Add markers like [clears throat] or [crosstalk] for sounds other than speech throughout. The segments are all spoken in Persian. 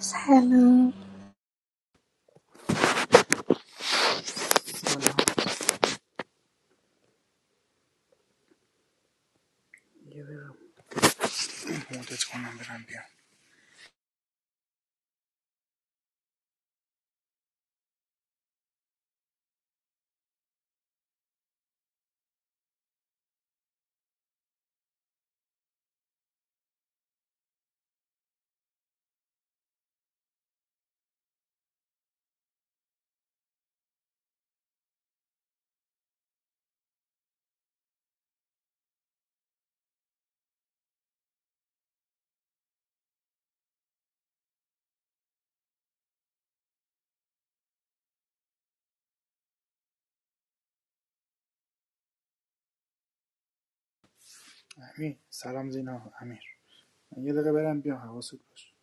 Salon, مدت کنم برم بیام امیر سلام زینا امیر من یه دقیقه برم بیام حواست باش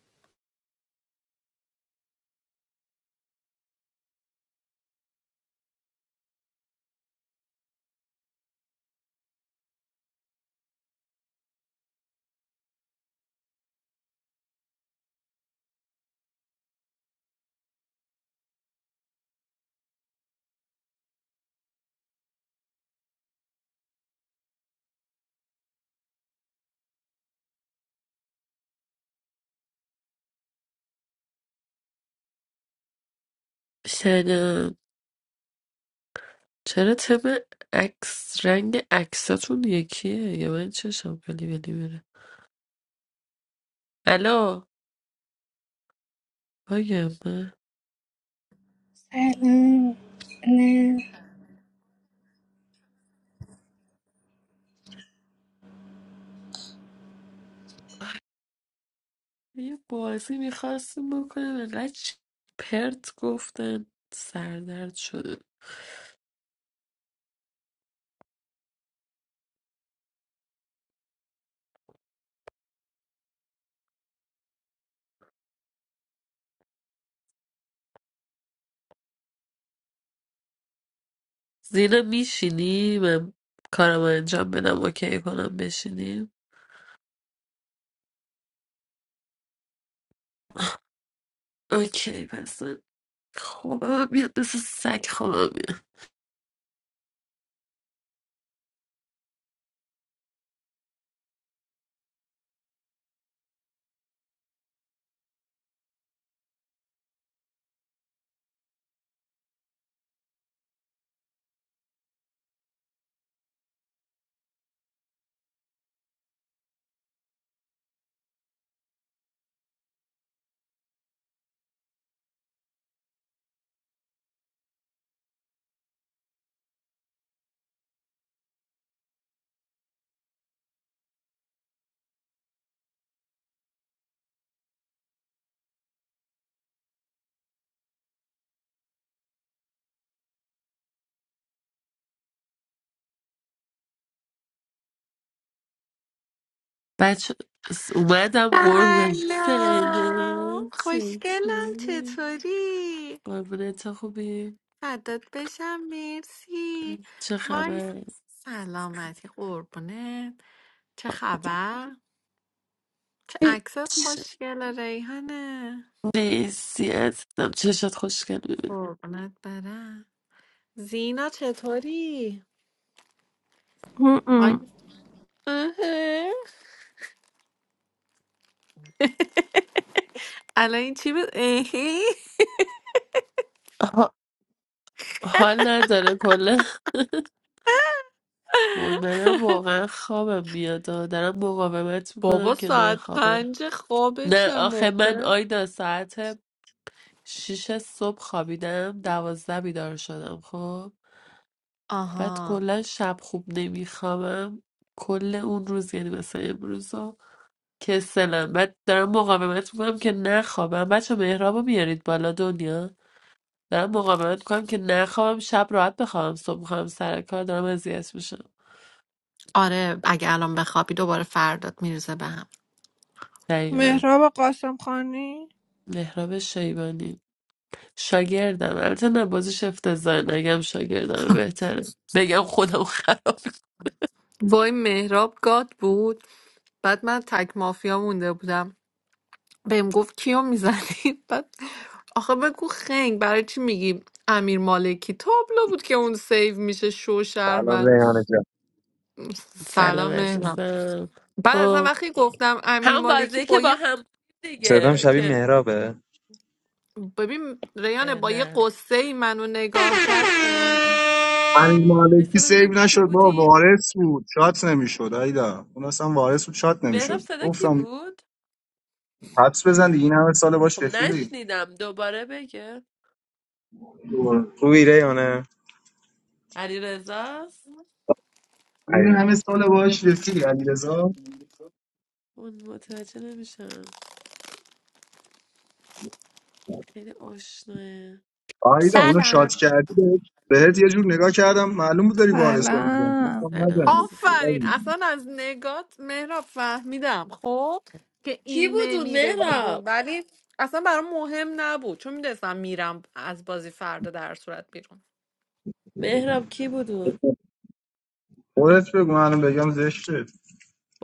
شنم چرا تم عکس رنگ عکساتون یکیه یا من چشم ولی ولی بره الو باگم من salon, na یه بازی میخواستم بکنم انقدر چ- پرت گفتن سردرد شده زینا میشینی من کارم انجام بدم اوکی کنم بشینیم اوکی پس من خوابم میاد مثل سگ خوابم میاد بچه اومدم قربه سلام سلام خوشگلم چطوری قربونت خوبی؟ فدات بشم مرسی چه وای خبر؟ سلامتی قربونت چه خبر چه هیچ. عکسات خوشگل ریحانه نیستی عزیزم چشات خوشگل می‌بینم. قربونت برم زینا چطوری م-م. آی آهه. الان این چی بود اهی. ها- حال نداره کلا وای منم واقعا خوابم میاد آه. دارم مقاومت میکنم بابا که نه ساعت خوابم پنج خوابه نه چه آخه من موقع آیدا ساعت شیش صبح خوابیدم دوازده بیدار شدم خب بعد آها کلا شب خوب نمیخوابم کل اون روز یعنی مثلا امروز کسلم من دارم مقاومت میکنم که نخوابم بچه مهرابو میارید بالا دنیا دارم مقاومت میکنم که نخوابم شب راحت بخوابم صبح میخوام سر کار دارم اذیت میشم آره اگه الان بخوابی دوباره فردات میرزه به هم دقیقا مهراب قاسم خانی مهراب شیبانی شاگردم البته نه بازش افتضاح نگم شاگردم بهتره بگم خودم خراب وای مهراب گاد بود بعد من تک مافیا مونده بودم بهم گفت کیو میزنی [laughs] بعد آخه بگو خنگ برای چی میگی امیر مالکی تابلو بود که اون سیو میشه شو سلام شهروند ریحانه جان کنم. سلام سلام مهراب عزیزم بعد اصلا خب وقتی گفتم امیر هم مالکی بازی با که با یه هم صدام دیگه شبیه که مهرابه ببین ریان اه، با یه نه قصه ای منو نگاه کرد امیر مالکی بایستا سیو ببینم کی نشد بابا بودیم وارث بود شات نمیشد آیدا اون اصلا وارث بود شات مهراب نمیشد صدا کی گفتم بود حدس بزن دیگه این همه سال باش خب رفیقی نشنیدم دوباره بگه دوباره. خوبی ریحانه علی رزاست این همه سال باش رفیقی علیرضا اون متوجه نمیشم خیلی آشناه آیدا اونو سلام شات کردی بهت بهت یه جور نگاه کردم معلوم بود داری وارث رو میزنی سلام گفتم سلام نزنی عزیزم آفرین اصلا از نگات مهراب فهمیدم خب که کی این بود اون نمیره بیرون مهراب ولی اصلا برام مهم نبود چون میدونستم میرم از بازی فردا در صورت بیرون مهراب کی بود اون خودت بگو منم بگم زشته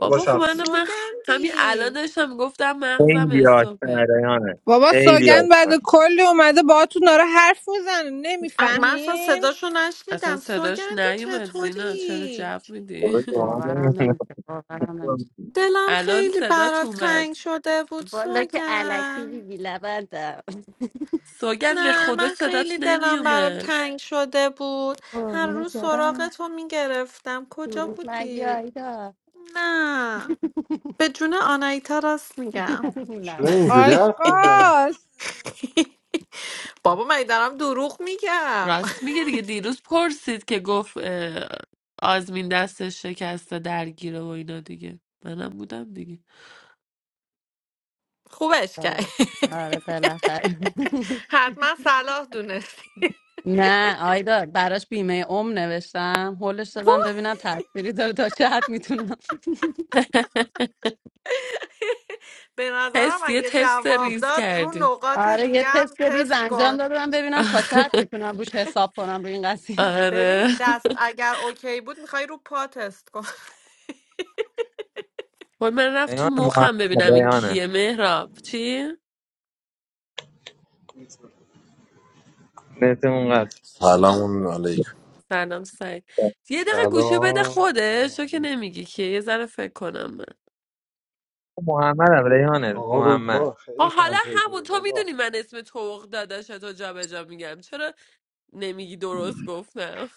تو باش خب حرف من بزن من همین الان سوگندی داشتم گفتم مغزم خیلی آشنا استوپه ریحانه بابا خیلی آشنا سوگن بعد کلی اومده باهاتون داره حرف میزنه ا- من اصلا نمیفهمین صداشو اصلا نشنیدم صداش سوگندی نیومد زینا چرا چطوری جو میدی باورم نمیشه باورم نمیشه [laughs] دلم الان خیلی صدات برات اومد تنگ شده بود بالا که علکی سوگند بیبی لبندم سوگن به نه خدا من صدات خیلی دلم برات نمیومد تنگ شده بود هر قربونت روز سراغ دارم تو میگرفتم کجا دروغ نگی بودی؟ آیدا نه به جون آنایتا راست میگم چرا لعنت اینجوری حرف میزنی؟ آشقاس [laughs] بابا من دارم دروغ میگم راست میگه دیگه دیروز پرسید که گفت اه، آزمین دستش شکسته درگیره و اینا دیگه منم بودم دیگه [laughs] خوبش کرد سلام آره بالاخره حتما صلاح دونستی نه [laughs] آیدا براش بیمه عمر نوشتم هولش دادم وای ببینم تاثیری داره تا چه حد میتونم [laughs] [laughs] به نظرم تست یه اگه تست جواب ریز داد رو کردیم نقاط آره یه دیگه هم تست ریز تست انجام کن دادم ببینم تا چه حد [laughs] میتونم روش حساب کنم روی این قضیه آره ببین دست اگر اوکی بود میخوای رو پا تست کن وای من رفت تو ریحانه محمد مخم ببینم این کیه ریحانه مهراب چی؟ نتمون قطع سلام علیکم سلام سعی شد. یه دقیقه گوشه بده سلام خودش تو که فناری نمیگی که یه ذره فکر کنم من محمد هم ریحانه آقا محمد رودبا ها خیلی حالا کم همون پیدا تو بابا میدونی من اسم توق داداش تو جا به جا میگم چرا نمیگی درست گفتم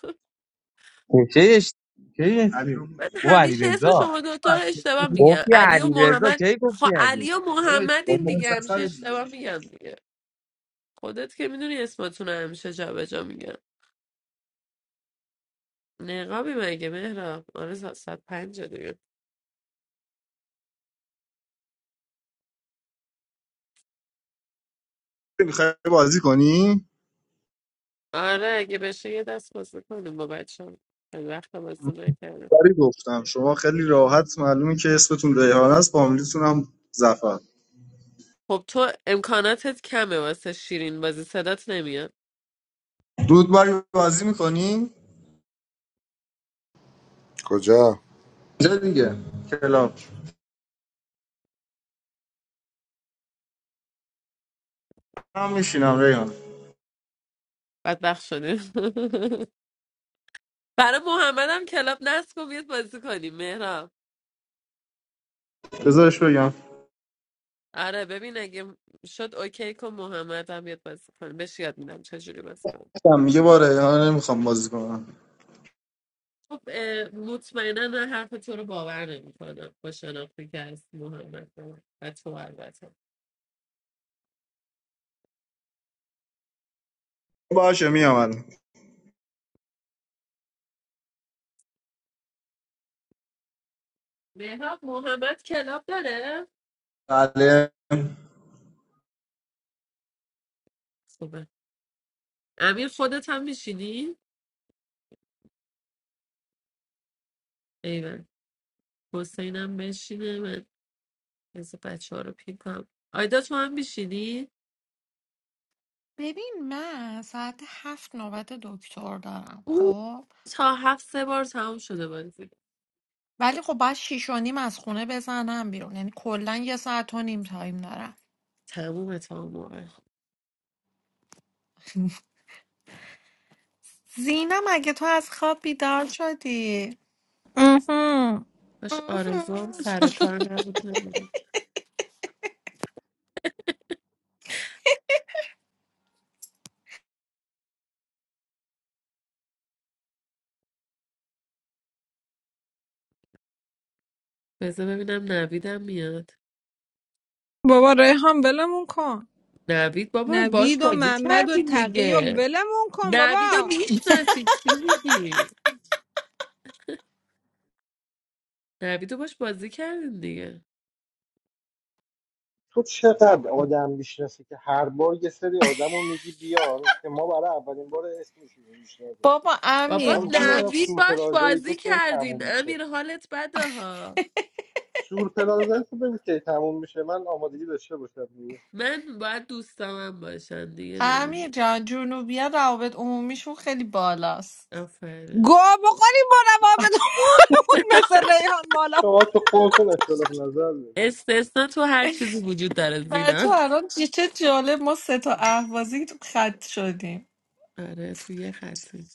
چیش چیش من بابا علی همیشه اسم رضا شما دوتا رو اشتباه میگم گفتی علی و علی رضا محمد کی خب گفتی علی علی و داداش، محمدین بابا دیگه همیشه سفر دیگه اشتباه میگم دیگه خودت که میدونی اسمتون رو همیشه جابجا میگم نقابی مگه مهراب آره صد صد پنجه دیگه میخوای بازی کنی آره اگه بشه یه دست بازی کنیم با بچه هم، خیلی وقت بازی نکردم ولی گفتم شما خیلی راحت معلومه که اسمتون ریحان است فامیلیتون هم زفر خب تو امکاناتت کمه واسه شیرین بازی صدات نمیاد رودباری بازی میکنی کجا اینجا دیگه کلاب من میشینم ریحان بدبخت شدیم [laughs] برای محمد هم کلاب نصب کن بیاد بازی کنیم مهراب بذارش بگم آره ببین اگه شد اوکی کن محمد هم بیاد بازی کنیم بهش یاد میدم چجوری بازی کنیم گفتم میگه با ریحان نمیخوام بازی کنم خب اه، مطمئنا من حرف تو رو باور نمی کنم با شناختی که از محمد دارم. و تو البته باشه میام مهراب محمد کلاب داره بله خوبه امیر خودت هم میشینی ایول حسینم بشینه من از بچه ها رو پین کنم آیدا تو هم میشینی [laughs] ببین من ساعت هفت نوبت دکتر دارم او خب تا هفت سه بار تموم شده بازی ولی خب باید شیش و نیم از خونه بزنم بیرون یعنی کلا یه ساعت و نیم تایم دارم تمومه تا اون موقع زینم اگه تو از خواب بیدار شدی اهم. باش آرزو [laughs] هم سر کار نبود بذار ببینم نویدم میاد بابا ریحان ولمون کن نوید بابا باش نوید و بازی محمد و کردیم تقی و دیگه ولمون کن نوید رو بابا میشناسی چی میگی نوید رو باش بازی کردیم دیگه تو چقدر آدم میشناسی که هر بار یه سری آدم میگی بیار که ما برای اولین بار اسمشون رو میشنویم بابا امیر بابا من میخوام جون بدونم نوید باش سورپرازایی تو بازی کی کردین تموم میشه امیر حالت بده ها سورپرازایی تو بگو کی تموم میشه من آمادگی داشته باشم دیگه من باید دوستامم باشن دیگه نمیدونم امیر جان جنوبی ها روابط عمومیشون خیلی بالاست آفرین گوه بخوریم با روابط [laughs] مثل ریحان بالا شما تو خودتون اختلاف نظر دارید استثنا تو هر چیزی وجود داره بچه زینا الان چه چه جالب ما سه تا اهوازی تو خط شدیم آره تو یه خطی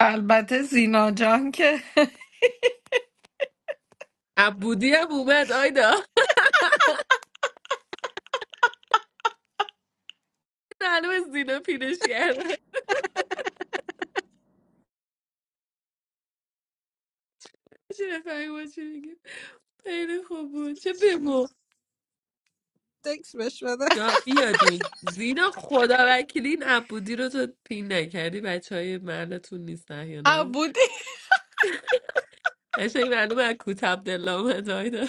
البته زینا جان که [laughs] عبودی هم اومد آیدا معلومه زینا پینش کرده چه بفهمی ما چی میگه خیلی خوب بود چه بمون تکس بش بده جا بیادون زینا خدا وکیلی این عبودی رو تو پین نکردی بچه های محلتون نیستن یا نه عبودی قشنگ معلومه از کوت عبدالله اومد آیدا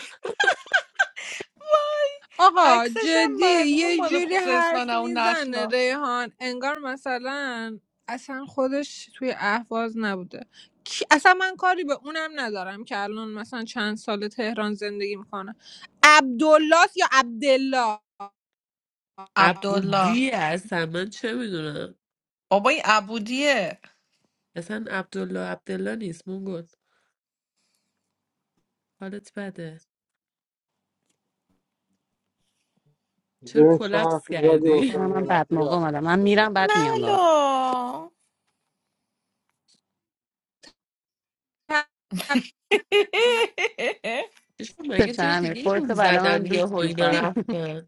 آقا عکسش هم جدی معلومه یه مال جوری خوزستان حرف اون میزنه نخلا ریحان انگار مثلا اصلا خودش توی اهواز نبوده کی- اصلا من کاری به اونم ندارم که الان مثلا چند سال تهران زندگی میکنه عبدالله است یا عبدالله عبدالله عبودی اصلا من چه میدونم بابا این عبودیه اصلا عبدالله عبدالله نیست مونگل حالت بده چرا ببین چه کلپس حرفی زدی [laughs] کردی حسین من بعد نعمتی موقع اومدم رفتش من میرم بعد میام نلا [laughs] چشم مگه جای بفهمی دیگه ای بود خودتو برای من زدن دوست یه اینا میکنم رفتن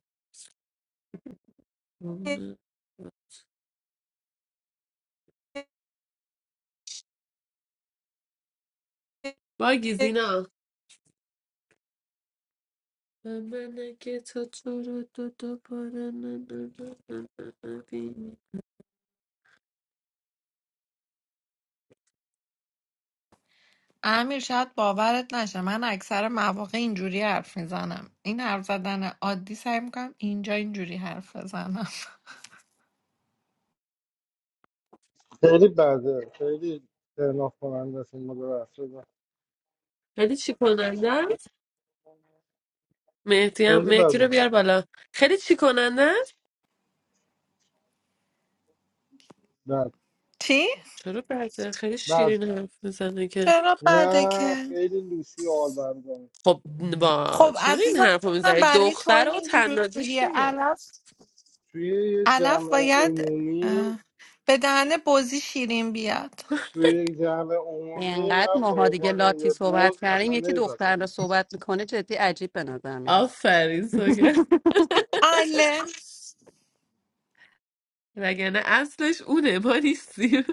باگی زینا من که تو تو رو دو دوباره نبینم امیر شاید باورت نشه من اکثر مواقع اینجوری حرف میزنم این حرف زدن عادی سعی میکنم اینجا اینجوری حرف بزنم خیلی بده خیلی ترناف کننده است این مدل خیلی چی کننده است مهدی هم خیلی مهدی بده رو بیار بالا خیلی چی کننده است نه [laughs] چی؟ چرا برده خیلی نه شیرین حرف میزنه که چرا بده نه که؟ خیلی لوسی آل بردم خب با خب چرا این عزیزم حرف رو میزنه برای تو دختر و تنازش اینجوریه دیگه علف توی یه علف جمع باید عمومی اه، به دهن بزی شیرین بیاد توی یک جمع عمومی اینقدر من به ماها دیگه عنوان لاتی یه صحبت بوز کردیم اصلا یکی دختر رو نمیپسندم صحبت میکنه جدی عجیب به نظر میرسه آفرین سوگر [laughs] اله وگرنه اصلش اونه ما نیستیم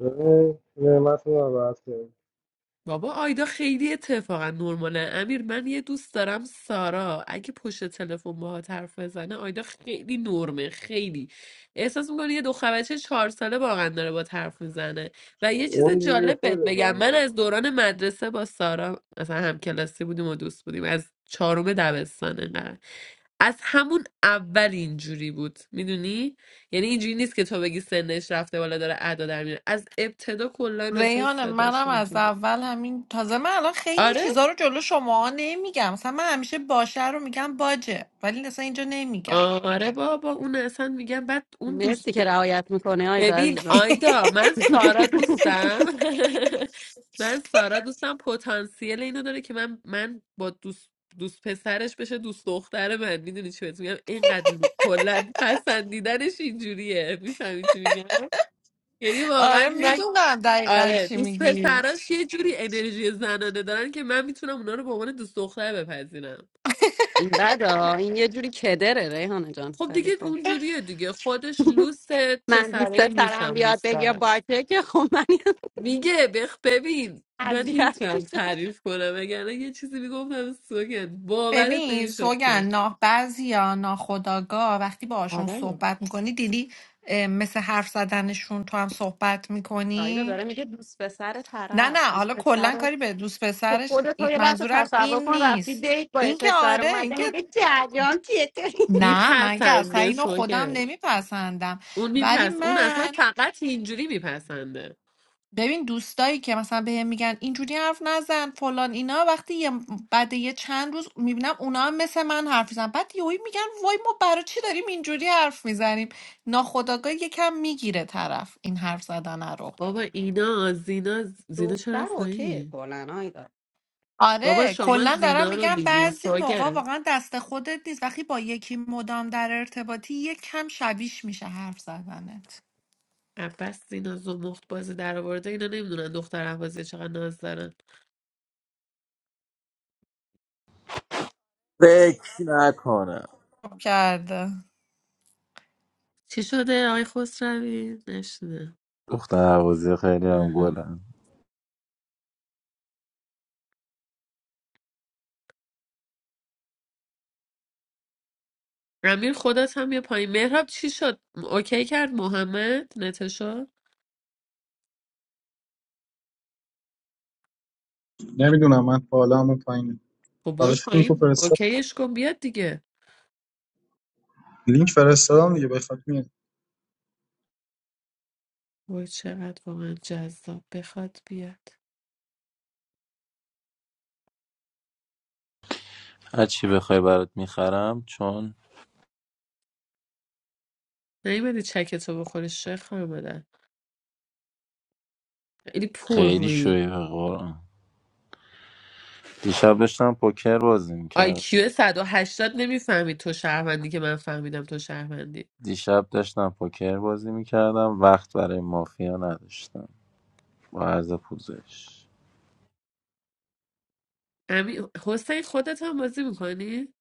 ببین نعمت رو نبرد کرد بابا آیدا خیلی اتفاقا نرماله امیر من یه دوست دارم سارا اگه پشت تلفن باهات حرف بزنه آیدا خیلی نرمه خیلی احساس میکنه یه دختر بچه چهار ساله واقعا داره با حرف میزنه و یه چیز اون دیگه جالب بهت خیلی جمع بگم من عمومی. از دوران مدرسه با سارا مثلا هم کلاسی بودیم و دوست بودیم از چهارم دبستان انقدر از همون اول اینجوری بود میدونی یعنی اینجوری نیست که تو بگی سنش رفته بالا داره ادا در میاره از ابتدا کلا اصلا ریحانه منم از صداشون اول همین تازه من الان خیلی آره چیزا رو جلو شما نمیگم مثلا من همیشه باشه رو میگم باجه ولی اصلا اینجا نمیگم آره بابا اون اصلا میگم بعد اون دوست مرسی که رعایت میکنه آیدا ببین عزیزم آیدا من [laughs] سارا دوستم [laughs] من سارا دوستم پتانسیل اینو داره که من من با دوست دوست پسرش بشه دوست دختر من میدونی چی بهت میگم اینقدر کلا پسندیدنش اینجوریه میفهمی چی میگم یعنی واقعا آره من میدونم دقیقا آره چی دوست میگی پسراش یه جوری انرژی زنانه دارن که من میتونم اونا رو به عنوان دوست دختر بپذیرم این بدا این یه جوری کدره ریحانه جان خب ولی دیگه خب اونجوریه دیگه خودش لوسه من دوست پسرای لوس سرم هم بیاد دوست بگی دارم باکه که خب من یه میگه بخ ببین من اذیت نمیتونم میشم تعریف کنم وگرنه یه چیزی میگفتم سوگن باورت ببین نمیشد سوگن که نه بعضیا ها ناخداگاه وقتی باشون آره صحبت میکنی دیدی اه، مثل حرف زدنشون تو هم صحبت آیدا میکنی داره میگه دوست پسر نه طرف نه دوست حالا پسر کلا رو کاری به دوست تو پسرش ن- خودت رو این- یه لحظه منظورم تصور این کن رفتی نیست دیت با یه این که پسر آره این اومده که میگه جریان چیه نه من که اصلا میپسنده اینو خودم سوگن نمیپسندم اون ولی میپس اون اصلا من فقط اینجوری میپسنده ببین دوستایی که مثلا بهم میگن اینجوری حرف نزن فلان اینا وقتی یه بعد یه چند روز میبینم اونا هم مثل من حرف میزنن بعد یهویی میگن وای ما برای چی داریم اینجوری حرف میزنیم ناخودآگاه یکم میگیره طرف این حرف زدن رو بابا اینا زینا زینا چرا دختر رفت اوکی پایین کلا آیدا بابا آره شما کلا دارم زینا رو میگم دیدین بعضی موقع سوگن واقعا دست خودت نیست وقتی با یکی مدام در ارتباطی یک کم شبیش میشه حرف زدنت عباس زینا زمخت بازی در آورده اینا نمیدونن دختر عباسی چقدر ناز دارن فکر نکنم خوب کرده چی شده آقای خسروی نشده دختر حوازی خیلی هم اها. گلم امیر خودت هم یه پایین مهراب چی شد اوکی کرد محمد نتشا نمیدونم من بالا همون پایینه خب برو براش لینک رو پایین فرستادم اوکیش کن بیاد دیگه لینک فرستادم دیگه بخواد میاد وای چقدر واقعا جذاب بخواد بیاد هرچی بخوای برات میخرم چون نیومدی چکتو بخوری شیخ خانمادر خیلی پر خیلی روی شوی به قرآن دیشب داشتم پوکر بازی میکرد آیکیو هشتاد نمیفهمی تو شهروندی که من فهمیدم تو شهروندی دیشب داشتم پوکر بازی میکردم وقت برای مافیا نداشتم با عرض پوزش امیر حسین خودت هم بازی میکنی؟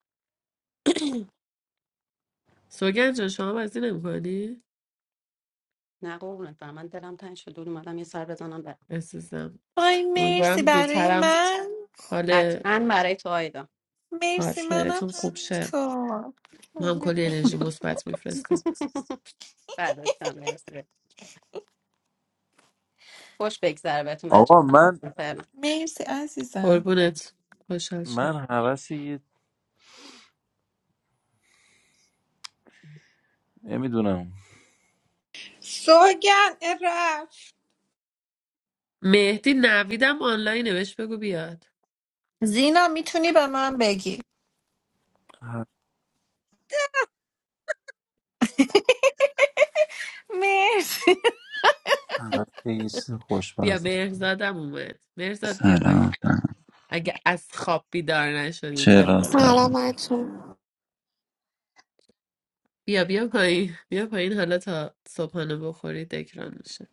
[clears throat] سوگن جان شما بازی نمیکنی؟ نه قربونت برم. من دلم تنگ شد دور اومدم یه سر بزنم بر وای مرسی امیدوارم برای زودترم من حال قطعا برای تو آیدا مرسی منم پارتنرتون خوب شه تو ما هم قربونت کلی انرژی برم. مثبت میفرستیم [laughs] بعد از هم مرسی خوش بگذره بهتون آقا من بچه‌ها مرسی عزیزم قربونت خوشحال شد من حوث یه نمیدونم سوگن رفت مهدی نویدم آنلاینه بهش بگو بیاد زینا میتونی به من بگی حوث مرسی یه چیز بیا خوشمزه مهرزادم اومد مهرزاد بیا پایین سلام سلام اگه از خواب بیدار نشدی طبق چرا من سلام تاره بچه بیا بیا پایین بیا پایین حالا تا صبحانه بخوری دکران میشه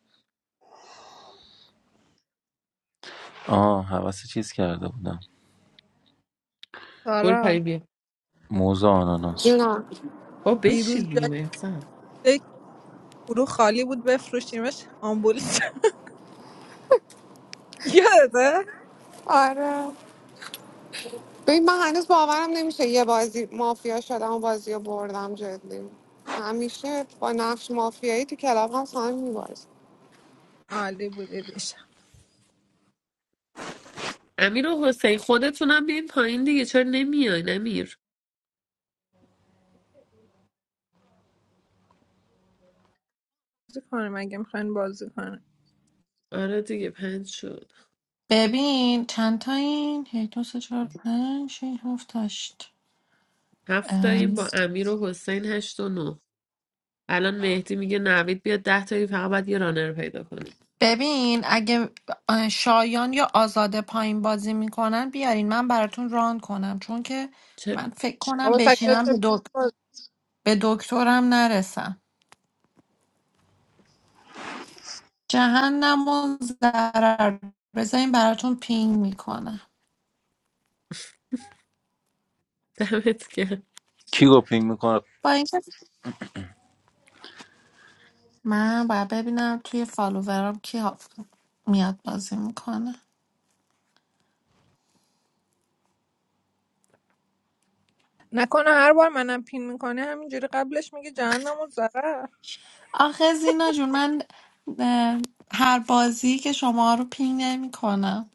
آه حوث چیز کرده بودم برو سارا پایین بیا موزه آناناس جونم با دیروز بشین دیگه جای مهرزاد یک گروه خالی بود بفروشیمش آمبول شد. یاده [laughs] آره ببین من هنوز باورم نمیشه یه بازی مافیا شدم و بازی رو بردم جدی همیشه با نقش مافیایی تو کلاب هست هم میبازی عالی بود امیر و حسین خودتونم بیاین پایین دیگه چرا نمیای امیر بازی کنیم اگه میخواین بازی کنیم آره دیگه پنج شد ببین چند تا این هی دو سه چهار پنج شش، هفت هشت هفت تاییم ام، با امیر و حسین هشت و نه الان مهدی میگه نوید بیاد ده تایی فقط باید یه رانر پیدا کنیم ببین اگه اه، شایان یا آزاده پایین بازی میکنن بیارین من براتون ران کنم چون که چه من فکر کنم بابا سکت بشینم به, دک... باز- به دکترم نرسم جهنم و ضرر بذارین براتون پینگ میکنم دمت کرد کی گپینگ میکنه با این من باید ببینم توی فالوورام کی ها- میاد بازی میکنه نکنه هر بار منم پین میکنه همینجوری قبلش میگه جهنم و ضرر آخه زینا جون من اه، هر بازی که شما رو پینگ نمی کنم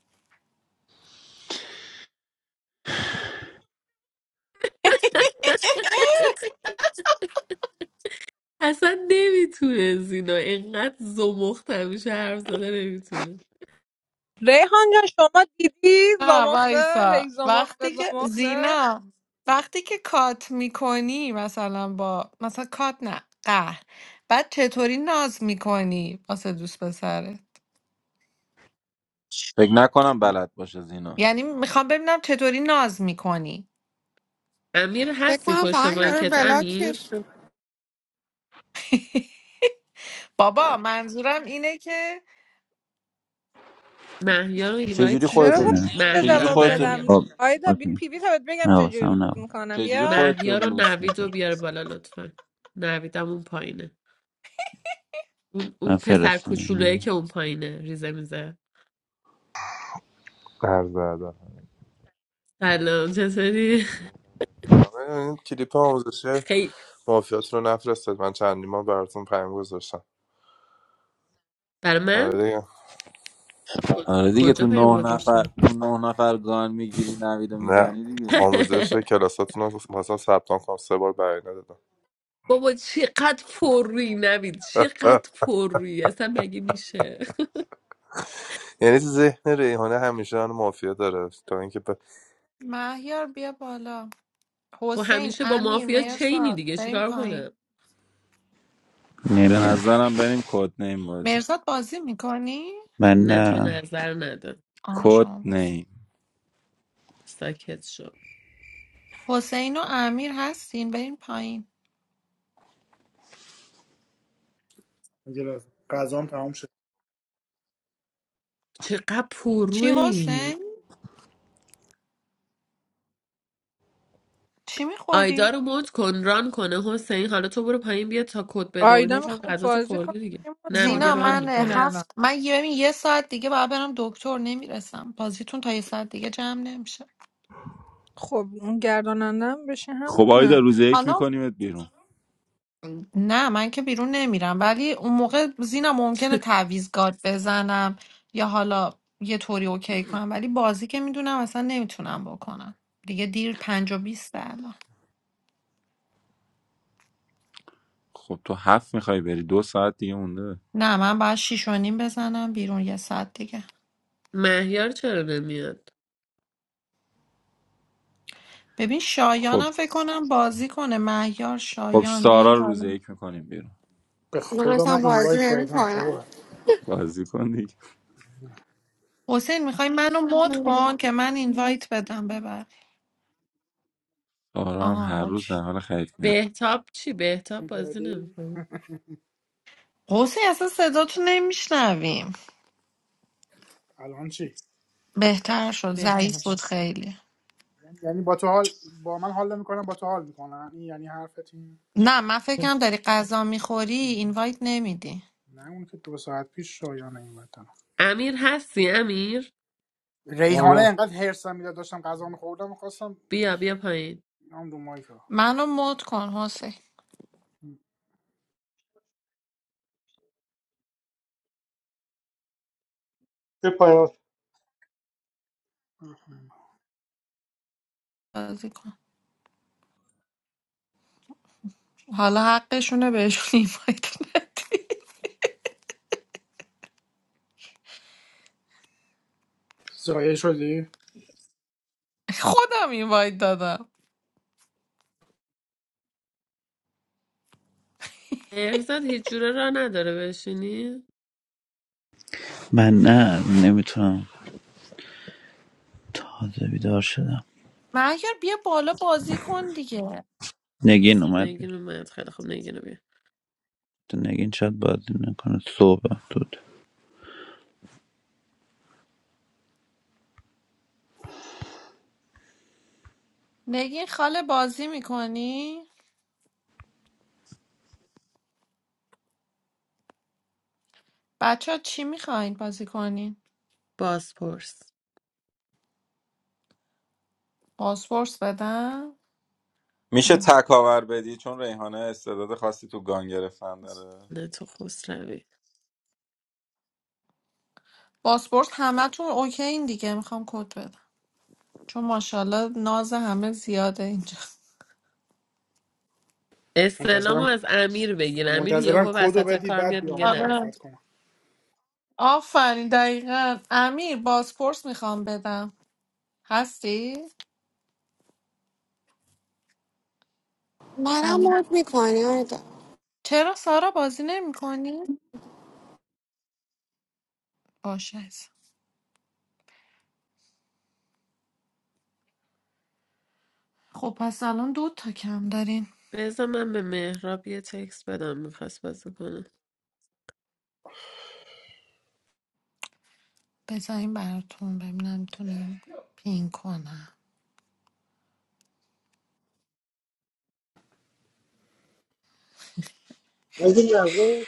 اصلا نمیتونه زینا اینقدر زمخت همیشه حرف زده نمیتونه ریحان جان شما دیدی نه زمخته وایسا هی زمخته وقتی که زمخته زینا وقتی که کات میکنی مثلا با مثلا کات نه قهر بعد چطوری ناز میکنی واسه دوست پسره فکر نکنم بلد باشه زینا یعنی میخوام ببینم چطوری ناز میکنی امیر فکر هستی کنم پشت فقط یارو مایکت بلاک امیر بشم [laughs] بابا منظورم اینه که مهیار رو چجوری ایوایت چرا خودتو باید میدی نه. اینجا چجوری مهیار جواب خودتو بدم مهیار خب آیدا بیا اوکی پیوی تا بهت بگم چجوری ناز حواسم نبود میکنم چجوری بیا خودتو مهیار و لوس نوید رو میکنی بیار بالا لطفا نویدم اون پایینه اون, اون من پسر کوچولویی که فرستادم اون پایینه ریزه میزه قرض ادب سلام چطوری آره، این کلیپ آموزشی خیلی مافیات رو نفرستید من چندین بار براتون پیام گذاشتم برای من آره دیگه. آره دیگه کجا تو بریم نه نفر گذاشتی؟ تو نه نفر گان میگیری نویدو نه میزنی دیگه آموزش [laughs] کلاساتون رو مثلا ثبت نام کنم سه بار برای ندادم بابا چقدر پر روی نوید آه. چقدر پر روی اصلا مگه میشه [laughs] یعنی تو ذهن ریحانه همیشه آن مافیا داره تا اینکه ب... مهیار بیا بالا خب حسین همیشه با امیر مافیا چینی مرزاد دیگه بریم چیکار پایین کنه به نمیاد نظرم بریم کد نیم بازی مرزاد بازی میکنی؟ من نه تو نه نظر نده آه کد شما بازی نیم ساکت شو حسین و امیر هستین بریم پایین یه لحظه غذام تمام شد چقدر پر روی چی این حسین؟ چی آیدا میخوری؟ رو مد کن ران کنه حسین حالا تو برو پایین بیا تا کد بده و آیدا اینا تو هم میخواد غذا تو بازی کنه خورده دیگه یه مد نه کن میگه زینا ران کم من همین میکنه الان هفت من یه ببین، یه ساعت دیگه باید برم دکتر نمیرسم بازیتون تا یه ساعت دیگه جمع نمیشه خب اون گردانندم بشه خب آیدا همونه روز یک حالا میکنیمت بیرون نه من که بیرون نمیرم ولی اون موقع زینم ممکنه [laughs] تعویض گارد بزنم یا حالا یه طوری اوکی کنم ولی بازی که میدونم اصلا نمیتونم بکنم دیگه دیر پنج و بیسته الان خب تو هفت میخوای بری دو ساعت دیگه مونده نه من باید شیش و نیم بزنم بیرون یه ساعت دیگه مهیار چرا نمیاد ببین خب شایانم فکر کنم بازی کنه مهیار خب شایان بیاین سارا رو روز بالا یک میکنیم بیرون به من خدا اصلا من بازی اینوایت نمی دادم کنم بابا بازی کن دیگه حسین میخوای منو مد کن که من اینوایت بدم ببر سارا هم آه هر روز در اوکی. حال خرید میره. بهتاب چی بهتاب بازی بیدردی؟ نمیکنه حسین اصلا صداتو نمیشنویم الان چی بهتر شد بهتاب ضعیف بود خیلی یعنی با تو حال با من حال نمیکنم با تو حال میکنم این یعنی حرفت این نه من فکرم داری غذا میخوری اینوایت نمیدی نه اون که دو ساعت پیش شایان این دادم امیر هستی امیر ریحانه آره انقدر هرسم میداد داشتم غذا میخوردم میخواستم بیا بیا پایین هم دو مایکا منو مد کن حسین چه پیاس بازی کن حالا حقشونه بهشون [laughs] اینوایت ندی زایه شدی خودم اینوایت دادم مهرزاد هیچ جوره را نداره بشینی من نه نمیتونم تازه بیدار شدم مهیار بیا بالا بازی کن دیگه نگین اومد بیا نگین اومد خیلی خوب نگین رو بیا تو نگین شاید بازی نکنه صبح نگین خاله بازی میکنی بچه ها چی میخواین بازی کنین بازپرس باسپورس بدم میشه هم. تکاور بدی چون ریحانه استعداد خاصی تو گان گرفتن داره نه تو خسروی باسپورس همتون اوکی این دیگه میخوام کد بدم چون ماشاءالله ناز همه زیاده اینجا استعلامو منتظرم از امیر بگیر امیر منتظرم یهو کدو وسط بدی کار بعد میاد بیام میگه نه آره مخالفت کنم آفرین دقیقا امیر بازپرس میخوام بدم هستی؟ منم امیر مود میکنی چرا سارا بازی نمی کنی؟ باشه عزیزم. خب پس الان دو تا کم دارین بذار من به مهراب یه تکس بدم میخواست بازی کنه بذارین براتون ببینم میتونیم پین کنم اگه نظر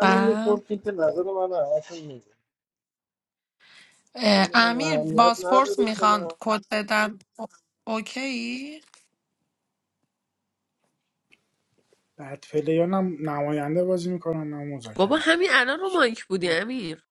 و میپرسیم که نظر من اصلا میگه اه، اگه هم امیر اهمیت بازپرس نداره که میخوان نه کد بدم او- اوکی؟ بعد پلیان هم نماینده بازی میکنن نه بابا مذاکره همین الان رو مایک بودی امیر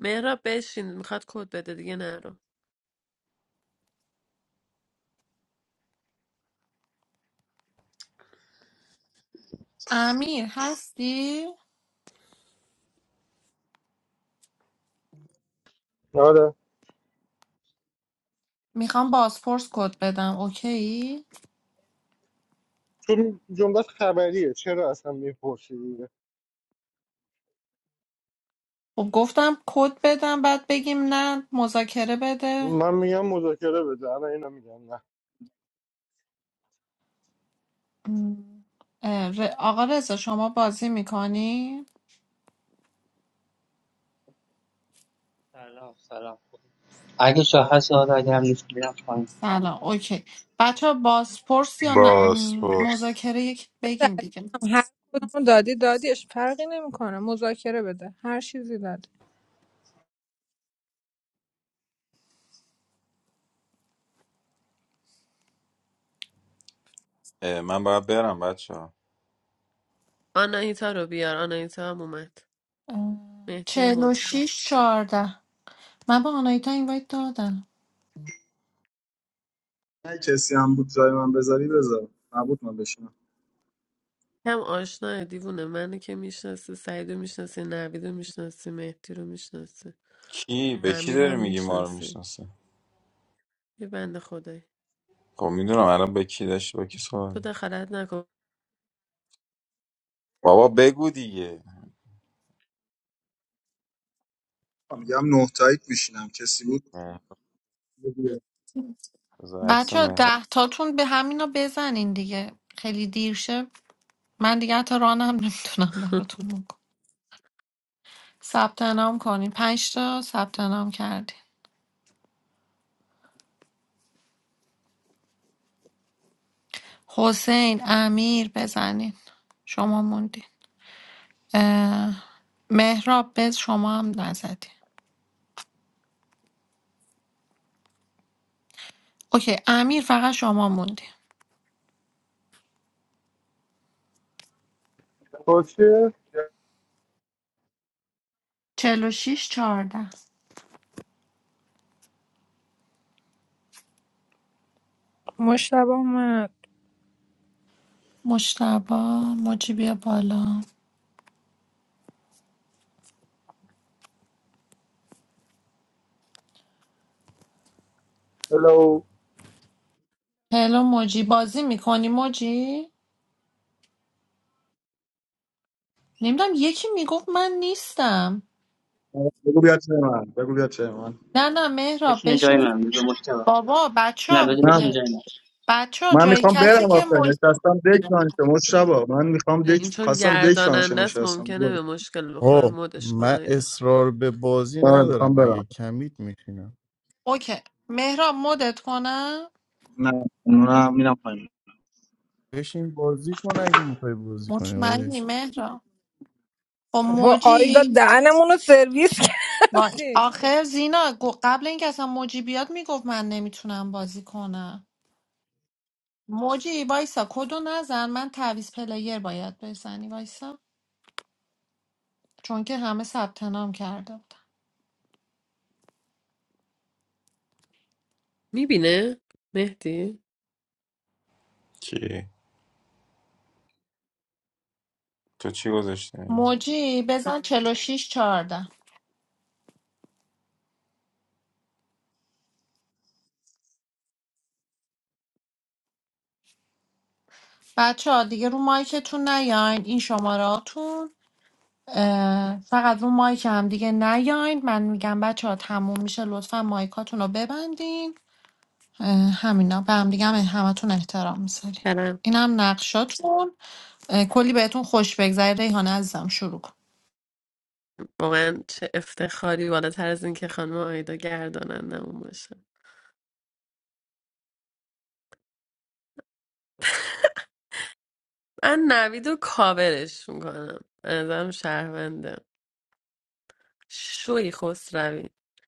مهراب بشین میخواد کد بده دیگه نه رو. امیر هستی؟ آره میخوام بازپرس کد بدم اوکی؟ چون جنبت خبریه چرا اصلا میپرسی خب گفتم کد بدم بعد بگیم نه مذاکره بده من میگم مذاکره بده الان اینو میگم نه م. اه، ر- آقا رضا شما بازی میکنی؟ سلام سلام اگه شاه هست آره اگه هم نیست میرم پایین سلام اوکی بچه ها بازپرس یا نه- باس م، باس مذاکره یک بده بگین دیگه عزیزم. هر کدومو دادی دادیش فرقی نمیکنه مذاکره بده هر چیزی دادی اه، من باید برم بچه آناهیتا رو بیار آناهیتا هم اومد مهدی رو چهل و مد کن. شیش چهارده من به آنایتا اینوایت دادم نه کسی هم بود جای من بذاری بذار نبود من بشینم هم آشناه دیوونه منو که میشناسه سعیدو میشناسه نویدو میشناسه مهدی رو میشناسه کی به کی داری امیرم میگی ما رو میشناسه میشناسه یه بنده خدایی خب میدونم الان به کی داشتی با کی صحبت تو می‌کردی. دخالت نکن بابا بگو دیگه میگم نه تایید میشینم کسی بود اه، بگو بذار عکس بچه ها مهران ده تاتون به همینا بزنین دیگه خیلی دیر شه من دیگه حتی رانم نمیتونم [laughs] براتون بکنم ثبت نام کنین پنج تا ثبت نام کردین حسین امیر بزنین شما موندین اه، مهراب بز شما هم نزدی اوکی امیر فقط شما موندی خوشیه چهل و شیش چهارده مشتبه اومد مشتبا موجی بیا بالا هلو هلو موجی بازی میکنی موجی؟ نمیدونم یکی میگفت من نیستم بگو بیا چه من بگو بیا چه من نه نه مهراب بشین جای بشین من بذار مشتبه بابا بچه نه ها بذار من بشین جای من بچه ها من جایی میخوام کسی برم که آخه موج... نشستم دک رانشه مشتبا من میخوام این دک چون خواستم دک رانشه گرداننده است نشستم ممکنه بگو. به مشکل بخوره آه مدش من کنید اصرار به بازی آره میخوام ندارم اگه برم کمید میشینم اوکی مهراب مدت کنم نه نه میرم پایین بشین بازی کن اگه میخوای بازی کنی آقای- مطمئنی مهراب خب با آیدا موجی دهنمون رو سرویس [laughs] واش کردی آخر زینا گو- قبل اینکه اصلا موجی بیاد میگفت من نمیتونم بازی کنم موجی وایسا کدو نزن من تعویض پلیر باید بزنی وایسا چون که همه ثبت نام کرده بودن میبینه مهدی کی تو چی گذاشتی مگه؟ موجی بزن 46 چارده بچه ها دیگه رو مایکتون نیاین این شماراتون فقط رو مایک هم دیگه نیاین من میگم بچه ها تموم میشه لطفا مایکاتون رو ببندین اه، همینا به هم دیگه هم همتون احترام میذاریم برم این هم نقشاتون اه، کلی بهتون خوش بگذره ریحانه عزیزم شروع کن واقعا چه افتخاری بالاتر از این که خانم آیدا گردانندمون باشه من نوید و کاورش میکنم ازم شهرونده شوی خسروی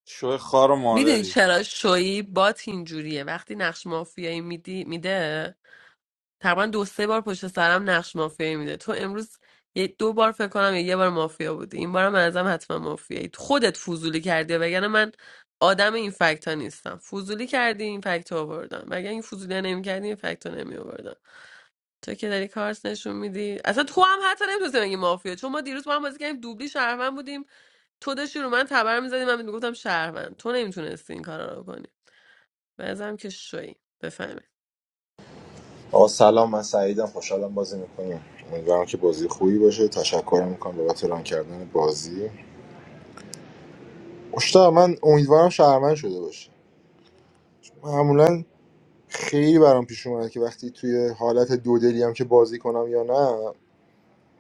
شو خار و میدونی مادری چرا شویی بات اینجوریه وقتی نقش مافیایی میدی میده تقریبا دو سه بار پشت سرم نقش مافیایی میده تو امروز یه دو بار فکر کنم یا یه بار مافیا بودی این بارم به نظرم حتما مافیایی خودت فضولی کردی وگرنه من آدم این فکت ها نیستم فضولی کردی این فکت ها آوردم وگرنه این فضولی ها نمی کردی این فکت ها نمی آوردم تو که داری کارت نشون میدی اصلا تو هم حتی نمیتونستی بگی مافیا چون ما دیروز با هم بازی کردیم دوبلی شهروند بودیم تو داشتی رو من تبر میزدی من میگفتم شهروند تو نمیتونستی این کارا رو کنی بعضم که شوی بفهمه آقا سلام من سعیدم خوشحالم بازی میکنم امیدوارم که بازی خوبی باشه تشکر میکنم بابت ران کردن بازی مشتاق من امیدوارم شهرمن شده باشه معمولا خیلی برام پیش اومده که وقتی توی حالت دو دلی هم که بازی کنم یا نه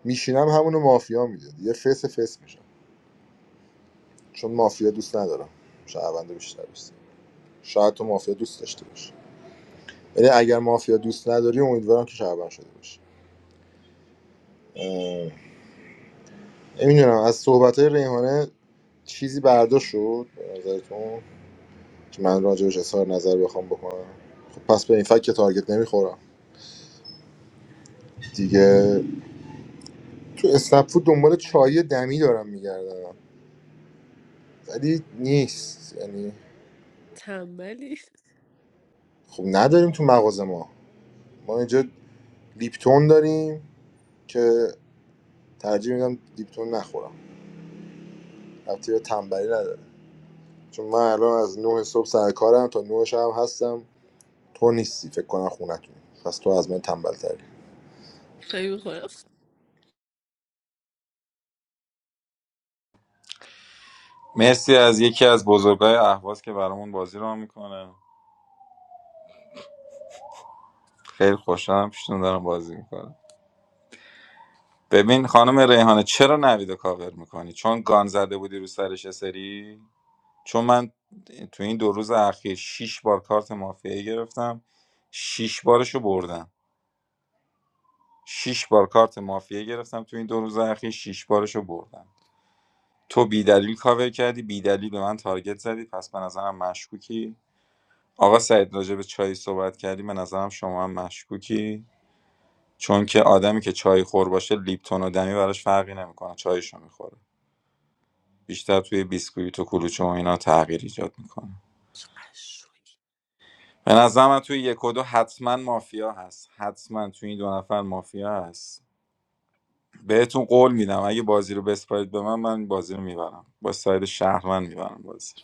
میشینم همونو مافیا میده یه فس فس میشم چون مافیا دوست ندارم شهرونده بیشتر دوست دارم. شاید تو مافیا دوست داشته باشی ولی اگر مافیا دوست نداری امیدوارم که شهروند شده باشی نمیدونم از صحبت های ریحانه چیزی برداشت شد به نظرتون که من راجبش اظهار نظر بخوام بکنم خب پس به این فکت که تارگت نمیخورم دیگه تو اسنپ فود دنبال چای دمی دارم میگردم ولی نیست یعنی تنبلی خب نداریم تو مغازه ما ما اینجا لیپتون داریم که ترجیح میدم لیپتون نخورم البته یه تنبلی نداره چون من الان از 9 صبح سر کارم تا 9 شب هستم تو نیستی فکر کنم خونتون پس تو از من تنبل شوی میخورم مرسی از یکی از بزرگای اهواز که برامون بازی رو میکنه خیلی خوشحالم پیشتون دارم بازی میکنم ببین خانم ریحانه چرا نوید کاور میکنی چون گان زده بودی رو سرش یه سری چون من تو این دو روز اخیر شیش بار کارت مافیایی گرفتم شیش بارشو بردم شیش بار کارت مافیا گرفتم تو این دو روز اخیر شیش بارشو بردم تو بی دلیل کاور کردی بی دلیل به من تارگت زدی پس به نظرم مشکوکی آقا سعید راجع به چای صحبت کردی به نظرم شما هم مشکوکی چون که آدمی که چای خور باشه لیپتون و دمی براش فرقی نمیکنه چایشو میخوره بیشتر توی بیسکویت و کلوچه و اینا تغییر ایجاد میکنه چقدر شوی به نظرم توی یک و دو حتما مافیا هست حتما توی این دو نفر مافیا هست بهتون قول میدم اگه بازی رو بسپارید به من من بازی رو میبرم با ساید شهر من میبرم بازی رو.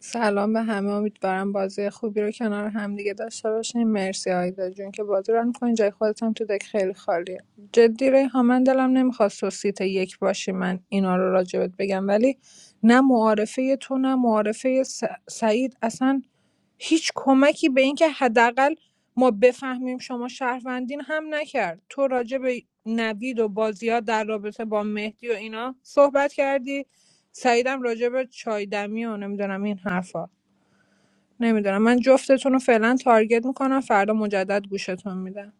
سلام به همه امیدوارم بازی خوبی رو کنار هم همدیگه داشته باشیم مرسی آیدا جون که بازی رو میکنی جای خودت هم تو دک خیلی خالیه جدی ریحان من دلم نمیخواست تو سیت یک باشی من اینا رو راجبت بگم ولی نه معارفه تو نه معارفه س- سعید اصلا هیچ کمکی به اینکه حداقل ما بفهمیم شما شهروندین هم نکرد تو راجع به نوید و بازی در رابطه با مهدی و اینا صحبت کردی سعیدم راجع به چای دمی و نمیدونم این حرفا نمیدونم من جفتتون رو فعلا تارگت میکنم فردا مجدد گوشتون میدم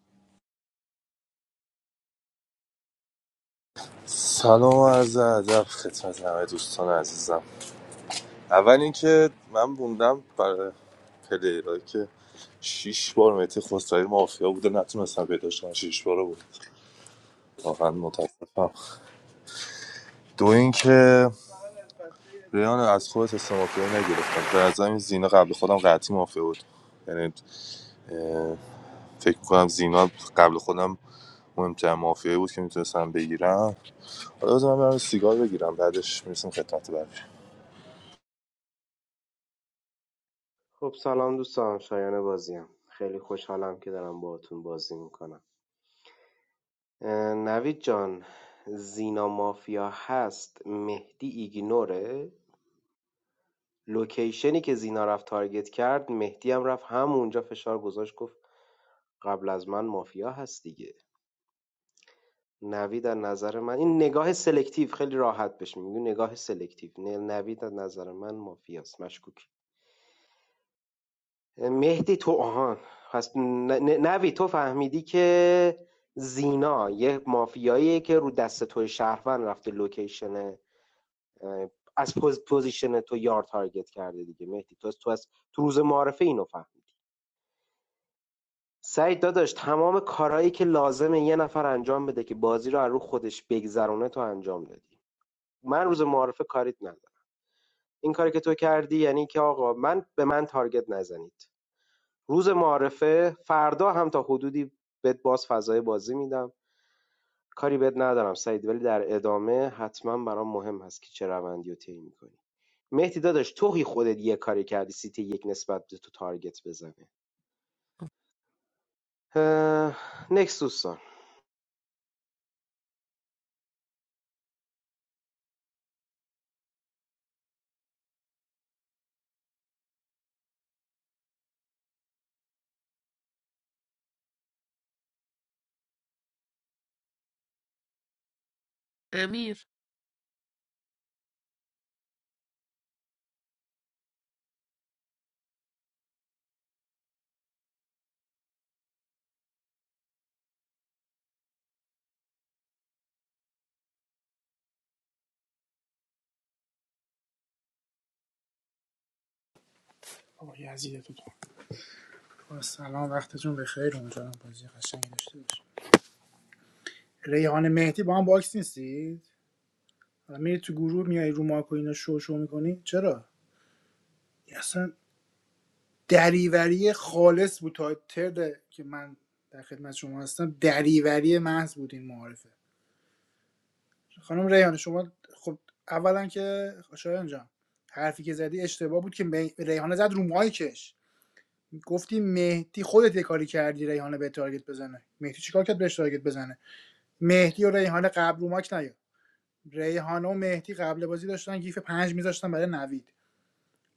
سلام و عرض ادب خدمت همه دوستان عزیزم اول اینکه من موندم برای پلیرایی که شیش بار متی خسروی مافیا بوده نتونستم پیداش کنم شیش بار بود واقعا متاسفم دو اینکه ریان از خودت حس مافیایی نگرفتم به نظرم این زینا قبل خودم قطعی مافیا بود یعنی اه، فکر میکنم زینا قبل خودم مهمترین مافیایی بود که میتونستم بگیرم حالا بذار من برم سیگار بگیرم بعدش میرسیم خدمت بقیه خب سلام دوستان شایان بازیم خیلی خوشحالم که دارم باهاتون بازی میکنم نوید جان زینا مافیا هست مهدی ایگنوره لوکیشنی که زینا رفت تارگت کرد مهدی هم رفت همونجا فشار گذاشت گفت قبل از من مافیا هست دیگه نوید از نظر من این نگاه سلکتیو خیلی راحت بهش میگن نگاه سلکتیو نوید از نظر من مافیاست مشکوک مهدی تو آهان پس ن- ن- نوی تو فهمیدی که زینا یه مافیاییه که رو دست توی شهروند رفته لوکیشن از پوز- پوزیشن تو یار تارگت کرده دیگه مهدی تو از تو, از تو روز معارفه اینو فهمیدی سعید داداش تمام کارهایی که لازمه یه نفر انجام بده که بازی رو از رو خودش بگذرونه تو انجام دادی من روز معارفه کاریت ندارم این کاری که تو کردی یعنی که آقا من به من تارگت نزنید روز معارفه فردا هم تا حدودی بهت باز فضای بازی میدم کاری بهت ندارم سعید ولی در ادامه حتما برام مهم هست که چه روندی رو طی میکنی مهدی داداش توی خودت یه کاری کردی سیتی یک نسبت به تو تارگت بزنه نکس دوستان امیر آقا یزید تو تو با سلام وقتتون بخیر امیدوارم بازی قشنگی داشته باشید ریحان مهدی با هم باکس نیستید حالا میری تو گروه میای رو مارکو اینا شو شو میکنی چرا اصلا دریوری خالص بود تا ترد که من در خدمت شما هستم دریوری محض بود این معارفه خانم ریحان شما خب اولا که شایان جان حرفی که زدی اشتباه بود که می- ریحانه زد رو مایکش گفتی مهدی خودت یه کاری کردی ریحانه به تارگت بزنه مهدی چیکار کرد بهش تارگت بزنه مهدی و ریحانه قبل رو ماک نیا ریحانه و مهدی قبل بازی داشتن گیف پنج میذاشتن برای نوید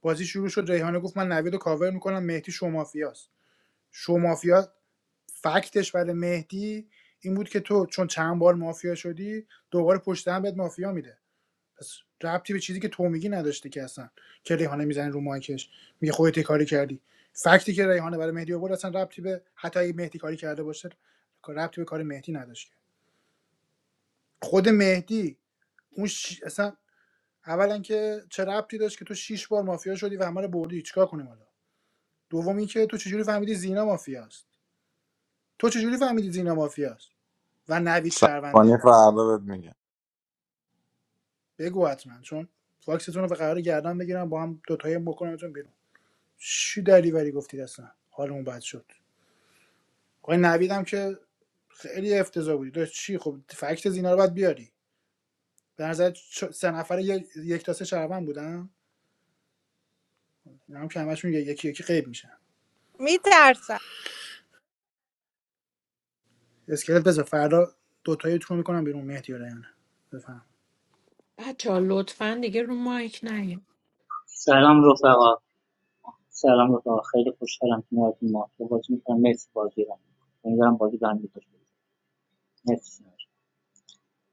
بازی شروع شد ریحانه گفت من نوید رو کاور میکنم مهدی شومافیاست شومافیا فکتش برای مهدی این بود که تو چون چند بار مافیا شدی دوباره پشت هم بهت مافیا میده پس ربطی به چیزی که تو میگی نداشته که اصلا که ریحانه میزنه رو مایکش میگه خودت یه کاری کردی فکتی که ریحانه برای مهدی آورد اصلا ربطی به حتی اگه مهدی کاری کرده باشه ربطی به کار مهدی نداشته خود مهدی اون ش... اصلا اولا که چه ربطی داشت که تو شیش بار مافیا شدی و همه رو بردی چیکار کنیم حالا دوم اینکه تو چجوری فهمیدی زینا مافیاست تو چجوری فهمیدی زینا مافیاست و نوید سرپانی شهرونده فردا بهت میگم بگو حتما چون فاکستون رو به قرار گردن بگیرم با هم دوتایی بکنمتون بیرون چی دریوری گفتید اصلا حالمون بد شد آقای نوید هم که خیلی افتضاح بودی داشت چی خب فکت زینا رو باید بیاری به نظر سه نفر یک یک تا سه شهروند بودن اینا هم که همشون یکی یکی غیب میشن میترسم اسکلت بذار فردا دو تایی تو میکنم بیرون مهدی و بفهم بچه ها لطفا دیگه رو مایک نیم سلام رفقا سلام رفقا خیلی خوشحالم که نارتون ما تو بازی میکنم مرسی بازی رو امیدوارم بازی برم بکشه مرسی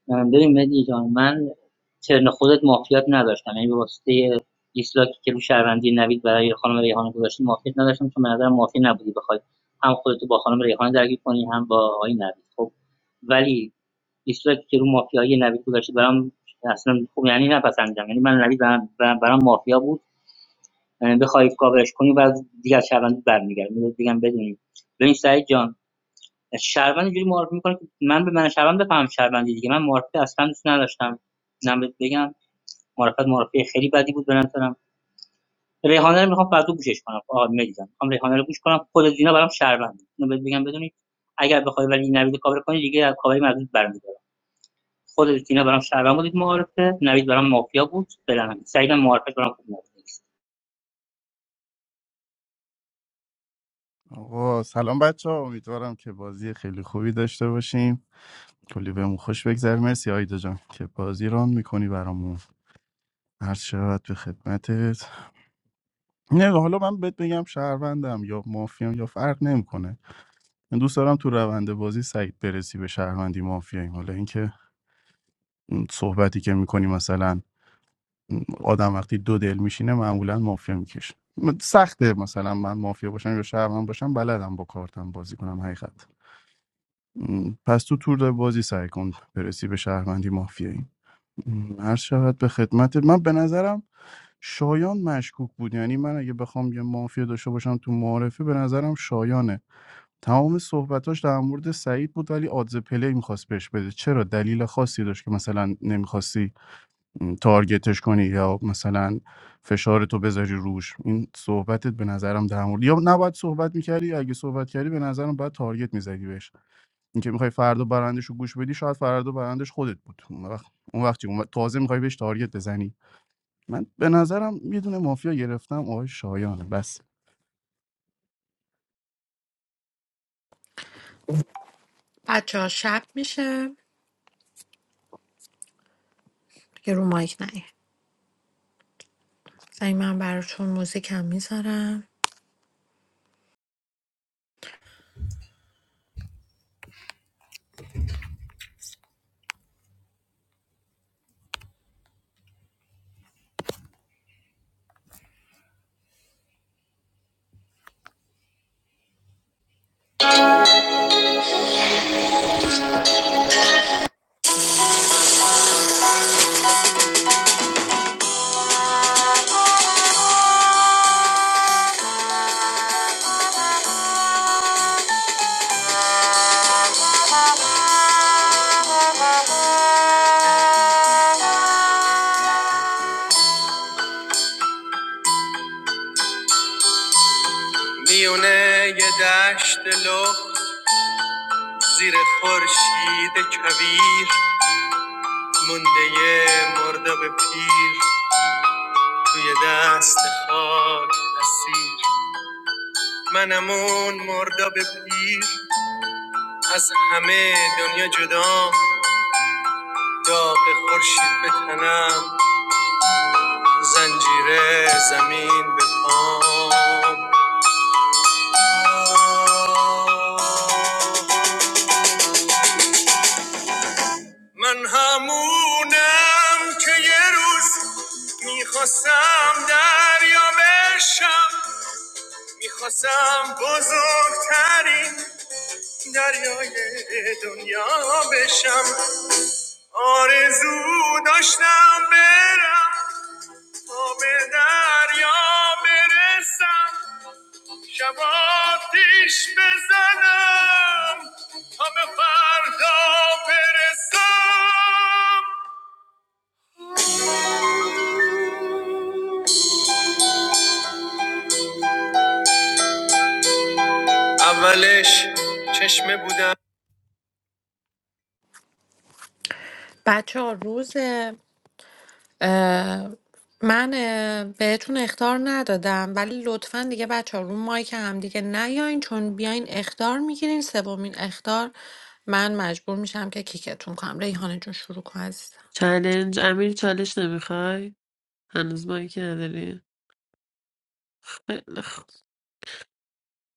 اه، ببین مدی جان من ترن خودت مافیات نداشتم یعنی به واسطه ایسلاکی که رو شهروندی نوید برای خانم ریحانه گذاشتی مافیات نداشتم چون به نظرم مافی نبودی بخوای هم خودتو با خانم ریحانه درگیر کنی هم با آقای نوید خب ولی ایستگاهی که رو مافیایی نوید گذاشته برام اصلا خوب یعنی نپسندم یعنی من نوید برام, برام مافیا بود یعنی بخوای کاورش کنی و دیگه از شهروند برمیگردم میگم دیگه هم بدونیم ببین سعید جان شهروند اینجوری معرفی میکنه که من به من شهروند بفهم شهروندی دیگه من معرفی اصلا دوست نداشتم اینم بگم معرفت معرفی خیلی بدی بود به نظرم ریحانه رو میخوام فردا گوشش کنم آقا میدیدم میخوام ریحانه رو گوش کنم خود دینا برام شهروند اینو بهت بگم بدونی اگر بخوای ولی نوید کاور کنی دیگه از کاوری مردود برمیاد. خود زینا برام شهروند بودید معارفه نوید برام مافیا بود بلنم سعیدم معارفه برام خوب نبود آقا سلام بچه ها امیدوارم که بازی خیلی خوبی داشته باشیم کلی بهمون خوش بگذره مرسی آیدا جان که بازی ران میکنی برامون هر شود به خدمتت نه حالا من بهت بگم شهروندم یا مافیام یا فرق نمیکنه من دوست دارم تو روند بازی سعید برسی به شهروندی مافیاییم حالا اینکه اون صحبتی که میکنی مثلا آدم وقتی دو دل میشینه معمولا مافیا میکشه م- سخته مثلا من مافیا باشم یا شهرمن باشم بلدم با کارتم بازی کنم حقیقت م، پس تو تور بازی سعی کن برسی به شهروندی مافیایی م، عرض شود به خدمتت من به نظرم شایان مشکوک بود یعنی من اگه بخوام یه مافیا داشته باشم تو معارفه به نظرم شایانه تمام صحبتاش در مورد سعید بود ولی آدز پلی میخواست بهش بده چرا دلیل خاصی داشت که مثلا نمیخواستی تارگتش کنی یا مثلا فشار تو بذاری روش این صحبتت به نظرم در مورد یا نباید صحبت میکردی اگه صحبت کردی به نظرم باید تارگت میزدی بهش اینکه میخوای فردا برندش رو گوش بدی شاید فردا برندش خودت بود اون وقت اون وقتی اون وقت تازه میخوای بهش تارگت بزنی من به نظرم یه دونه مافیا گرفتم آقای شایانه بس بچه ها شب میشه دیگه رو مایک نیم زنگ من براتون موزیک هم میذارم میونه یه دشت لخت زیر خورشید کویر مونده یه مرداب پیر توی دست خاک اسیر منم اون مرداب پیر از همه دنیا جدا داغ خورشید به تنم زنجیره زمین به پام من همونم که یه روز میخواستم دریا بشم میخواستم بزرگترین دریای دنیا بشم آرزو داشتم برم تا به دریا برسم شباتیش بزنم تا به فردا برسم اولش چشمه بودم بچه ها روز اه، من اه، بهتون اختار ندادم ولی لطفا دیگه بچه ها رو مایک هم دیگه نیاین چون بیاین اختار میگیرین سومین اختار من مجبور میشم که کیکتون کنم ریحانه جون شروع کن عزیزم چلنج امیر چالش نمیخوای هنوز مایی که نداری خیلی خوب.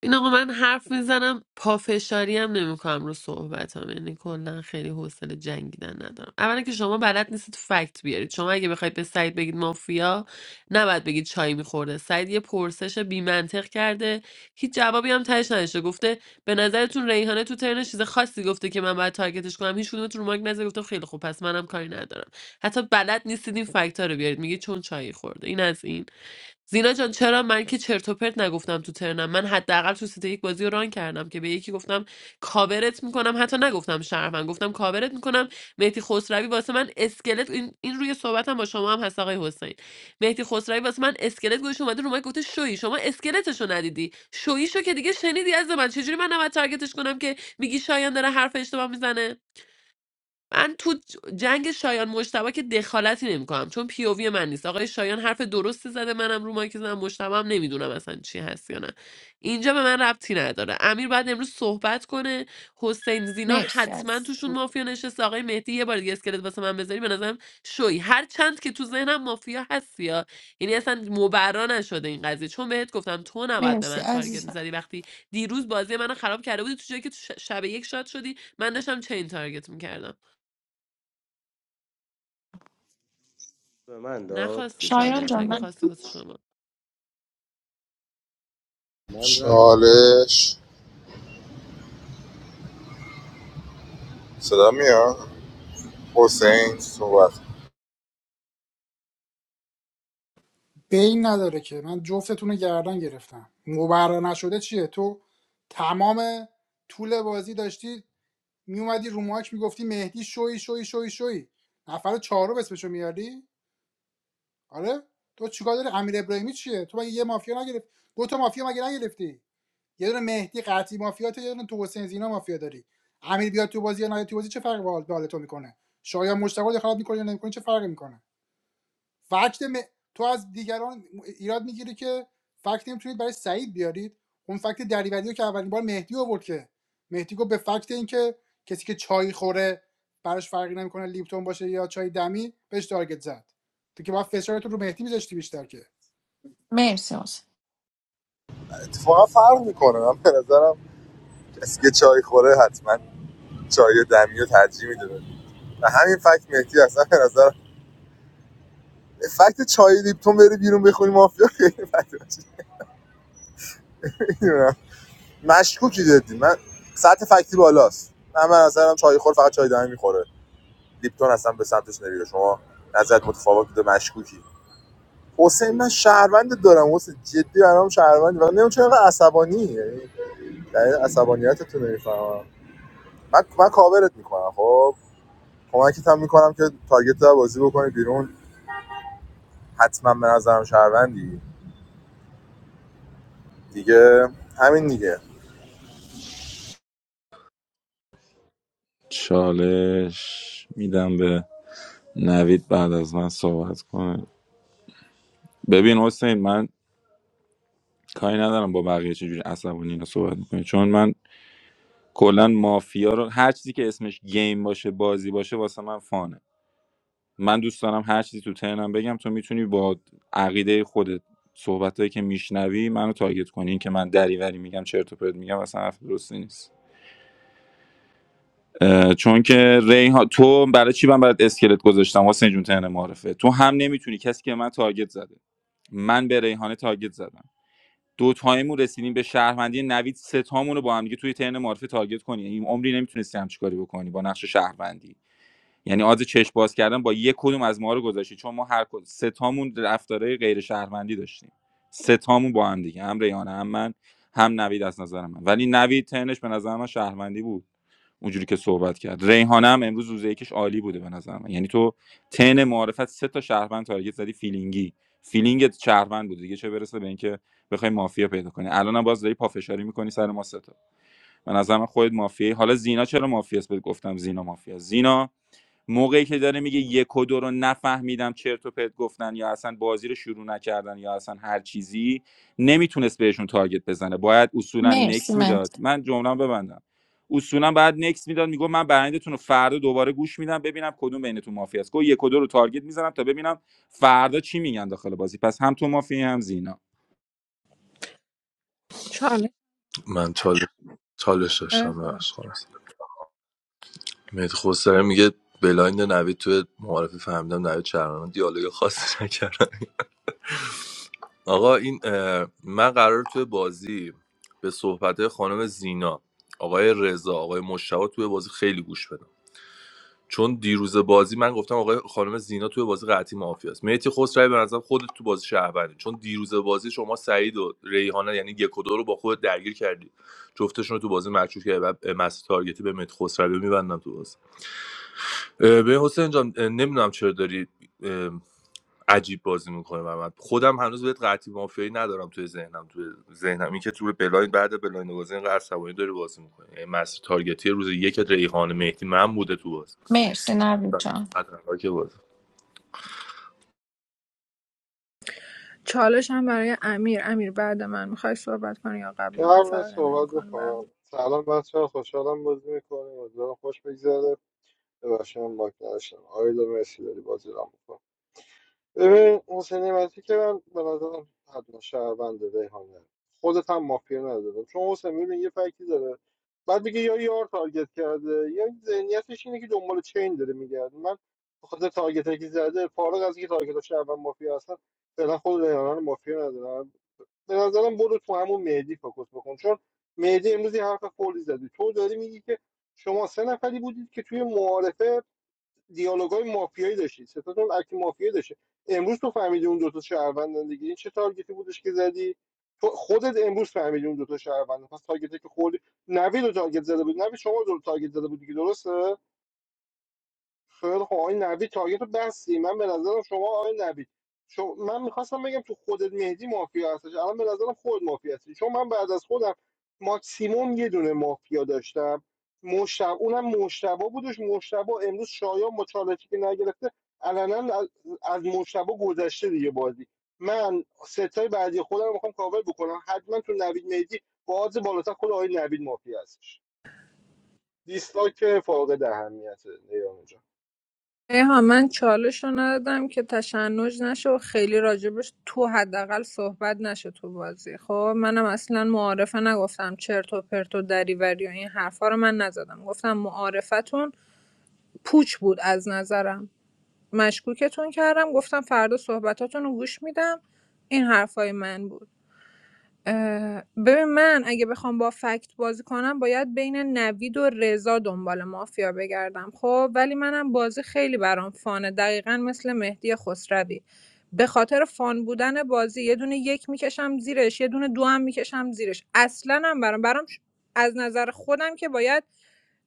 این آقا من حرف میزنم پافشاری هم نمیکنم رو صحبتم یعنی کلا خیلی حوصله جنگیدن ندارم اولا که شما بلد نیستید فکت بیارید شما اگه بخواید به سعید بگید مافیا نباید بگید چای میخورده سعید یه پرسش بی منطق کرده هیچ جوابی هم تهش نداشته گفته به نظرتون ریحانه تو ترن چیز خاصی گفته که من باید تارگتش کنم هیچ کدومتون رو مارک نظر گفتم خیلی خوب پس منم کاری ندارم حتی بلد نیستید این فکت رو بیارید میگه چون چای خورده این از این زینا جان چرا من که چرت و پرت نگفتم تو ترنم من حداقل تو سیت یک بازی رو ران کردم که به یکی گفتم کاورت میکنم حتی نگفتم شرفن گفتم کاورت میکنم مهدی خسروی واسه من اسکلت این, این روی صحبتم با شما هم هست آقای حسین مهدی خسروی واسه من اسکلت گوش اومده رو من گفته شویی شما اسکلتشو ندیدی شویی شو که دیگه شنیدی از من چجوری من نباید تارگتش کنم که میگی شایان داره حرف اشتباه میزنه من تو جنگ شایان مشتبه که دخالتی نمیکنم چون پیووی من نیست آقای شایان حرف درستی زده منم رو مایک زدم مشتبه هم نمیدونم اصلا چی هست یا نه اینجا به من ربطی نداره امیر بعد امروز صحبت کنه حسین زینا مرسی حتما عزیزم. توشون مافیا نشسته آقای مهدی یه بار دیگه اسکلت واسه من بذاری به نظرم شوی هر چند که تو ذهنم مافیا هست یا یعنی اصلا مبرا نشده این قضیه چون بهت گفتم تو نباید به مرسی من تارگت عزیزم میزدی وقتی دیروز بازی منو خراب کرده بودی تو جایی که تو ش- شب یک شاد شدی من داشتم چین تارگت میکردم به من داد نخواستی شایان بچه چالش ها جان اگه من من خواستی واسه شما من در رو مایکم چالش صدا میاد حسین صحبت بین نداره که من جفتتون رو گردن گرفتم مبرا نشده چیه تو تمام طول بازی داشتی میومدی رو ماک میگفتی مهدی شوی شوی شوی شوی نفر چهارم اسمشو میاری آره تو چیکار داری امیر ابراهیمی چیه تو مگه یه مافیا نگرفت دو تا مافیا مگه نگرفتی یه دونه مهدی قطعی مافیاته یه دونه تو حسین زینا مافیا داری امیر بیاد تو بازی یا نیاد تو بازی چه فرقی به حال تو میکنه شاید مشتاق دخالت میکنه یا نمیکنه چه فرقی میکنه فکت م... تو از دیگران ایراد میگیری که فکت نمیتونید برای سعید بیارید اون فکت دریوری که اولین بار مهدی آورد که مهدی گفت به فکت اینکه کسی که چای خوره براش فرقی نمیکنه لیپتون باشه یا چای دمی بهش تارگت زد تو که باید فشارتو رو مهدی میذاشتی بیشتر که مرسی حسین اتفاقا فرق میکنه من به نظرم کسی که چای خوره حتما چای دمی رو ترجیح میده و همین فکت مهدی اصلا به نظر فکت چای لیپتون بره بیرون بخونی مافیا [laughs] خیلی فکت باشه. نمی‌دونم. مشکوکی جدی من سطح فکتی بالاست من به نظرم چای خور فقط چای دمی میخوره لیپتون اصلا به سمتش نمیره شما نظرت متفاوت بوده مشکوکی حسین من شهروند دارم حسین جدی برام شهروندی و نمیدونم چرا اینقدر عصبانی یعنی دلیل عصبانیتت رو نمیفهمم من من کاورت میکنم خب کمکت هم میکنم که تارگت رو بازی بکنی بیرون حتما به نظرم شهروندی دیگه همین دیگه چالش میدم به نوید بعد از من صحبت کنه ببین حسین من کاری ندارم با بقیه چجوری عصبانی اینا صحبت میکنه چون من کلا مافیا رو هر چیزی که اسمش گیم باشه بازی باشه واسه من فانه من دوست دارم هر چیزی تو ترنم بگم تو میتونی با عقیده خودت صحبتهایی که میشنوی منو تارگت کنی این که من دریوری میگم چرت و پرت میگم اصلا حرف درستی نیست اه، چون که ریحان تو برای چی من برات اسکلت گذاشتم واسه جون ترن معرفه تو هم نمیتونی کسی که من تارگت زده من به ریحانه تارگت زدم دو تایمون رسیدیم به شهروندی نوید سه تامون رو با هم دیگه توی ترن معرفه تارگت کنی این عمری نمیتونستی همچی کاری بکنی با نقش شهروندی یعنی آز چشم باز کردن با یک کدوم از ما رو گذاشتی چون ما هر کدوم سه تامون رفتارهای غیر شهروندی داشتیم سه تامون با هم دیگه هم ریانه هم من هم نوید از نظر من ولی نوید تنش به نظر من شهروندی بود اونجوری که صحبت کرد ریحانه هم امروز روز یکیش عالی بوده به نظر من یعنی تو تن معرفت سه تا شهروند تارگت زدی فیلینگی فیلینگت شهروند بود دیگه چه برسه به اینکه بخوای مافیا پیدا کنی الانم باز داری پافشاری میکنی سر ما سه تا به نظر من خودت مافیایی حالا زینا چرا مافیاست بهت گفتم زینا مافیا زینا موقعی که داره میگه یک و دو رو نفهمیدم چرت و پرت گفتن یا اصلا بازی رو شروع نکردن یا اصلا هر چیزی نمیتونست بهشون تارگت بزنه باید اصولا مرسی نکس من میداد من جمله ببندم اصولا باید نکس میداد میگفت من برندتون رو فردا دوباره گوش میدم ببینم کدوم بینتون مافیا است گفت یک و دو رو تارگت میزنم تا ببینم فردا چی میگن داخل بازی پس هم تو مافیا هم زینا چالش من چالش چالش اه، داشتم ببخش خواهم میگه بلایند نوید توی معارفه فهمیدم نوید چرمن دیالوگ خاصی نکرد آقا این اه، من قرار توی بازی به صحبت خانم زینا آقای رضا آقای مشتاق توی بازی خیلی گوش بدم چون دیروز بازی من گفتم آقای خانم زینا توی بازی قطعی مافیا است میتی خسروی به نظرم خودت تو بازی شهروندی چون دیروز بازی شما سعید و ریحانه یعنی یک و دو رو با خود درگیر کردی جفتشون رو تو بازی مکشوف کردی بعد مسیر تارگتی به مهدی خسروی میبندم تو بازی به حسین جان نمیدونم چرا داری اه، عجیب بازی میکنه و من خودم هنوز بهت قطعی مافیایی ندارم توی ذهنم توی ذهنم این که تو بلایند بعد بلاین بازی اینقدر عصبانی داری بازی میکنه یعنی مسیر تارگتی روز یک ریحان مهدی من بوده تو باز مرسی نوید جان که باز چالش هم برای امیر امیر بعد من میخوای صحبت کنی یا قبل من قبل از فرقی صحبت نمیکنه برام بکنم سلام بچه ها خوشحالم بازی میکنیم امیدوارم خوش بگذره ببخشید من باک نداشتم آیدا مرسی داری بازی را ببین حسین نعمتی که من به نظرم حتما شهرونده ریحانه خودت هم مافیا ندارم چون حسین ببین یه فکتی داره بعد میگه یا یار تارگت کرده یا ذهنیتش اینه که دنبال چین داره میگرده من به خاطر تارگت که زده فارغ از اینکه تارگت شهروند مافیا هستن فعلا خود ریحانه رو مافیا ندارم به نظرم برو تو همون مهدی فوکس بکن چون مهدی امروز یه حرف فولی زدی تو داری میگی که شما سه نفری بودید که توی معارفه دیالوگای مافیایی داشتید ستاتون اکت مافیایی داشته امروز تو فهمیدی اون دوتا شهروندن دیگه این چه تارگتی بودش که زدی تو خودت امروز فهمیدی اون دوتا شهروندن پس تارگتی که خوردی نوید رو تارگت زده بود نوید شما رو تارگت زده بود دیگه درسته خیلی خب آقای نوید تارگت رو بستی من به نظرم شما آقای نوید شما من میخواستم بگم تو خودت مهدی مافیا هستش الان به نظرم خود مافیا هستی چون من بعد از خودم ماکسیموم یه دونه مافیا داشتم مشتبه اونم مشتبه بودش مشتبه امروز شایان با چالشی که نگرفته علنا از از مشتبه گذشته دیگه بازی من ستای بعدی خودم رو میخوام کاور بکنم حتما تو نوید مهدی با آدز بالاتر خود آقای نوید مافیا هستش دیسلایک فاقد اهمیت نیام جان ها من چالش رو ندادم که تشنج نشه و خیلی راجبش تو حداقل صحبت نشه تو بازی خب منم اصلا معارفه نگفتم چرت و پرت و دریوری و این حرفا رو من نزدم گفتم معارفتون پوچ بود از نظرم مشکوکتون کردم گفتم فردا صحبتاتون رو گوش میدم این حرفای من بود اه، ببین من اگه بخوام با فکت بازی کنم باید بین نوید و رضا دنبال مافیا بگردم خب ولی منم بازی خیلی برام فانه دقیقا مثل مهدی خسروی به خاطر فان بودن بازی یه دونه یک میکشم زیرش یه دونه دو هم میکشم زیرش اصلا هم برام برام ش- از نظر خودم که باید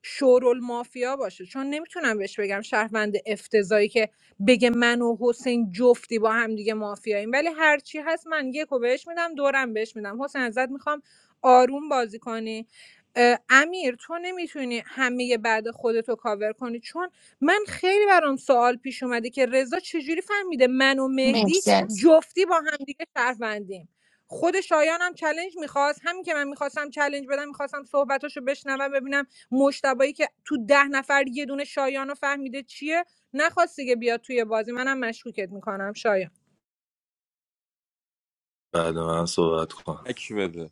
شورول مافیا باشه چون نمیتونم بهش بگم شهروند افتضایی که بگه من و حسین جفتی با هم دیگه مافیاییم ولی هرچی هست من یکو بهش میدم دورم بهش میدم حسین ازت میخوام آروم بازی کنی اه، امیر تو نمیتونی همه بعد خودتو کاور کنی چون من خیلی برام سوال پیش اومده که رضا چجوری فهمیده من و مهدی مرسی عزیز جفتی با هم دیگه شهروندیم خود شایان هم چلنج میخواست همین که من میخواستم چلنج بدم میخواستم صحبتاشو بشنوم ببینم مشتبایی که تو ده نفر یه دونه شایان رو فهمیده چیه نخواست دیگه بیاد توی بازی منم مشکوکت میکنم شایان بعد من صحبت کنم تک بده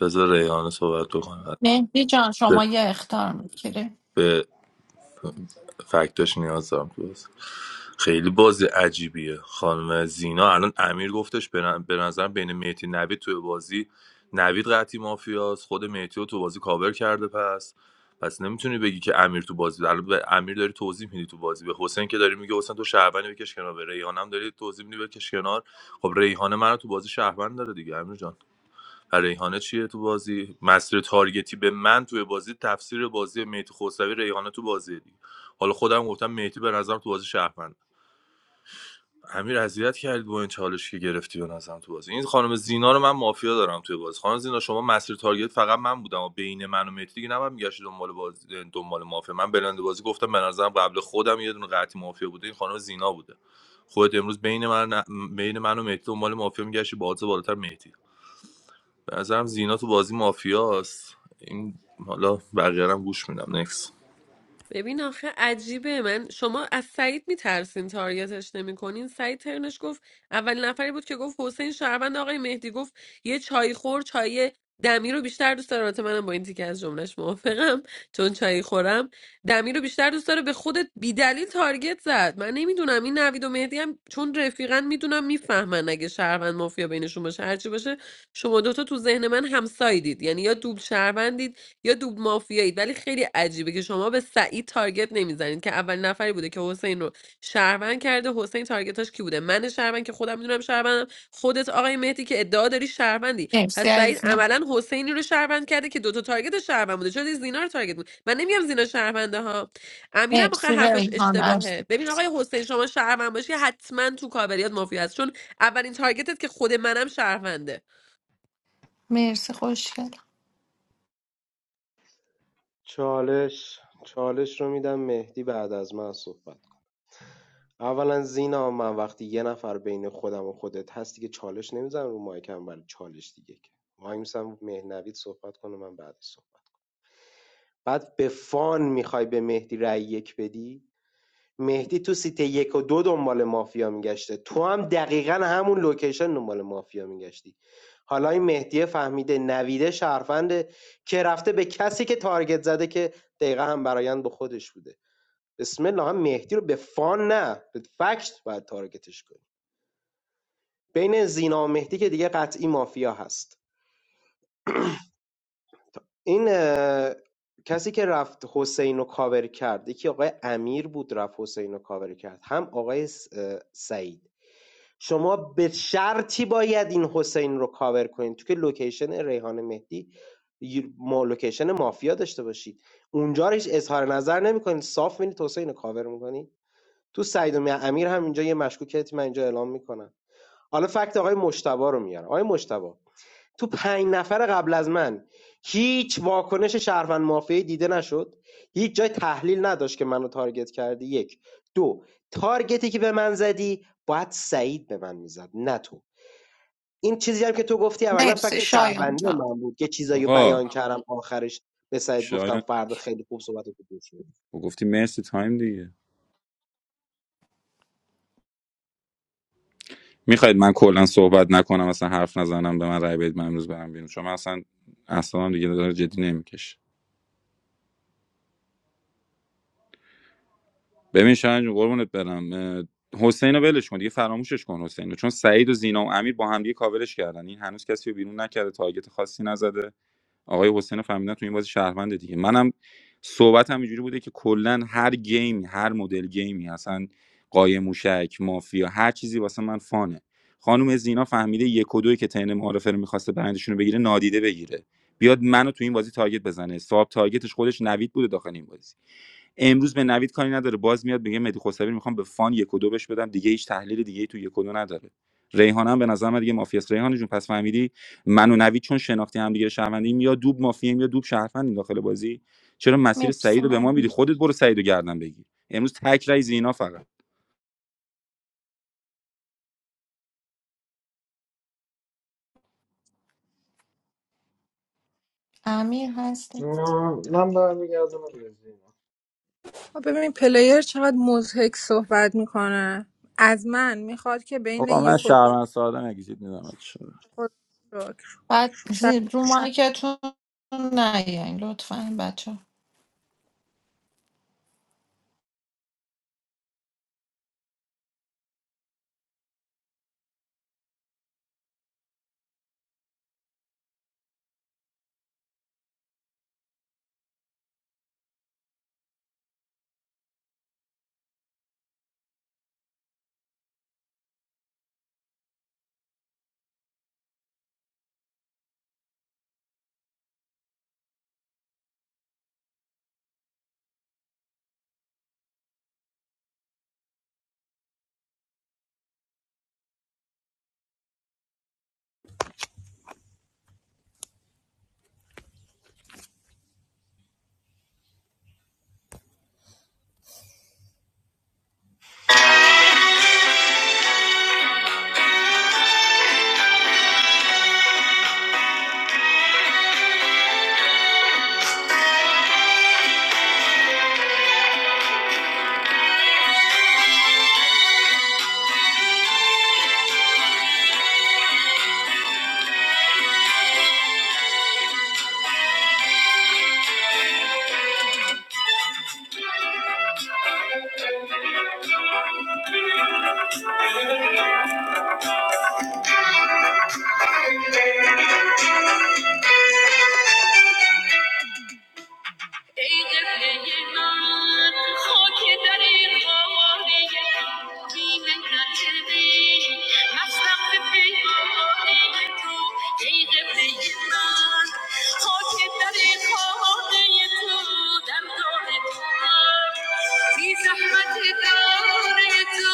بذار ریحان صحبت بکنم مهدی جان شما چه؟ یه اختار میگیره فکتاش نیاز دارم تو بازی. خیلی بازی عجیبیه خانم زینا الان امیر گفتش به ن- به نظرم بین مهدی نوید توی بازی نوید قطعی مافیاست خود مهدی رو تو بازی کاور کرده پس پس نمیتونی بگی که امیر تو بازی الان به امیر داری توضیح میدی تو بازی به حسین که داری میگه حسین تو شهروندی بکش کنار به ریحانم داری توضیح میدی بکش کنار خب ریحانه منو تو بازی شهروند داره دیگه امیر جان ریحانه چیه تو بازی مسیر تارگتی به من توی بازی تفسیر بازی مهدی خسروی ریحانه تو بازی دیگه حالا خودم گفتم مهدی به نظرم تو بازی شهروند امیر اذیت کردی با این چالش که گرفتی به نظرم تو بازی این خانم زینا رو من مافیا دارم توی بازی خانم زینا شما مسیر تارگت فقط من بودم و بین من و مهدی دیگه نباید میگشتی دنبال بازی دنبال مافیا من بلند بازی گفتم به نظرم قبل خودم یه دونه قطعی مافیا بوده این خانم زینا بوده خودت امروز بین من بین من و مهدی دنبال مافیا میگشتی با بالاتر مهدی به نظرم زینا تو بازی مافیاست این حالا بقیه رو هم گوش میدم نکس ببین آخه عجیبه من شما از سعید میترسین تارگتش نمیکنین سعید ترنش گفت اولین نفری بود که گفت حسین شهروند آقای مهدی گفت یه چای خور چای دمی رو بیشتر دوست داره البته منم با این تیکه از جملهش موافقم چون چای خورم دمی رو بیشتر دوست داره به خودت بیدلیل تارگت زد من نمیدونم این نوید و مهدی هم چون رفیقن میدونم میفهمن اگه شهروند مافیا بینشون باشه هرچی باشه شما دوتا تو ذهن من همسایدید یعنی یا دوبل شهروندید یا دوب مافیایید ولی خیلی عجیبه که شما به سعید تارگت نمیزنید که اول نفری بوده که حسین رو شهروند کرده حسین تارگتاش کی بوده من شهروند که خودم میدونم شهروندم خودت آقای مهدی که ادعا داری شهروندی مرسی پس سعید عزیزم عملا حسینی رو شهروند کرده که دوتا تارگت شهروند بوده چرا دیگه زینا رو تارگت بود من نمیگم زینا شهرونده ها امیرم آخه مرسی حرفش ریحان اشتباهه عزیزم ببین آقای حسین شما شهروند باشی حتما تو کابریات مافیا هست چون اولین تارگتت که خود منم شهرونده مرسی خوشگل چالش چالش رو میدم مهدی بعد از من صحبت اولا زینا من وقتی یه نفر بین خودم و خودت هستی که چالش نمیزنم رو مایکم برای چالش دیگه که وای میسم مهنوید صحبت کنه من بعدش صحبت کنم بعد به فان میخوای به مهدی رأی یک بدی مهدی تو سیت یک و دو دنبال مافیا میگشته تو هم دقیقا همون لوکیشن دنبال مافیا میگشتی حالا این مهدی فهمیده نویده شرفنده که رفته به کسی که تارگت زده که دقیقا هم برایند به خودش بوده بسم الله هم مهدی رو به فان نه به فکت باید تارگتش کنی بین زینا و مهدی که دیگه قطعی مافیا هست این اه، کسی که رفت حسین رو کاور کرد یکی آقای امیر بود رفت حسین رو کاور کرد هم آقای س- اه، سعید شما به شرطی باید این حسین رو کاور کنید تو که لوکیشن ریحان مهدی ی- ما لوکیشن مافیا داشته باشید اونجا رو هیچ اظهار نظر نمیکنید صاف میرید حسین رو کاور میکنید تو سعید و امیر هم اینجا یه مشکوکیتی من اینجا اعلام میکنم حالا فکت آقای مشتبا رو میارم آقای مشتبه تو پنج نفر قبل از من هیچ واکنش شهروند مافیایی دیده نشد هیچ جای تحلیل نداشت که منو تارگت کردی یک دو تارگتی که به من زدی باید سعید به من میزد نه تو این چیزی هم که تو گفتی اولا مرسی فکت شایان شهروندی جان من بود که چیزایی رو آقا بیان کردم آخرش به سعید گفتم شایان فردا خیلی خوب صحبت رو گوش بده. خب گفتی مرسی تایم دیگه میخواید من کلا صحبت نکنم اصلا حرف نزنم به من رای بدید من امروز برم بیرون شما اصلا اصلا دیگه داره جدی نمیکشه ببین شاهین جون قربونت برم اه، حسین رو ولش کن دیگه فراموشش کن حسین رو چون سعید و زینا و امیر با هم دیگه کاورش کردن این هنوز کسی رو بیرون نکرده تارگت خاصی نزده آقای حسین فهمیدن تو این بازی شهروند دیگه منم صحبتم اینجوری بوده که کلا هر گیمی هر مدل گیمی اصلا قایم موشک مافیا هر چیزی واسه من فانه خانم زینا فهمیده یک و دوی که تن معارفه رو میخواسته برندشون رو بگیره نادیده بگیره بیاد منو تو این بازی تارگت بزنه صاحب تارگتش خودش نوید بوده داخل این بازی امروز به نوید کاری نداره باز میاد میگه مدی خسروی رو میخوام به فان یک و دو بش بدم دیگه هیچ تحلیل دیگه ای تو یک و دو نداره ریحانه هم به نظر من دیگه مافیاس ریحانه جون پس فهمیدی من و نوید چون شناختی همدیگه شهروندیم یا دوب مافیاییم یا دوب شهروندیم داخل بازی چرا مسیر مرسی سعید رو به ما میدی مهدی خودت برو سعید رو گردن بگیر امروز تک رای زینا فقط امیر هست خب ببین پلیر چقدر مضحک صحبت میکنه از من میخواد که بین آقا من یک و دو شهروند ساده نگیزید میدم خود رو بعد شب زیر رو مایکتون نیاین لطفا بچه ای قبله من خاک در این خانه بی منت بی مستم به پیمانه تو ای قبله من خاک در این خانه تو در دار تو من، بی زحمت دار تو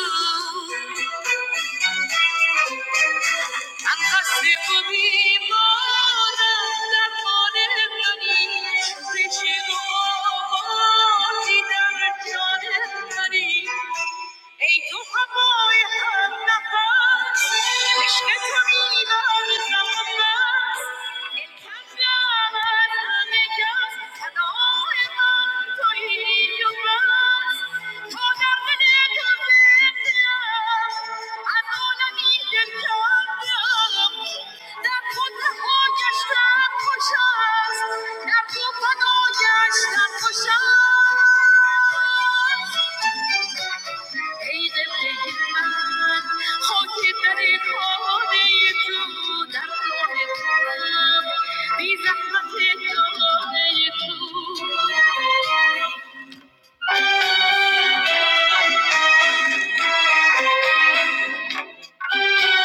من قصد خوبی ای تو هوای هم نفس عشق تو میدانی نفس دل کجم از همه کس فدای من تویی و بس تا در دل تو آنونمیگیرم دکتر خودش را پوشان دکتر خودش را پوشان ایده پیدا خودت را کنید تو دکتر خودم بیزاری تو نیت تو Thank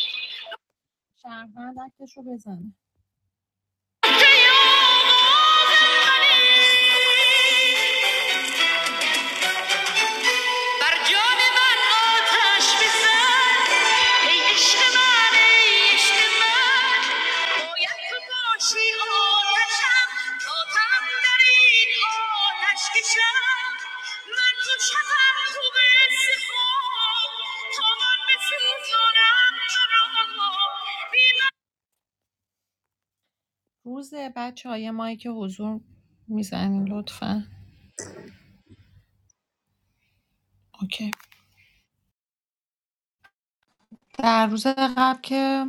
you. شهروند اکتش رو بزنه بر روز بچه‌ها یه مایی که حضور میزنین لطفا اوکی در روز قبل که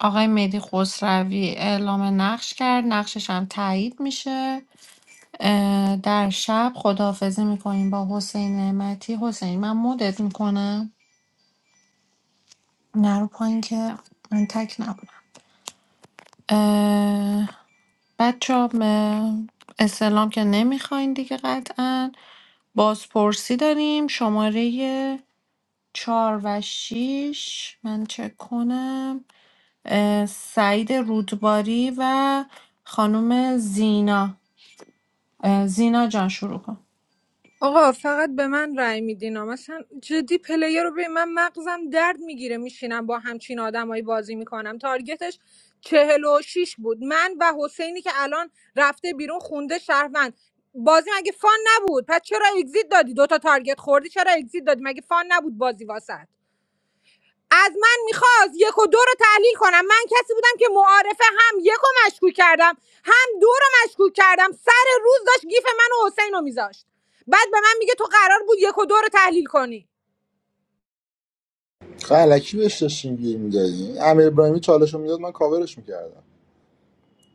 آقای مهدی خسروی اعلام نقش کرد نقشش هم تایید میشه در شب خداحافظی میکنیم با حسین نعمتی حسین من مدت میکنم نرو پایین که من تک نبودم بچه اسلام که نمیخواین دیگه قطعا بازپرسی داریم شماره چهار و شیش من چک کنم اه، سعید رودباری و خانم زینا اه، زینا جان شروع کن آقا فقط به من رأی میدین ها. مثلا جدی پلیر رو ببین من مغزم درد میگیره میشینم با همچین آدمایی بازی میکنم تارگتش چهل و شیش بود من و حسینی که الان رفته بیرون خونده شهروند بازی مگه فان نبود پس چرا اگزییت دادی دوتا تارگت خوردی چرا اگزییت دادی مگه فان نبود بازی واسط از من میخواست یک و دو رو تحلیل کنم من کسی بودم که معارفه هم یک رو مشکوک کردم هم دو رو مشکوک کردم سر روز داشت گیف من و حسین رو میذاشت بعد به من میگه تو قرار بود یک و دو رو تحلیل کنی خب الکی بهش داشتیم گیر میدادی امیر ابراهیمی چالش میداد من کاورش میکردم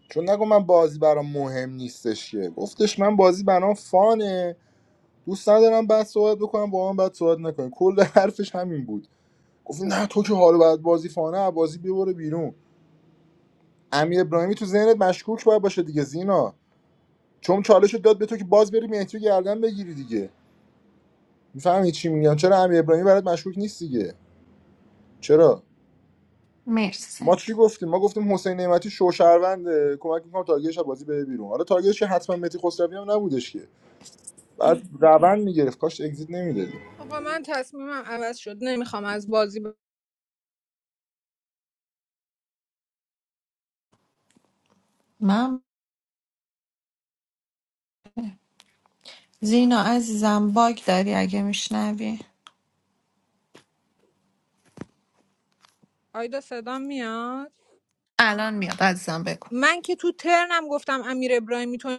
چون نگو من بازی برام مهم نیستش که گفتش من بازی برام فانه دوست ندارم بعد صحبت بکنم با من بعد صحبت نکنیم کل حرفش همین بود گفت نه تو که حالا بعد بازی فانه از بازی ببره بیرون امیر ابراهیمی تو ذهنت مشکوک باید باشه دیگه زینا چون چالش داد به تو که باز بری مهدی گردن بگیری دیگه میفهمی چی میگم چرا امیر ابراهیمی برات مشکوک نیست دیگه چرا مرسی ما سعید چی گفتیم ما گفتیم حسین نعمتی شوشهروند کمک میکنم تارگتش بازی بره بیرون حالا تارگتش که حتما متی خسروی هم نبودش که بعد روند میگرفت کاش اگزییت نمیدادی آقا من تصمیمم عوض شد نمیخوام از بازی ب... من زینا عزیزم باگ داری اگه میشنوی آیدا صدام میاد الان میاد عزیزم بگو من که تو ترنم گفتم امیر ابراهیمی تو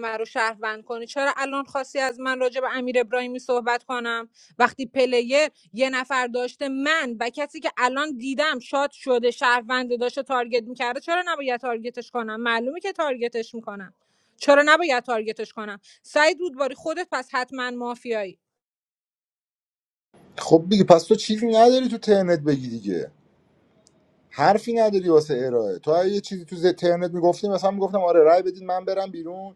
من رو شهروند کنی چرا الان خواستی از من راجع به امیر ابراهیمی صحبت کنم وقتی پلیر یه نفر داشته من و کسی که الان دیدم شاد شده شهروند داشته تارگت میکرده چرا نباید تارگتش کنم معلومه که تارگتش میکنم چرا نباید تارگتش کنم سعید رودباری خودت پس حتما مافیایی خب دیگه پس تو چیزی نداری تو ترنت بگی دیگه حرفی نداری واسه ارائه تو اگه یه چیزی تو ز- ترنت میگفتی مثلا میگفتم آره رای بدین من برم بیرون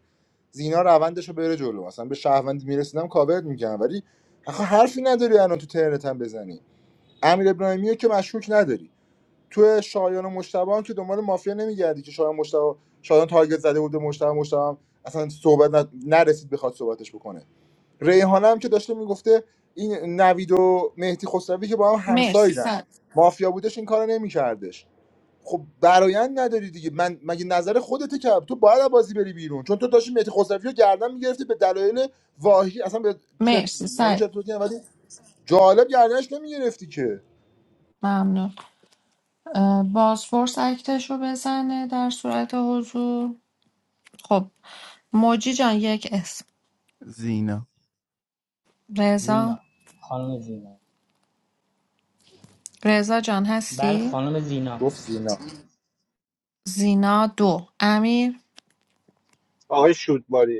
زینا روندش رو بره جلو مثلا به شهروندی میرسیدم کاورت میکنم ولی آخه حرفی نداری الان تو ترنت هم بزنی امیر ابراهیمی رو که مشکوک نداری تو شایان و مشتبه هم که دنبال مافیا نمیگردی که شایان مشتبه شایان تارگت زده بود به مشتبه مشتبه هم اصلا صحبت ن- نرسید بخواد صحبتش بکنه ریحانه هم که داشته میگفته این نوید و مهدی خسروی که با هم مرسی همسایدن سعید مافیا بودش این کارو نمیکردش خب برایند نداری دیگه من مگه نظر خودته که تو باید بازی بری بیرون چون تو داشتی مهدی خسروی رو گردن میگرفتی به دلایل واهی اصلا به چر... مرسی حالا سعید چرت و پرت ولی جالب گردنش نمیگرفتی که ممنون اه، بازفورس اکتش رو بزنه در صورت حضور خب موجی جان یک اسم زینا رضا زینا خانم زینا رضا جان بله هستی؟ خانم زینا گفت سینا زینا دو امیر آقای شودباری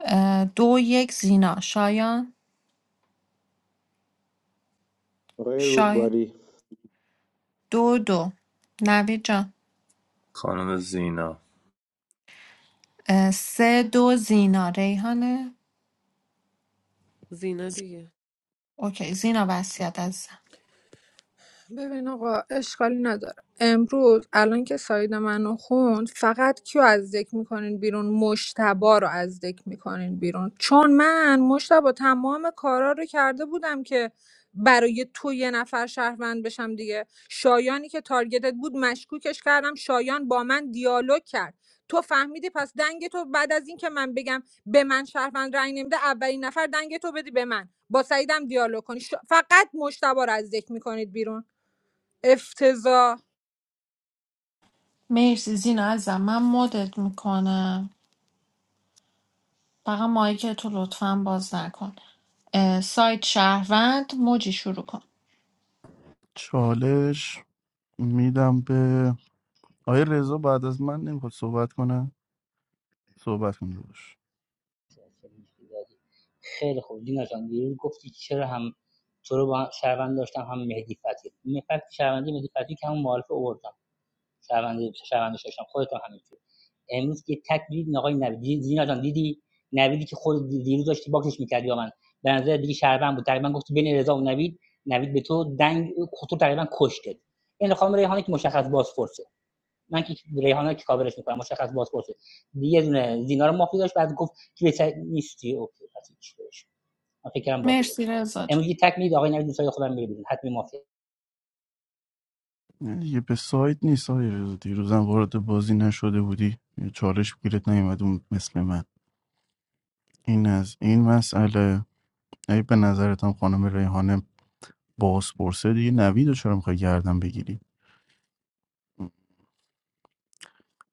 اه، دو یک زینا شایان آقای شایان رودباری دو دو نوید جان خانم زینا اه، سه دو زینا ریحانه زینا دیگه اوکی زینا وصیت عزیزم ببین آقا اشکالی نداره امروز الان که ساید منو خوند فقط کیو از دک میکنین بیرون مشتبا رو از دک میکنین بیرون چون من مشتبا تمام کارا رو کرده بودم که برای تو یه نفر شهروند بشم دیگه شایانی که تارگتت بود مشکوکش کردم شایان با من دیالوگ کرد تو فهمیدی پس دنگ تو بعد از این که من بگم به من شهروند رأی نمیده اولین نفر دنگ تو بدی به من با سعیدم دیالوگ کنی ش- فقط مشتبا رو از ذکر میکنید بیرون افتضاح مرسی زینا عزیزم من مدت میکنم فقط مایک تو لطفا باز نکن اه، سایت شهروند موجی شروع کن چالش میدم به آقای رضا بعد از من نمیخواد صحبت کنه صحبت کنه خیلی خوب زینا جان دیروز گفتی چرا هم تو رو با شهروند داشتم هم مهدی فتحی مهدی فتحی- شهروندی مهدی فتحی که همون معارفه اوردم شهروندی شهروندش داشتم خودت هم همینطور امروز که تک دیدی آقای نوید زینا جان دیدی نویدی که خود دیروز داشتی باکسش میکردی با من به نظر دیگه شهروند بود تقریبا گفتی بین رضا و نوید نوید به تو دنگ تو تقریبا کشته این خانم ریحانه که مشخص بازپرسه من که ریحانه که کاورش میکنم مشخص بازپرسه یه دونه زینا رو مافی داشت بعد گفت که بهتر نیستی اوکی پس هیچ بهش من فکر کردم مرسی بازپرس رضا جان. امروز یه تک میدید آقای نوید دوستای خودم میره بیرون حتمی مافی نه دیگه به سایت نیست آقای رضا دیروزم وارد بازی نشده بودی یه چالش گیرت نیومد اون مثل من این از این مسئله ای به نظرتم خانم ریحانه بازپرسه دیگه نوید رو چرا میخوای گردن بگیری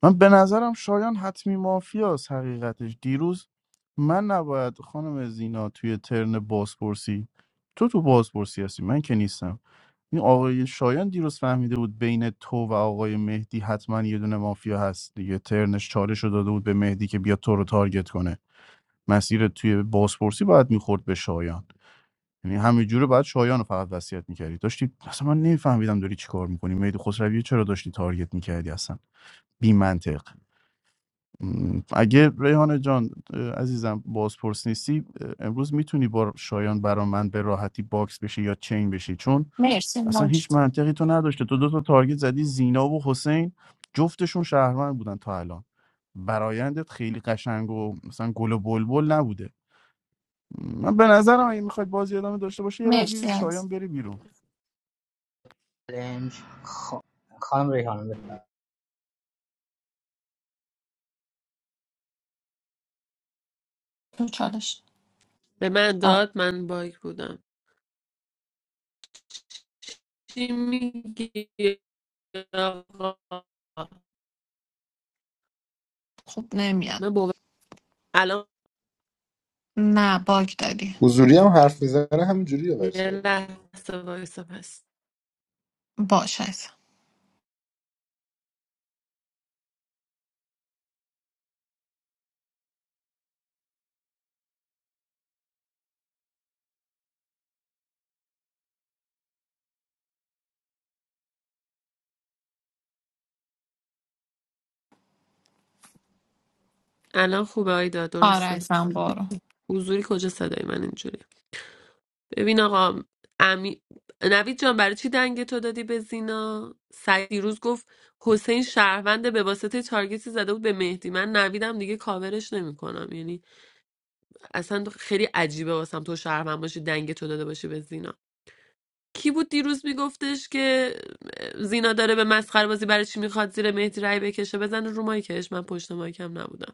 من به نظرم شایان حتمی مافیاست حقیقتش دیروز من نباید خانم زینا توی ترن بازپرسی تو تو بازپرسی هستی من که نیستم این آقای شایان دیروز فهمیده بود بین تو و آقای مهدی حتما یه دونه مافیا هست دیگه ترنش چالش رو داده بود به مهدی که بیا تو رو تارگت کنه مسیر توی بازپرسی باید میخورد به شایان یعنی همینجوری باید شایان رو فقط وصیت میکردی داشتی اصلا من نمیفهمیدم داری چیکار میکنی مهدی خسروی رو چرا داشتی تارگت میکردی اصلا بی منطق م، اگه ریحانه جان اه، عزیزم بازپرس نیستی اه، امروز میتونی با شایان برا من به راحتی باکس بشی یا چین بشی چون مرسی اصلا موجی هیچ منطقی تو نداشته تو دو تا تارگت زدی زینا و حسین جفتشون شهروند بودن تا الان برایندت خیلی قشنگ و مثلا گل و بلبل نبوده من به نظرم اگه میخواید بازی ادامه داشته باشه یه مرسی روی عزیز شایان بری بیرون خانم ریحانه تو چالش به من آه، داد من باگ بودم چی میگی آقا خوب نمیاد من باور الان نه باگ داری حضوری هم حرف میزنه همینجوریه ولی یه صداش لحظه وایسا پس باش عزیزم. الان خوبه آیدا درسته آرزم برو حضوری کجا صدای من اینجوری ببین آقا امی... نوید جان برای چی دنگ تو دادی به زینا سعید دیروز گفت حسین شهروند به واسطه تارگتی زده بود به مهدی من نویدم دیگه کاورش نمیکنم یعنی اصلا خیلی عجیبه واسم تو شهروند باشی دنگ تو داده باشی به زینا کی بود دیروز میگفتش که زینا داره به مسخره بازی برای چی میخواد زیر مهدی رای بکشه بزن رو مایکش من پشت مایکم نبودم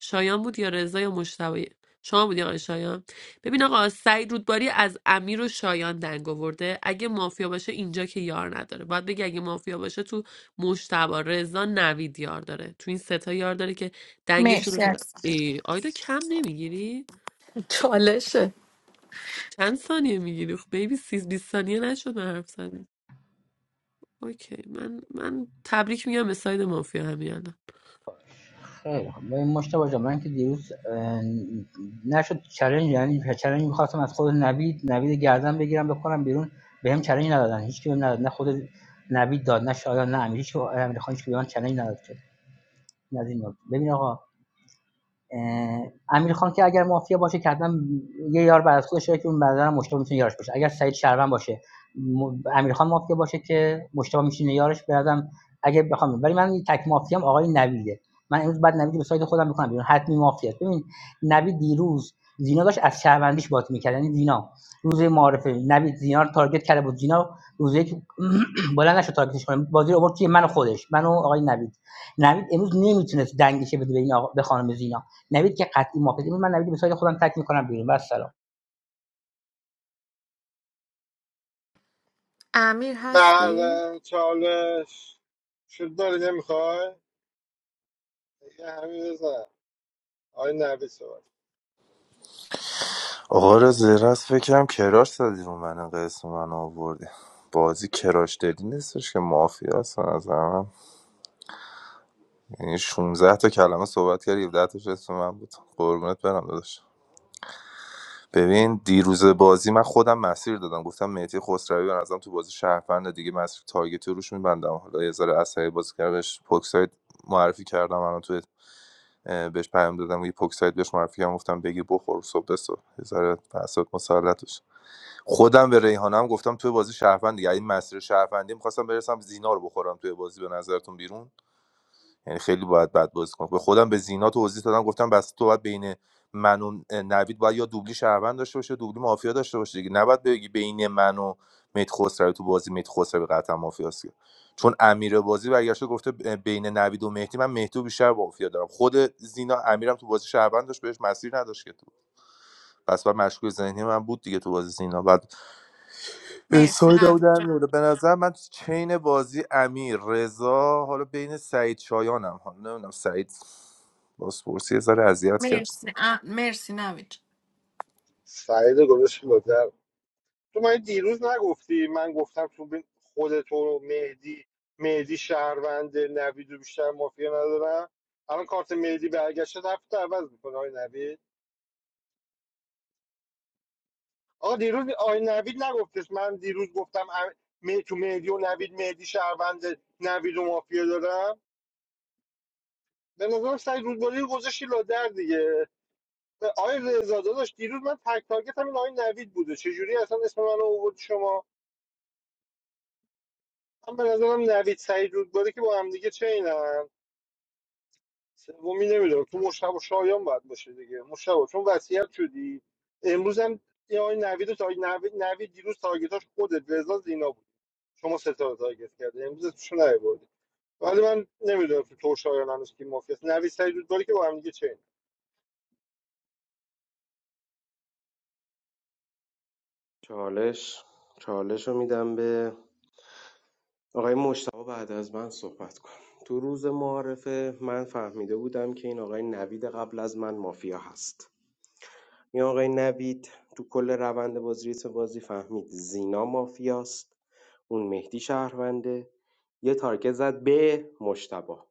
شایان بود یا رضا یا مشتبه شما بودی آقای شایان ببین آقا سعید رودباری از امیر و شایان دنگ آورده اگه مافیا باشه اینجا که یار نداره باید بگی اگه مافیا باشه تو مشتبه رضا نوید یار داره تو این سه تا یار داره که دنگشون رو مرسی دادن از ای، آیدا کم نمیگیری چالشه چند ثانیه میگیری خب بیبی 30 20 ثانیه نشد من حرف زدن اوکی من من تبریک میگم به ساید مافیا همین الان خیلی خب ببین مشتبه جان من که دیروز اه، نشد چلنج یعنی چلنج میخواستم از خود نوید نوید گردن بگیرم بکنم بیرون بهم چلنج ندادن هیچ کی بهم نداد نه خود نوید داد نه شایان نه امیر هیچ کی امیر خان هیچ کی به من چلنج نداد که نه از ببین آقا امیرخان که اگر مافیا باشه که حتما یه یار بعد از که اون بعدا مشتبه میتونه یارش باشه اگر سعید شربن باشه امیرخان امیر مافیا باشه که مشتبه میشینه یارش برادم اگه بخوام ولی من تک مافیام آقای نویده من امروز بعد نوید رو به سایت خودم میکنم بیرون حتمی مافیا است. ببین نوید دیروز زینا داشت از شهروندیش بات میکرد یعنی زینا روز معارفه نوید زینا رو تارگت کرده بود زینا روز یک [clears throat] بالا نشد تارگتش کنه بازی رو آورد توی من و خودش من و آقای نوید نوید امروز نمیتونست دنگش بده به این آقا- به خانم زینا نوید که قطعی موافقه من نوید به سایت خودم تک میکنم بیرون و سلام امیر هستی؟ بله چالش شد داری نمیخوای؟ یه همین بزن آی نوید صحبت آقا را زیر از فکرم کراش زدی رو من قسم من آوردی بازی کراش دادی نیستش که مافیا هست به نظر من یعنی 16 تا کلمه صحبت کردی 17 تاش اسم من بود قربونت برم داداش ببین دیروز بازی من خودم مسیر دادم گفتم مهدی خسروی به نظرم تو بازی شهروند دیگه مسیر تارگتی روش میبندم حالا یه ذره عصبی بازی کردش پوکساید معرفی کردم الان تو بهش پیام دادم و یه پوک سایت بهش معرفی کردم گفتم بگی بخور صبح به صبح یه ذره اعصابت مسلطش خودم به ریحانم گفتم توی بازی شهروند دیگه این مسیر شهروندی می‌خواستم برسم زینا رو بخورم توی بازی به نظرتون بیرون یعنی خیلی باید بد بازی کنه به خودم به زینا توضیح دادم گفتم بس تو باید بین من و نوید باید یا دوبلی شهروند داشته باشه دوبلی مافیا داشته باشه دیگه نباید بگی بین من و میت خسرو تو بازی میت خسرو قطعا مافیاست که. چون امیر بازی برگشته گفته ب- بین نوید و مهدی من مهدی رو بیشتر مافیا دارم خود زینا امیرم تو بازی شهروند داشت بهش مسیر نداشت که تو پس بعد مشکوک ذهنی من بود دیگه تو بازی زینا بعد مرسی سایدم نوید در جان میاره به نظر من تو چین بازی امیر رضا حالا بین سعید شایانم حالا نمیدونم سعید بازپرسی یه ذره اذیت کرد مرسی ا... مرسی نوید جان. سعید گذاشت لادر تو من دیروز نگفتی من گفتم تو بین خود تو مهدی مهدی شهروند نوید رو بیشتر مافیا ندارم الان کارت مهدی برگشته رفت عوض میکنه آی نوید آقا دیروز آی نوید نگفتش من دیروز گفتم ام- مه- تو مهدی و نوید مهدی شهروند نوید و مافیا دارم به نظرم سعید رودباری رو گذاشتی لادر دیگه آقای رضا داداش دیروز من تک تارگت همین آقای نوید بوده چجوری اصلا اسم من آورد شما من به نظرم نوید سعید رودباری که با هم دیگه چینن سومی نمیدونم تو مشتبه و شایان باید باشه دیگه مشتبه چون وصیت شدی امروز هم یه آقای نوید رو تا نوید, نوید دیروز تارگتاش خودت رضا زینا بود شما ستاره تارگت کرده امروز اسمشو نیاوردی ولی من نمیدونم تو تو و شایان هنوز کی مافیاست نوید سعید رودباری که با هم دیگه چالش چالش رو میدم به آقای مجتبی بعد از من صحبت کن تو روز معارفه من فهمیده بودم که این آقای نوید قبل از من مافیا هست این آقای نوید تو کل روند بازی ریتم بازی فهمید زینا مافیاست اون مهدی شهرونده یه تارگت زد به مشتبا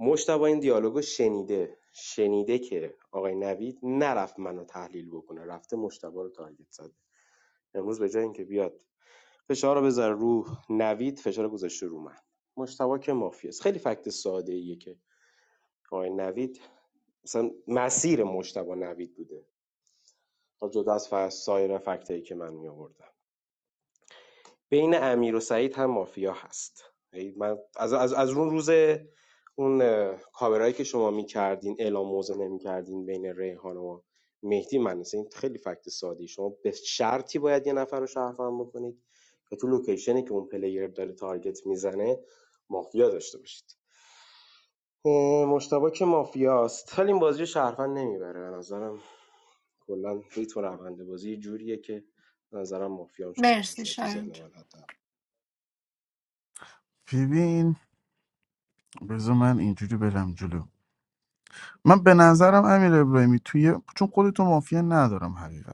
مشتبا این دیالوگو شنیده شنیده که آقای نوید نرفت منو تحلیل بکنه رفته مشتبا رو تارگت زده امروز به جای اینکه بیاد فشار رو بذار رو نوید فشار گذاشته رو من مشتبه که مافی است خیلی فکت ساده ایه که آقای نوید مثلا مسیر مشتبه نوید بوده تا جدا از سایر فکتایی که من می آوردم بین امیر و سعید هم مافیا هست یعنی من از, از, از اون روز اون کاورایی که شما میکردین اعلام موضع نمیکردین بین ریحان و مهدی من این خیلی فکت سادی شما به شرطی باید یه نفر رو شهروند بکنید که تو لوکیشنی که اون پلیر داره تارگت میزنه مافیا داشته باشید مشتبه که مافیاست ولی این بازی رو شهروند نمیبره به نظرم کلا ریتم و روند بازی جوریه که به نظرم مافیا هم شهروند مرسی شده تو شایان ذهن جان من حتی ببین بذار من اینجوری برم جلو من به نظرم امیر ابراهیمی توی چون خودتو مافیا ندارم حقیقت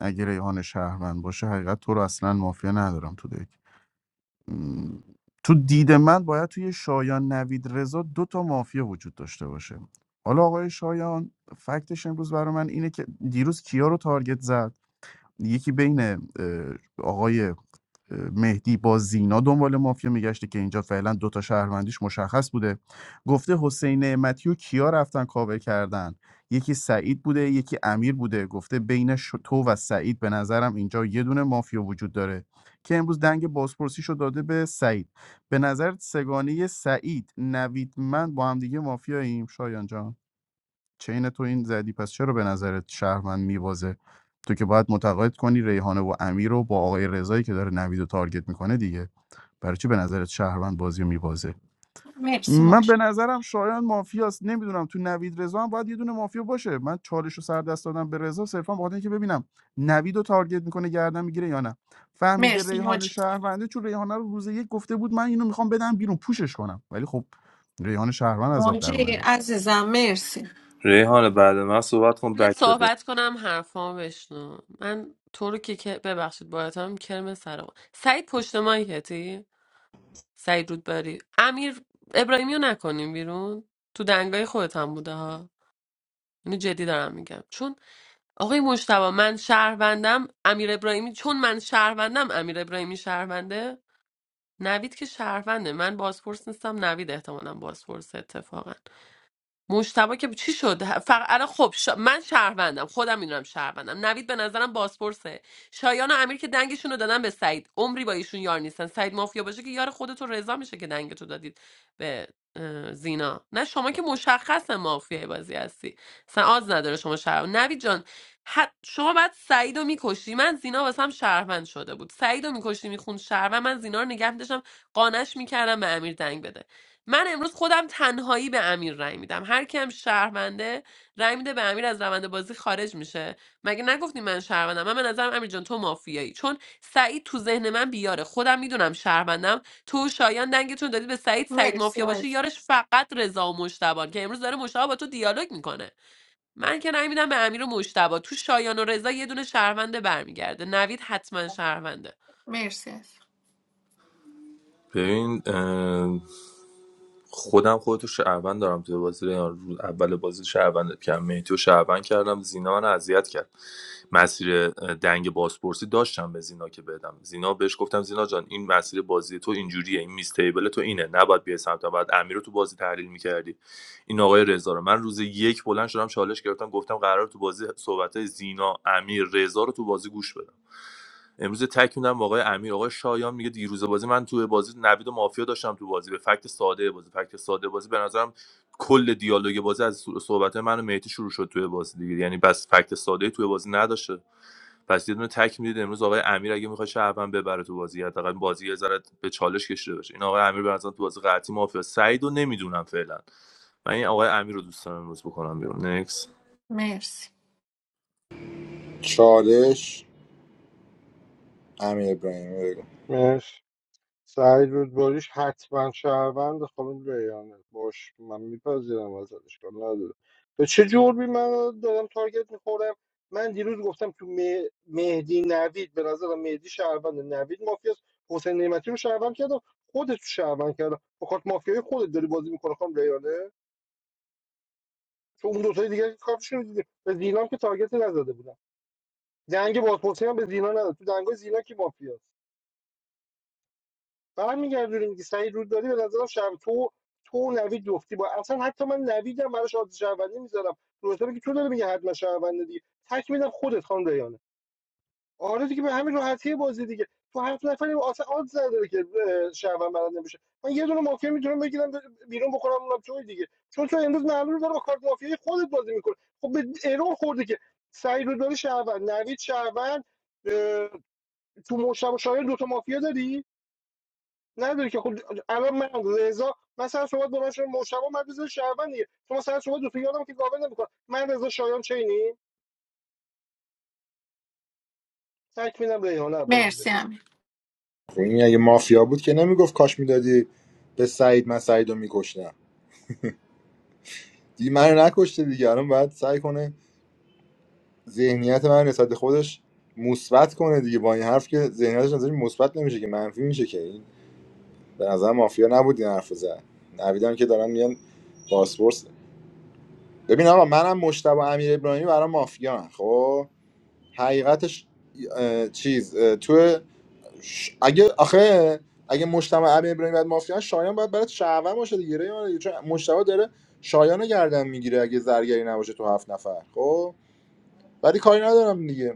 اگه ریحان شهروند باشه حقیقت تو رو اصلا مافیا ندارم تو دک م، تو دید من باید توی شایان نوید رضا دو تا مافیا وجود داشته باشه حالا آقای شایان فکتش امروز برای من اینه که دیروز کیا رو تارگت زد یکی بین اه، آقای مهدی با زینا دنبال مافیا میگشته که اینجا فعلا دوتا شهروندیش مشخص بوده گفته حسین نعمتی و کیا رفتن کاور کردن یکی سعید بوده یکی امیر بوده گفته بین ش- تو و سعید به نظرم اینجا یه دونه مافیا وجود داره که امروز دنگ بازپرسیشو داده به سعید به نظر سگانه سعید نوید من با هم دیگه مافیاییم شایان جان چین تو این زدی پس چرا به نظرت شهرمند میبازه تو که باید متقاعد کنی ریحانه و امیر رو با آقای رضایی که داره نوید و تارگت میکنه دیگه برای چی به نظرت شهروند بازی رو میبازه مرسی من موج به نظرم شایان مافیاست نمیدونم تو نوید رضا هم باید یه دونه مافیا باشه من چالش رو سر دست دادم به رضا صرفا بخاطر اینکه ببینم نوید رو تارگت میکنه گردن میگیره یا نه فهمیده مرسی ریحان موج شهرونده چون ریحانه رو روز یک گفته بود من اینو میخوام بدم بیرون پوشش کنم ولی خب ریحان شهروند از آب در موجی اومده عزیزم مرسی ریحان بعد من صحبت کن قبلت بک بده صحبت کنم حرفامو بشنو من تو رو که که- ببخشید باید هم سر. سرم سعید پشت مایکتی سعید رودباری امیر ابراهیمی رو نکنیم بیرون تو دنگای خودت هم بوده ها اینو جدی دارم میگم چون آقای مجتبی من شهروندم امیر ابراهیمی چون من شهروندم امیر ابراهیمی شهرونده نوید که شهرونده من بازپرس نیستم نوید احتمالا بازپرس اتفاقا مشتبه که چی شد فقط الان خب شا... من شهروندم خودم میدونم شهروندم نوید به نظرم بازپرسه شایان و امیر که دنگشون رو دادن به سعید عمری با ایشون یار نیستن سعید مافیا باشه که یار خودتو رضا میشه که دنگتو دادید به اه، زینا نه شما که مشخص مافیای بازی هستی اصلا آز نداره شما شهروند نوید جان حت... شما بعد سعید رو میکشی من زینا واسم شهروند شده بود سعید رو میکشی میخوند شهروند من زینا رو نگه می‌داشتم، قانعش میکردم به امیر دنگ بده من امروز خودم تنهایی به امیر رای میدم هر کیم شهرونده رای میده به امیر از روند بازی خارج میشه مگه نگفتی من شهروندم من به نظرم امیر جان تو مافیایی چون سعید تو ذهن من بیاره خودم میدونم شهروندم تو و شایان دنگتون دادی به سعید سعید مرسی مافیا باشه عزیز یارش فقط رضا و مشتبان که امروز داره مشتبا با تو دیالوگ میکنه من که رای میدم به امیر و مشتبا تو شایان و رضا یه دونه شهرونده برمیگرده نوید حتما شهرونده مرسی عزیز. ببین خودم خودتو شهروند دارم توی بازی ریان رو اول بازی شهروندت کردم میتو شهروند کردم زینا من اذیت کرد مسیر اه، دنگ بازپرسی داشتم به زینا که بدم زینا بهش گفتم زینا جان این مسیر بازی تو اینجوریه این میز تو اینه نباید بیای سمت من. بعد امیر رو تو بازی تحلیل میکردی این آقای رضا رو من روز یک بلند شدم چالش گرفتم گفتم قرار تو بازی صحبت زینا امیر رضا رو تو بازی گوش بدم امروز تک میدم آقای امیر آقای شایان میگه دیروز بازی من تو بازی نوید و مافیا داشتم تو بازی به فکت ساده بازی فکت ساده بازی به نظرم کل دیالوگ بازی از صحبت من و مهدی شروع شد توی بازی دیگه یعنی بس فکت ساده توی بازی نداشته پس یه دونه تک میدید امروز آقای امیر اگه میخواد شهروند ببره تو بازی حداقل بازی یه ذره به چالش کشیده باشه این آقای امیر به نظرم تو بازی قطعی مافیا سعیدو رو نمیدونم فعلا من این آقای امیر رو دوست دارم امروز بکنم بیرون نکس مرسی چالش امیر ابراهیمی بگو چینن سعید رودباریش حتما شهروند خانم ریانه باش من میپذیرم ازش کار نداره به چه جرمی من دارم تارگت میخورم من دیروز گفتم تو مه- مهدی نوید به نظرم مهدی شهروند نوید مافیاست حسین نعمتی رو شهروند کردم خودت رو شهروند کردم با کارت مافیای خودت داری بازی میکنه خانم ریانه تو اون دوتای دیگه که کارتشون رو دیدی به زینا هم که تارگتی نزده بودم دنگ بازپرسی هم به زینا نداد تو دنگای زینا کی مافیاست برمیگردونیم میگه سعید رودباری به نظرم شب تو تو نوید جفتی با اصلا حتی من نویدم براش آدرس شهروندی میذارم روزا که تو داره میگه حتما شهرونده دیگه تک میدم خودت خان ریانه آره دیگه به همین راحتی بازی دیگه تو هفت نفری اصلا آدرس نداره که اه، شهروند برنده نمیشه من یه دونه مافیا میتونم بگیرم بیرون بکنم اونم توی دیگه چون تو امروز معلومه داره با کارت مافیای خودت بازی میکنه خب به ارور خورده که سعید رودباری شهروند نوید شهروند تو مشتبه شایان دوتا مافیا داری نداره که خب الان من رضا مثلا شما دو من شما مشتبه من رضا شما سر شما دو تا یادم که گاور نمیکنه من رضا شایان چینی تکمیلم ریحانه رو بازی مرسی بده امیر خب این اگه مافیا بود که نمیگفت کاش میدادی به سعید من سعید رو میکشتم دیگه منو نکشته دیگه الان باید سعی کنه ذهنیت من نسبت به خودش مثبت کنه دیگه با این حرف که ذهنیتش نظری مثبت نمیشه که منفی میشه که این به نظر مافیا نبود این حرف رو زد نویدم که دارن میگن پاسپورت ببین آقا منم مشتبه امیر ابراهیمی برای مافیا هم. خب حقیقتش اه، چیز اه، تو ش- اگه آخه اگه مشتبه امیر ابراهیمی بعد مافیا شایان باید برات شعبه باشه دیگه رأی ما دیگه. چون مشتبه داره شایان رو گردن میگیره اگه زرگری نباشه تو هفت نفر خب ولی کاری ندارم دیگه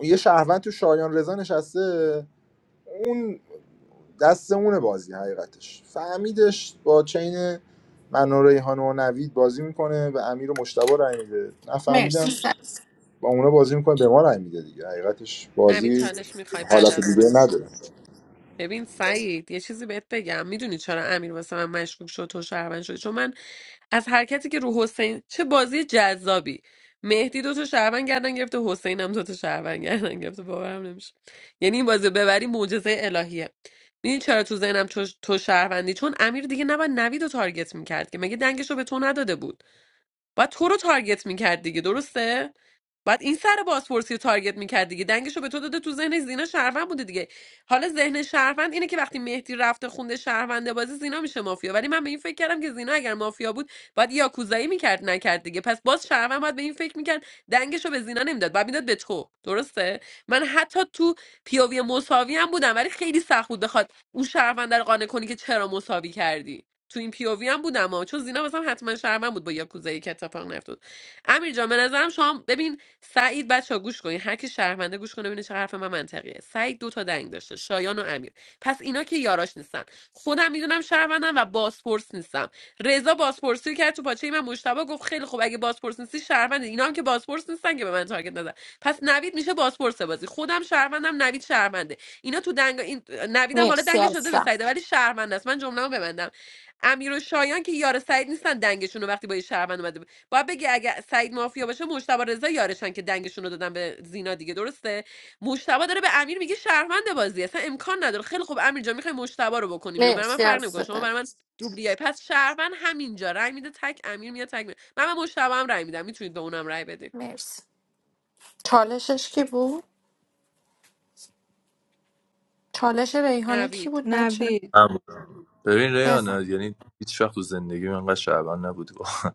یه شهروند تو شایان رضا نشسته اون دست اونه بازی حقیقتش فهمیدش با چین من و ریحان و نوید بازی میکنه و امیر و مشتبه رای میده نفهمیدم مرسی سس با اونا بازی میکنه به ما رای میده دیگه حقیقتش نوید بازی چالش میخوای بعد حالت از دیگه من نداره صحبت ببین سعید یه چیزی بهت بگم میدونی چرا امیر واسه من مشکوک شد تو شهروند شد چون من از حرکتی که رو حسین چه بازی جذابی مهدی دو تا شهروند گردن گرفته حسین هم دو تا شهروند گردن گرفته باورم نمیشه یعنی این بازی رو ببری معجزه الهیه میدونی چرا تو ذهنم تو تو شهروندی چون امیر دیگه نباید نوید رو تارگت میکرد که مگه دنگش رو به تو نداده بود بعد تو رو تارگت میکرد دیگه درسته بعد این سر بازپرسی رو تارگت میکرد دیگه دنگش رو به تو داده تو ذهن زینا شهروند بوده دیگه حالا ذهن شهروند اینه که وقتی مهدی رفته خونده شهرونده بازی زینا میشه مافیا ولی من به این فکر کردم که زینا اگر مافیا بود باید یاکوزایی میکرد نکرد دیگه پس باز شهروند باید به این فکر میکرد دنگش رو به زینا نمیداد باید میداد به تو درسته من حتی تو پیاوی مساوی هم بودم ولی خیلی سخت بود بخواد اون شهروند رو قانع کنی که چرا مساوی کردی تو این پی او وی هم بودم ها چون زینا مثلا حتما شهرمن بود با یاکوزایی که اتفاق نیفتاد امیر جان به نظرم شما ببین سعید بچا گوش کنین هر کی شرمنده گوش کنه ببینه چه حرف من منطقیه سعید دو تا دنگ داشته شایان و امیر پس اینا که یاراش نیستن خودم میدونم شرمندم و بازپرس نیستم رضا بازپرسی رو کرد تو پاچه من مشتبه گفت خیلی خوب اگه بازپرس نیستی شهروند اینا هم که بازپرس نیستن که به من تارگت نزن پس نوید میشه بازپرس بازی خودم شهروندم نوید شهرونده اینا تو دنگ این نویدم حالا مرسی دنگش از شده به سس سعیده ولی شهرمنده است من جمله‌مو ببندم امیر و شایان که یار سعید نیستن دنگشون رو وقتی با یه شهروند اومده ب- باید بگی اگه سعید مافیا باشه مشتبه رضا یارشن که دنگشون رو دادن به زینا دیگه درسته مشتبه داره به امیر میگه شهروند بازی اصلا امکان نداره خیلی خوب امیر جان میخوای مشتبه رو بکنیم رو برای من مرسی فرق از نمیکنه شما سدن برای من دوبلیای پس شهروند همینجا رای میده تک امیر میاد تک میره. من به مشتبه هم رای میدم میتونید به اونم رای بدید مرسی چالشش کی بود؟ چالش ریحانه کی نوید بود بچه؟ نوید اما ببین بفهم ریان یعنی هیچ وقت تو زندگی من انقدر شهروند نبودی واقعا.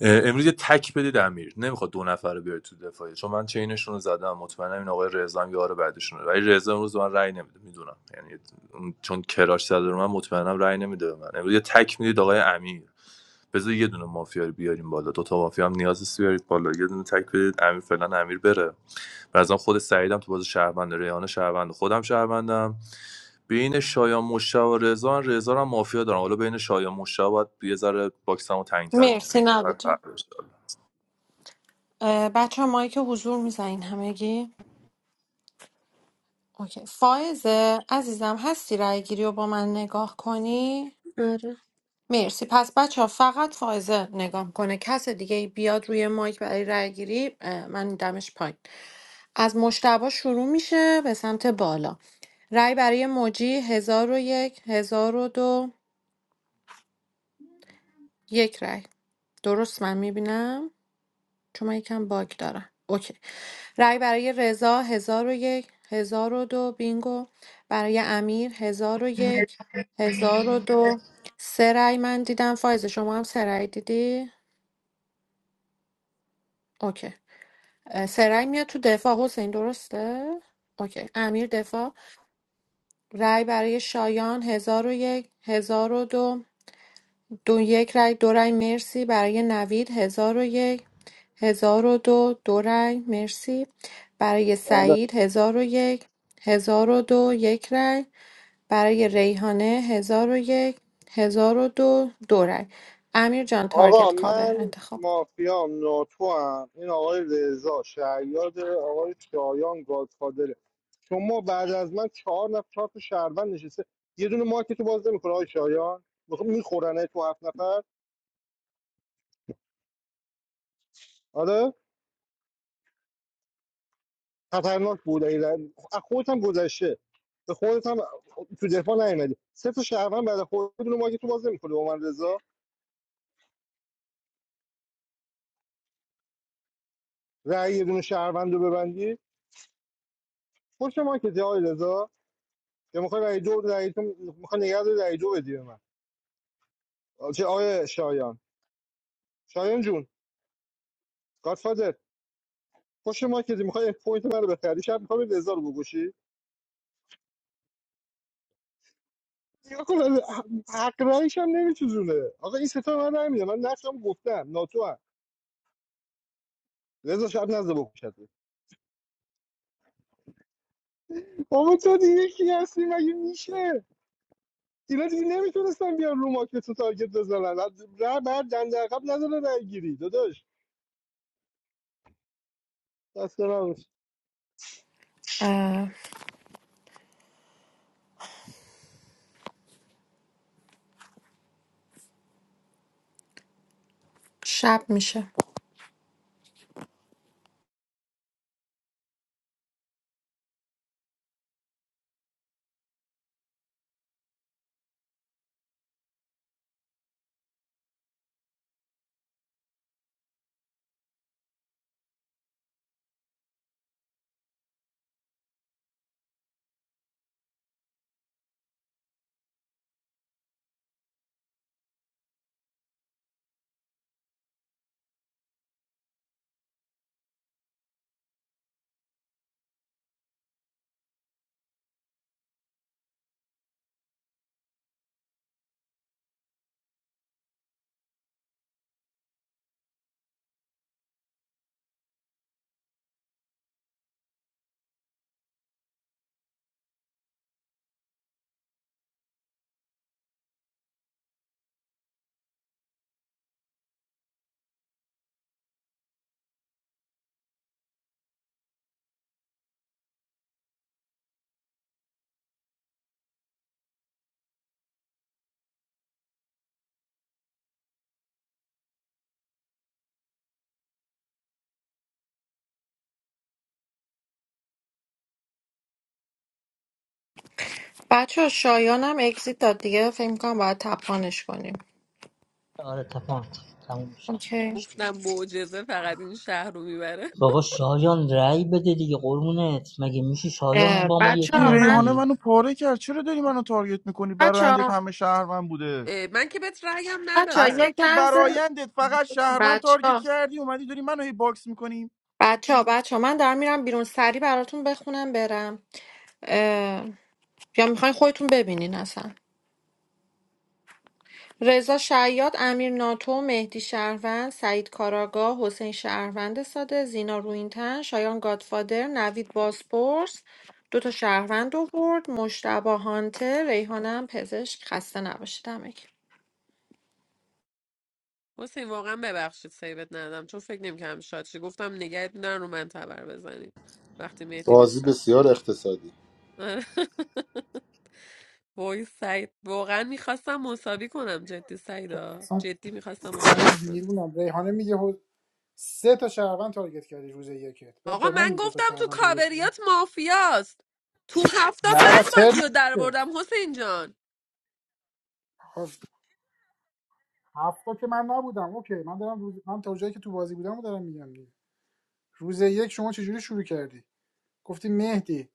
اه، امروز یه تک بدید امیر نمیخواد دو نفر رو بیاره تو دفاعی چون من چینشون رو زدم مطمئنم این آقای رضا هم یار بعدشونه ولی رضا امروز به من رأی نمیده میدونم یعنی چون کراش زده رو من مطمئنم رأی نمیده به من امروز یه تک میدید آقای امیر بذار یه دونه مافیا رو بیاریم بالا دو تا مافیا هم نیاز است بیارید بالا یه دونه تک بدید امیر فعلا امیر بره بعضا خود سعیدم تو باز شهروند ریحان شهروند خودم شهروندم بین شایان مشتاق و رضا رضا رو هم مافیا دارم حالا بین شایان مشتاق باید یه ذره باکسمو تنگ‌تر مرسی کنم برای نوید جان. فردا انشالله. بچه مایی که حضور میزنین همگی اوکی فائزه عزیزم هستی رای گیری رو با من نگاه کنی آره مرسی پس بچه ها فقط فائزه نگاه کنه کس دیگه بیاد روی مایک برای رای گیری اه، من دمش پایین از مشتبه شروع میشه به سمت بالا رای برای موجی هزار و یک هزار و دو یک رای درست من میبینم چون من یکم باگ دارم اوکی رای برای رضا هزار و یک هزار و دو بینگو برای امیر هزار و یک هزار و دو سه رأی من دیدم فایز شما هم سه رأی دیدی اوکی اه، سه رأی میاد تو دفاع حسین درسته اوکی امیر دفاع رای برای شایان هزار و یک هزار و دو دو یک رای دو رای مرسی برای نوید هزار و یک هزار و دو دو رای مرسی برای آره سعید هزار و یک هزار و دو یک رای برای ریحانه هزار و یک هزار و دو دو رای امیر جان آقا تارگت کاور من انتخاب مافیام ناتو هم. این آقای رضا شهریار آقای شایان گادفادره شما بعد از من چهار نفر چهار تا شهروند نشسته یه دونه مارکت باز نمیکنه آقای شایان میخورنه تو هفت نفر آره خطرناک بود ایران از خودت هم گذشته به خودت هم تو دفاع نیومدی سه تا شهروند بعد خودت یه دونه تو باز نمی‌کنی با من رضا رأی یه دونه شهروند رو ببندی پشت ما که جای رضا که میخوای رأی دو رأی تو میخوای نگه داری رأی دو بدی به من چه آیه شایان شایان جون گادفادر پشت ما که میخوای پوینت من بخری شب میخوای رضا رو بگوشی نگاه کن حق رأیش هم نمی‌چزونه. آقا این سه تا به من رأی میده من نقشم گفتم ناتو هم. رضا شب نزد بکشت بابا تو دیگه کی هستی مگه میشه اینا دیگه نمیتونستن بیان رو ماکتون تارگت بزنن از- ره بعد دنده عقب نداره رای گیری داداش دست نباش اه، شب میشه بچه شایانم اگزیت داد دیگه فکر کنم باید تپانش کنیم آره تپان تموم شد اوکی گفتم معجزه فقط این شهر رو میبره بابا شایان رأی بده دیگه قربونت مگه میشه شایان با ما بچه یکی ها، این من ریحانه ندی منو پاره کرد چرا داری منو تارگت میکنی بچه برایندت ها همه شهروند بوده من که بهت رایم بچه ها ندادم اصلا یک تو لحظه برایندت فقط شهروند بچه تارگت کردی اومدی داری منو هی باکس میکنی بچه ها بچه ها من دارم میرم بیرون سری براتون بخونم برم اه، یا میخواین خودتون ببینین اصلا رضا شیاد امیر ناتو مهدی شهروند سعید کاراگاه حسین شهروند ساده زینا روینتن شایان گادفادر نوید باسپورس دو تا شهروند آورد مشتبه هانتر ریحانه هم پزشک خسته نباشید همگی. حسین واقعا ببخشید سیبت ندادم چون فکر نمی‌کردم شاد شی گفتم نگهت میدارن رو من تبر بزنید وقتی مهدی بازی دیسکارد بسیار اقتصادی [laughs] وای سعید واقعا میخواستم مساوی کنم جدی سعیدا اصلا جدی میخواستم مساوی من کنم دیوونم ریحانه میگه سه تا شهروند تارگت کردی روز یکت بعد آقا به من من میگه دو تا گفتم تو شهروند تارگت کردی کاوریات مافیاست تو هفته نه من آقا، ترم بازی رو در که بردم حسین جان خب، هفت تا که من نبودم اوکی من دارم روز... من تا جایی که تو بازی بودم رو دارم میگم دیگه. روز یک شما چجوری شروع کردی گفتی مهدی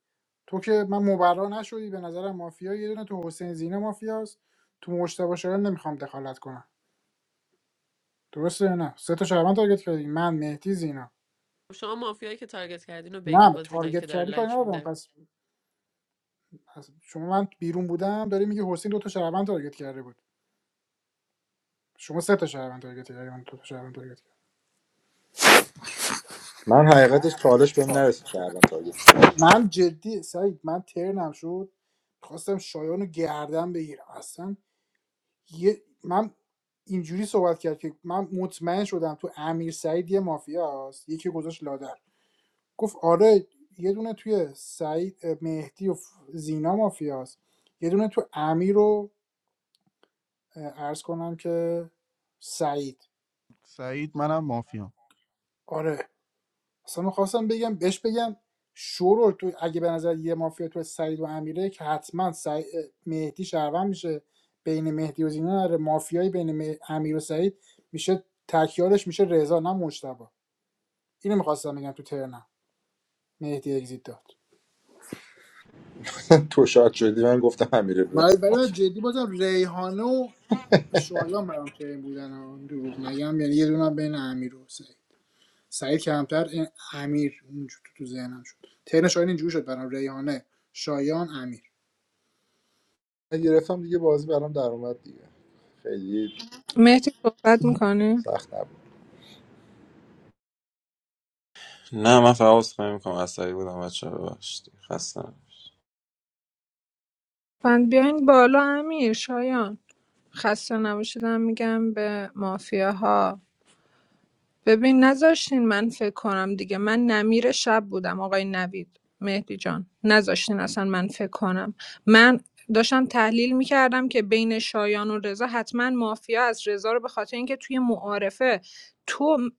تو که من مبرا نشدی به نظرم مافیا یه دونه تو حسین زینه مافیاست تو مجتبی شایان نمیخوام دخالت کنم درسته یا نه سه تا شهروند تارگت کردی من مهدی زینا شما مافیایی که تارگت کردین رو بگین نه با زینایی که تارگت داره کردی کاری لایک ندارم میده پس پس شما من بیرون بودم داری میگی حسین دو تا شهروند تارگت کرده بود شما سه تا شهروند تارگت کردی من دو تا شهروند تارگت کردم من حقیقتش چالش بهم نرسید شهروند تارگت من جدی سعید من ترنم شد خواستم شایان رو گردن بگیرم اصلا یه من اینجوری صحبت کرد که من مطمئن شدم تو امیر سعید یه مافیا است یکی گذاشت لادر گفت آره یه دونه توی سعید مهدی و زینا مافیا است. یه دونه تو امیر رو اه، عرض کنم که سعید سعید منم مافیام آره اصلا میخواستم بگم بهش بگم شورول تو اگه به نظر یه مافیا تو سعید و امیره که حتما سعی... مهدی شهروند میشه بین مهدی و زینا نره مافیایی بین امیر و سعید میشه تکیارش میشه رضا نه مجتبی اینو میخواستم بگم تو ترنم مهدی اگزیت داد [laughs] تو شاد شدی من گفتم امیر من ابراهیم ولی من موافق. جدی بازم ریحانه و شایان برام ترین بودن ها. دروغ نگم یعنی یه دونه بین امیر و سعید سعید کمتر این امیر اونجور تو تو ذهنم شد ترن شایان اینجوری شد برام ریحانه شایان امیر من گرفتم دیگه بازی برام در اومد دیگه خیلی مهدی صحبت میکنه سخت نبود فن بیاین بالا امیر شایان خسته نباشیدم میگم به مافیاها ببین نذاشتین من فکر کنم دیگه من نمیر شب بودم آقای نوید مهدی جان نذاشتین اصلا من فکر کنم من داشتم تحلیل میکردم که بین شایان و رضا حتما مافیا از رضا رو به خاطر اینکه توی معارفه تو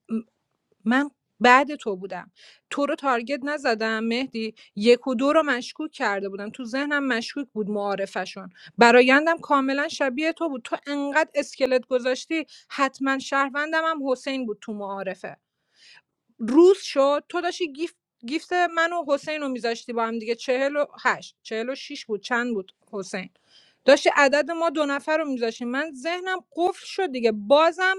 من بعد تو بودم تو رو تارگت نزدم مهدی یک و دو رو مشکوک کرده بودم تو ذهنم مشکوک بود معارفشون برایندم کاملا شبیه تو بود تو انقدر اسکلت گذاشتی حتما شهروندم هم حسین بود تو معارفه روز شد تو داشتی گیفت گیفت من و حسین رو میذاشتی با هم دیگه چهل و هشت چهل و شیش بود چند بود حسین داشتی عدد ما دو نفر رو میذاشتی من ذهنم قفل شد دیگه بازم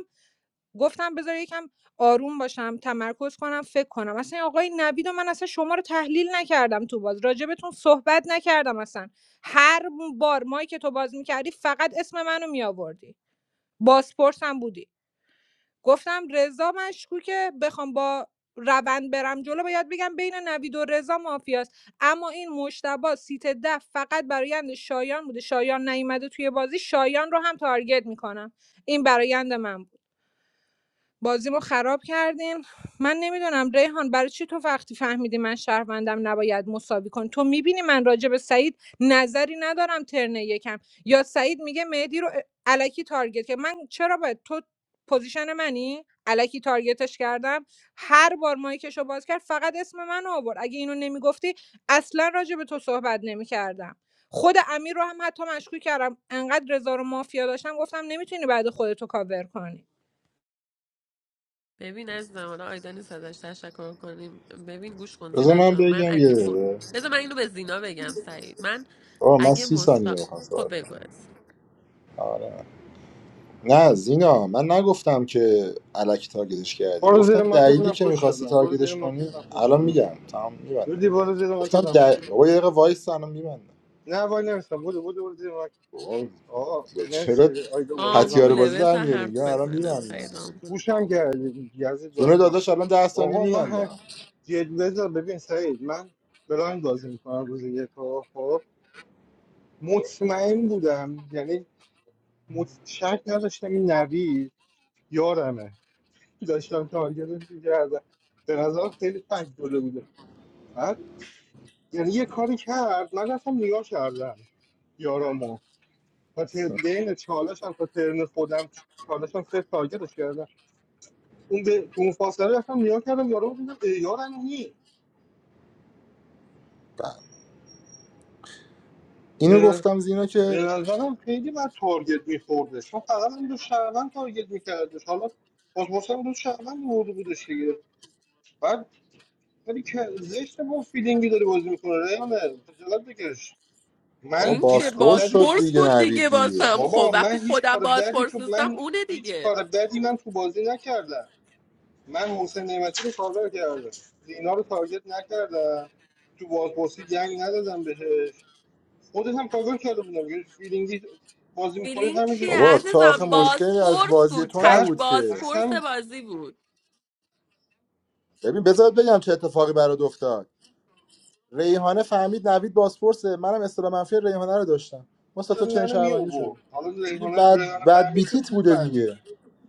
گفتم بذار یکم آروم باشم تمرکز کنم فکر کنم اصلا آقای نوید و من اصلا شما رو تحلیل نکردم تو باز راجبتون صحبت نکردم اصلا هر بار مایی که تو باز میکردی فقط اسم منو میآوردی بازپرس هم بودی گفتم رضا مشکوکه بخوام با روند برم جلو باید بگم بین نوید و رضا مافیاست اما این مشتبه سیت ده فقط برایند شایان بوده شایان نیومده توی بازی شایان رو هم تارگت میکنم این برایند من بود بازیمو خراب کردین من نمیدونم ریحان برای چی تو وقتی فهمیدی من شهروندم نباید مساوی کن تو میبینی من راجع به سعید نظری ندارم ترنه یکم یا سعید میگه مهدی رو علکی تارگت که من چرا باید تو پوزیشن منی علکی تارگتش کردم هر بار مایکشو باز کرد فقط اسم من آورد اگه اینو نمیگفتی اصلا راجع به تو صحبت نمیکردم خود امیر رو هم حتی مشکوک کردم انقدر رضا رو مافیا داشتم گفتم نمیتونی بعد خودتو کاور کنی ببین عزیزم حالا آیدا نیست ازش تشکر کنیم ببین گوش کن بذار زینا من جان من بگم یه اگه م... دقیقه. بذار من اینو به زینا بگم سعید من آه من اگه سی ثانیه مستا بخوام خب صحبت کنم. بگو عزیزم. آره نه زینا من نگفتم که الکی تارگتش کردی برو گفتم زیر ماکت دلیلی که نپوش میخواستی شدم برو زیر تارگتش کنی ماکت نپوش الان شدم میگم تمام رودی میبندم برو زیر ماکت گفتم نپوش دل... شدم بابا یه دقیقه وایس الان میبندم نه وای نمیستم برو برو برو زیر ماکت بابا آقا مرسی چرا آیدا بازی ران پتیاره آمبوله کرد بازی در بذار میاری میگم حرف الان بزنه میبندم سعید آمبوله گوشم کردی یزید جون واسه من داداش الان ده ثانیه آقا من هم میبندم جد بذار ببین سعید من بلاین بازی میکنم روز یک آقا، خب مطمئن بودم یعنی مط- شک نداشتم این نوید یارمه داشتم تارگتش می‌کردم به نظر خیلی فکر داده بوده بعد یعنی یه کاری کرد من رفتم نگاه کردم یارامو و ت- بین چالش هم تا ترن خودم چالش هم صفر تارگتش کردم اون به تو اون فاصله رفتم نگاه کردم یارامو دیدم ای یارم نی به اینو نظر- گفتم زینا که به نظرم خیلی بد تارگت میخورده چون فقط هم دو شهروند تارگت میکردش حالا باز هم دو شهروند برده بودش دیگه ولی که زشت با فیلینگی داره بازی میکنه ریانه خجالت بکش بابا من این چه هیچ کار باسپورس بدی شد بازپرس دیگه بود دیگه نوید دیگه باسم خب بابا وقتی من هیچ خودم کار بدی بازپرس تو نیستم من اونه هیچ دیگه کار بدی من تو بازی نکردم من محسن نعمتی رو کاور کردم زینا رو تارگت نکردم تو بازپرسی جنگ ندادم بهش خودت هم کاور کرده بودم یه فیلینگی بازی میکنید فیلینگ همینجوری چیه که بابا تا ثابت آخه عزیزم میشه دیگه مشکلی از بازپرس بازی بود تو تک بعد نبود که بازپرس اصلا بازی بود ببین بذار بگم چه اتفاقی برات افتاد ریحانه فهمید نوید بازپرسه منم اصطلاح منفی ریحانه رو داشتم ما سه تا چنین منو می شهروندی آورد. شدیم حالا دیگه ریحانه بعد ریحانه بعد فهمید که بیتیت خوب بوده فهمید دیگه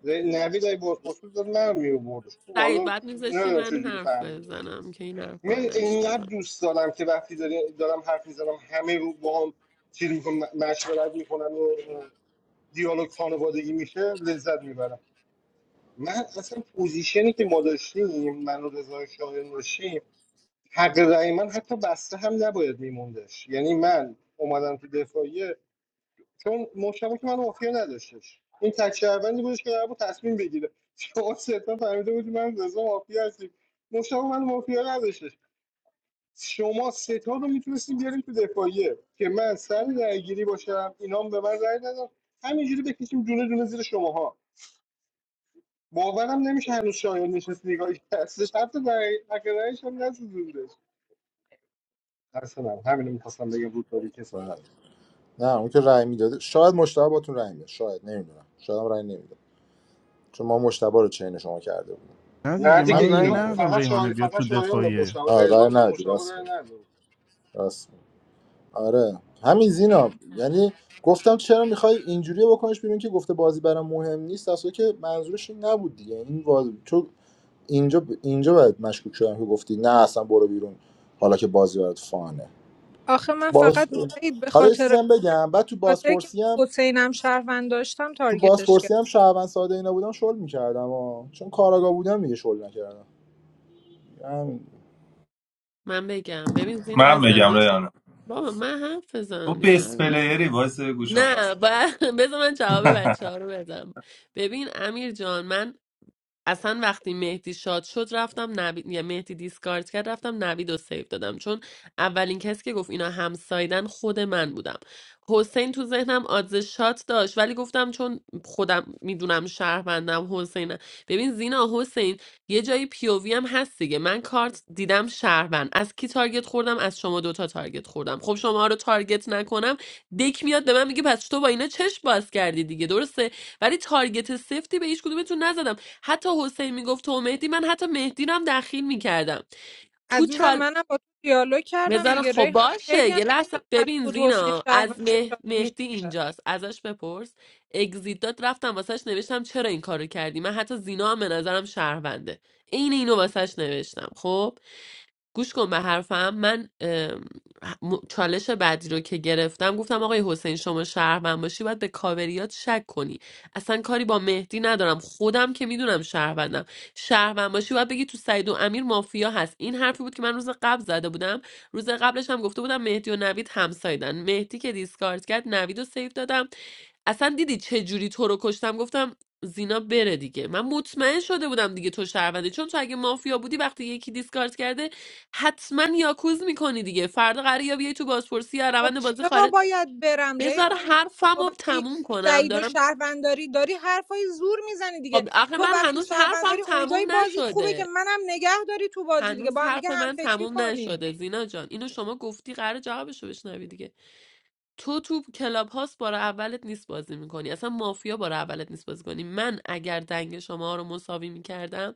نوید ای بازپرس بود، داره من رو میبرد خب سعید حالا بعد میذاشتی نمیدونم چه من جوری حرف فهمیدش بزنم که این حرفا رو من اینقدر نشنوم. دوست دارم که وقتی داری- دارم حرف میزنم همه رو با هم چیز میکنم مشورت میکنم و دیالوگ خانوادگی میشه لذت میبرم من اصلا پوزیشنی که ما داشتیم من و رضا شاهین داشتیم حق رأی من حتی بسته هم نباید میموندش یعنی من اومدم تو دفاعیه چون مشتبه که من مافیا نداشتش این تک شهروندی بودش که قرار بود تصمیم بگیره [laughs] شما سه تا فهمیده بودی من رضا مافیا هستیم مشتبه من مافیا نداشتش شما ستا رو میتونستیم بیاریم تو دفاعیه که من سر درگیری باشم اینا هم به من رأی ندم همینجوری بکشیم دونه دونه زیر شماها باورم نمیشه هنوز شایان نشست نگاهی هستش حتی در حقیقتش هم نسوزوندش اصلا همینو میخواستم بگم بود داری کسافت بعد نه اون که رأی میداده شاید مشتبه باتون رأی میده شاید نمیدونم شاید هم رأی نمیده چون ما مشتبه رو چین شما کرده بودیم نه نه دیگه دیگه من همین رأی اینا دیگه ندادم فقط ریحانه شایان بیاد فقط تو شایان به دفاعیه مشاور آه رضا رأی هم به ندادی مشاور راست رأی میگی نداد. راست میگی. آره همین زینا یعنی گفتم چرا میخوای اینجوری بکنش بیرون که گفته بازی برام مهم نیست اصلا که منظورش این نبود دیگه این واضح. اینجا ب- اینجا باید مشکوک شدم که گفتی نه اصلا برو بیرون حالا که بازی برات فانه آخه من باز فقط سعید به حالا یه خاطر چیزی اون هم نبود، بگم بعد تو به خاطر که بازپرسی هم حسینم شهروند داشتم تو تارگتش کرد بازپرسی هم شهروند ساده اینا بودم شل میکردم چون کاراگا بودم دیگه شل نکردم یعنی من بگم ببین زینا من بگم عزیزم ریانه بابا من حرف تو بزنم دیگه بیس نه پلیری وایس گوش آخر نه سر. باید [laughs] بذار من جواب بچه ها رو بدم ببین امیر جان من اصلا وقتی مهدی شاد شد رفتم نوید یا مهدی دیسکارد کرد رفتم نوید رو سیو دادم چون اولین کسی که گفت اینا همسایدن خود من بودم حسین تو ذهنم آدز شات داشت ولی گفتم چون خودم میدونم شهروندم حسین ببین زینا حسین یه جایی پیووی هم هست دیگه من کارت دیدم شهروند از کی تارگت خوردم از شما دوتا تارگت خوردم خب شما رو تارگت نکنم دک میاد به من میگه پس تو با اینا چشم باز کردی دیگه درسته ولی تارگت سفتی به هیچ کدومتون نزدم حتی حسین میگفت تو مهدی من حتی مهدی رو هم دخیل میکردم تو عزیزم چال منم با تو دیالوگ کردم بذار دیگه خب ریحان خیلی باشه هم یه لحظه مشخص ببین بود حسین زینا از شهروند مه... شاد میشه مهدی اینجاست ازش بپرس اگزیت داد رفتم واسهش نوشتم چرا این کارو کردی من حتی زینا هم به نظرم شهرونده عین اینو واسهش نوشتم خب گوش کن به حرفم من ام، م- چالش بعدی رو که گرفتم گفتم آقای حسین شما شهروند باشی باید به کاوریات شک کنی اصلا کاری با مهدی ندارم خودم که میدونم شهروندم شهروند باشی باید بگی تو سعید و امیر مافیا هست این حرفی بود که من روز قبل زده بودم روز قبلش هم گفته بودم مهدی و نوید همسایدن مهدی که دیسکارد کرد نوید رو سیو دادم اصلا دیدی چه جوری تو رو کشتم گفتم زینا بره دیگه من مطمئن شده بودم دیگه تو شهروندی چون تو اگه مافیا بودی وقتی یکی دیسکارد کرده حتما یاکوز میکنی دیگه فردا قراره یا بیای تو بازپرسی یا خب روند بازی چرا خارج باید برم بذار ریحان جان حرفم تو رو وقتی تموم کنم سعید و دارم شهرونداری داری حرفای زور میزنی دیگه خب آخه تو من وقتی هنوز حرفم شهرونداری اونجای تموم بازیت خوبه که نشده منم نگه داری تو بازی دیگه هنوز با هم حرف دیگه هم من فکری تموم کنی نشده زینا جان اینو شما گفتی قرار جوابشو بشنوی دیگه تو تو کلاب هاست بار اولت نیست بازی میکنی اصلا مافیا بار اولت نیست بازی کنی من اگر دنگ شما رو مساوی میکردم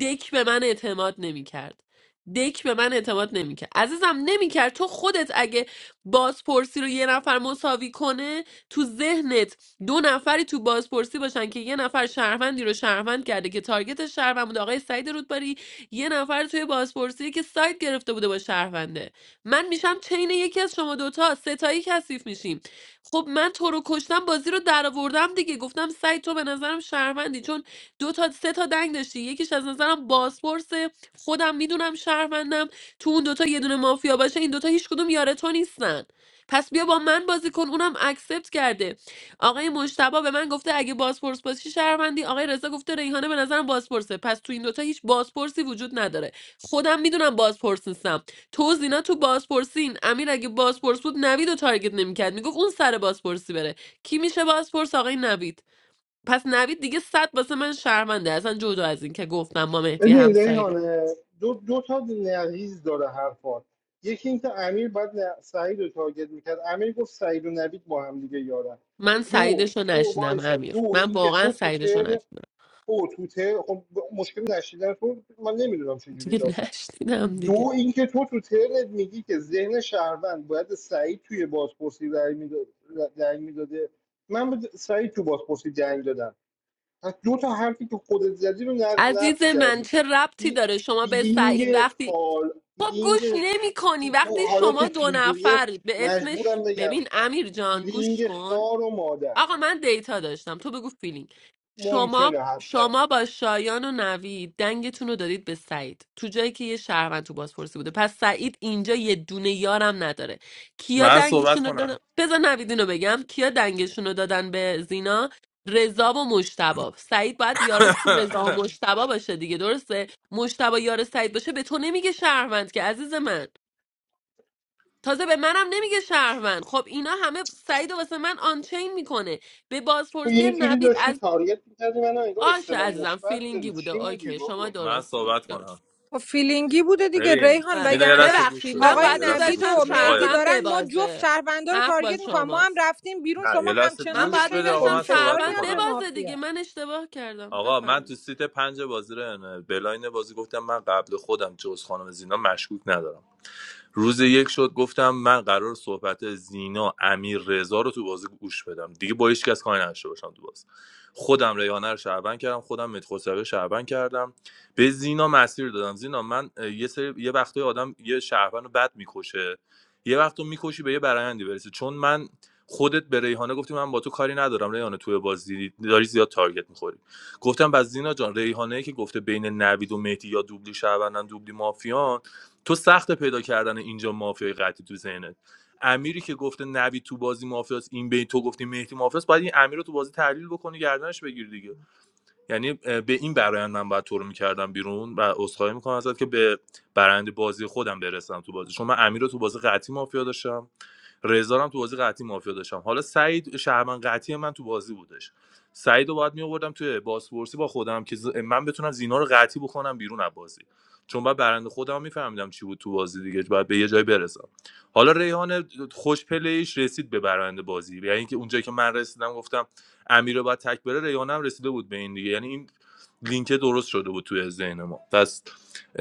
دک به من اعتماد نمیکرد دک به من اعتماد نمیکرد عزیزم نمیکرد تو خودت اگه بازپرسی رو یه نفر مساوی کنه تو ذهنت دو نفری تو بازپرسی باشن که یه نفر شهروندی رو شهروند کرده که تارگت شهروند بوده آقای سعید رودباری یه نفر توی بازپرسی که سایت گرفته بوده با شهرونده من میشم چین یکی از شما دوتا ستایی کثیف میشیم خب من تو رو کشتم بازی رو درآوردم دیگه گفتم سعید تو به نظرم شهروندی چون دو تا سه تا دنگ داشتی یکیش از نظرم بازپرس خودم میدونم شهروندم تو اون دوتا یه دونه مافیا باشه این دوتا هیچ کدوم یار تو نیستن پس بیا با من بازی کن اونم اکسپت کرده آقای مشتبا به من گفته اگه بازپرس باشی شهروندی آقای رضا گفته ریحانه به نظرم بازپرسه پس تو این دوتا هیچ بازپرسی وجود نداره خودم میدونم بازپرس نیستم تو زینا تو بازپرسین امیر اگه بازپرس بود نوید رو تارگت نمیکرد میگفت اون سر بازپرسی بره کی میشه بازپرس آقای نوید پس نوید دیگه صد واسه من شرمنده اصلا جدا از این که گفتم با مهدی ببین همسایده ریحانه دو, دو تا نقیض داره حرفات یکی اینکه امیر باید ن- سعید رو تارگت میکرد امیر گفت سعید و نوید با هم دیگه یارن من دو سعیدش رو تو نشینم وایسا امیر دو من اینکه واقعا تو تو سعیدش رو ترن نشینم تو تو ترن خب مشکل نشیدن تو من نمیدونم چجوری دیگه داستان نشنیدم دیگه دو اینکه تو تو ترنت میگی که ذهن شهروند باید سعید توی بازپرسی رای میداده من به سعید تو بازپرسی جنگ دادم پس دو تا حرفی که خودت زدی رو نق- عزیز نقص من کردی چه ربطی این داره شما به سعید فیلینگ وقتی حال خب گوش فیلینگ نمی کنی ای تو وقتی حالا شما که دو اینجوریه نفر به اسمش مجبورم بگم ببین امیر جان گوش فیلینگ کن خار و مادر آقا من دیتا داشتم تو بگو فیلینگ شما ممکنه حتی شما با شایان و نوید دنگتون رو دادید به سعید تو جایی که یه شهروند تو بازپرسی بوده پس سعید اینجا یه دونه یارم نداره کیا من صحبت دنگشون رو دادن کنم بذار نوید اینو بگم کیا دنگشون رو دادن به زینا رضا و مشتبا سعید باید یاراش تو رضا و [laughs] مشتبا باشه دیگه درسته مشتبا یار سعید باشه به تو نمیگه شهروند که عزیز من تازه به منم نمیگه شهروند خب اینا همه سعید و واسه من آنچین میکنه به تو بازپرسی یه جوری نوید داشتی از تارگت میکردی من انگار باشه استلام عزیزم مثبت فیلینگی داری بوده چی میگی اوکی شما بابا من درست می صحبت کنم درست خب فیلینگی بوده دیگه ببین ریحان آره زینا یه وگرنه لحظه گوش ببخشید من آقای بده باید یه لحظه نوید گوش میذاشتم و بده آقا یه مهدی شهروند لحظه دارن ما جفت ببازه شهروندا رو حق با تارگت میکنن ما هم شماست رفتیم بیرون نه یه شما لحظه همچنان من رو گوش باید بده چین آقا خب میذاشتم من فشار صحبت شهروند میاد به بکنم ببازه دیگه مافیا من اشتباه کردم آقا من بفرمایید تو سیت پنج بازی رو بلاین بازی گفتم من قبل خودم جز خانم زینا مشکوک ندارم روز یک شد گفتم من قرار صحبت زینا امیر رضا رو تو بازی گوش بدم دیگه با هیچ کس کاری نداشته باشم تو بازی خودم ریحانه رو شعبن کردم خودم متخوسوی رو شعبن کردم به زینا مسیر دادم زینا من اه، یه سری یه وقتای آدم یه شهروند رو بد میکشه یه وقت رو میکشی به یه برایندی برسه چون من خودت به ریحانه گفتی من با تو کاری ندارم ریحانه توی بازی داری زیاد تارگت میخوری گفتم بس زینا جان ریحانه که گفته بین نوید و مهدی یا دوبلی شعبنن دوبلی مافیان تو سخت پیدا کردن اینجا مافیای قطعی تو ذهنت امیری که گفته نوید تو بازی مافیاست، این به این تو گفتی مهدی مافیاست. باید این امیر رو تو بازی تحلیل بکنی گردنش بگیر دیگه یعنی به این برایند من باید تو رو میکردم بیرون و عذرخواهی میکنم ازت که به برند بازی خودم برسم تو بازی چون من امیر رو تو بازی قطعی مافیا داشتم رضا هم تو بازی قطعی مافیا داشتم حالا سعید شهرمن قطعی من تو بازی بودش سعید رو باید میآوردم توی بازپرسی با خودم که ز- من بتونم زینا رو قطعی بکنم بیرون از بازی چون بعد برنده خودم میفهمیدم چی بود تو بازی دیگه باید به یه جای برسم حالا ریحان خوش پلیش رسید به برنده بازی یعنی اینکه اونجایی که من رسیدم گفتم امیر بعد تکبره بره هم رسیده بود به این دیگه یعنی این لینک درست شده بود توی ذهن ما پس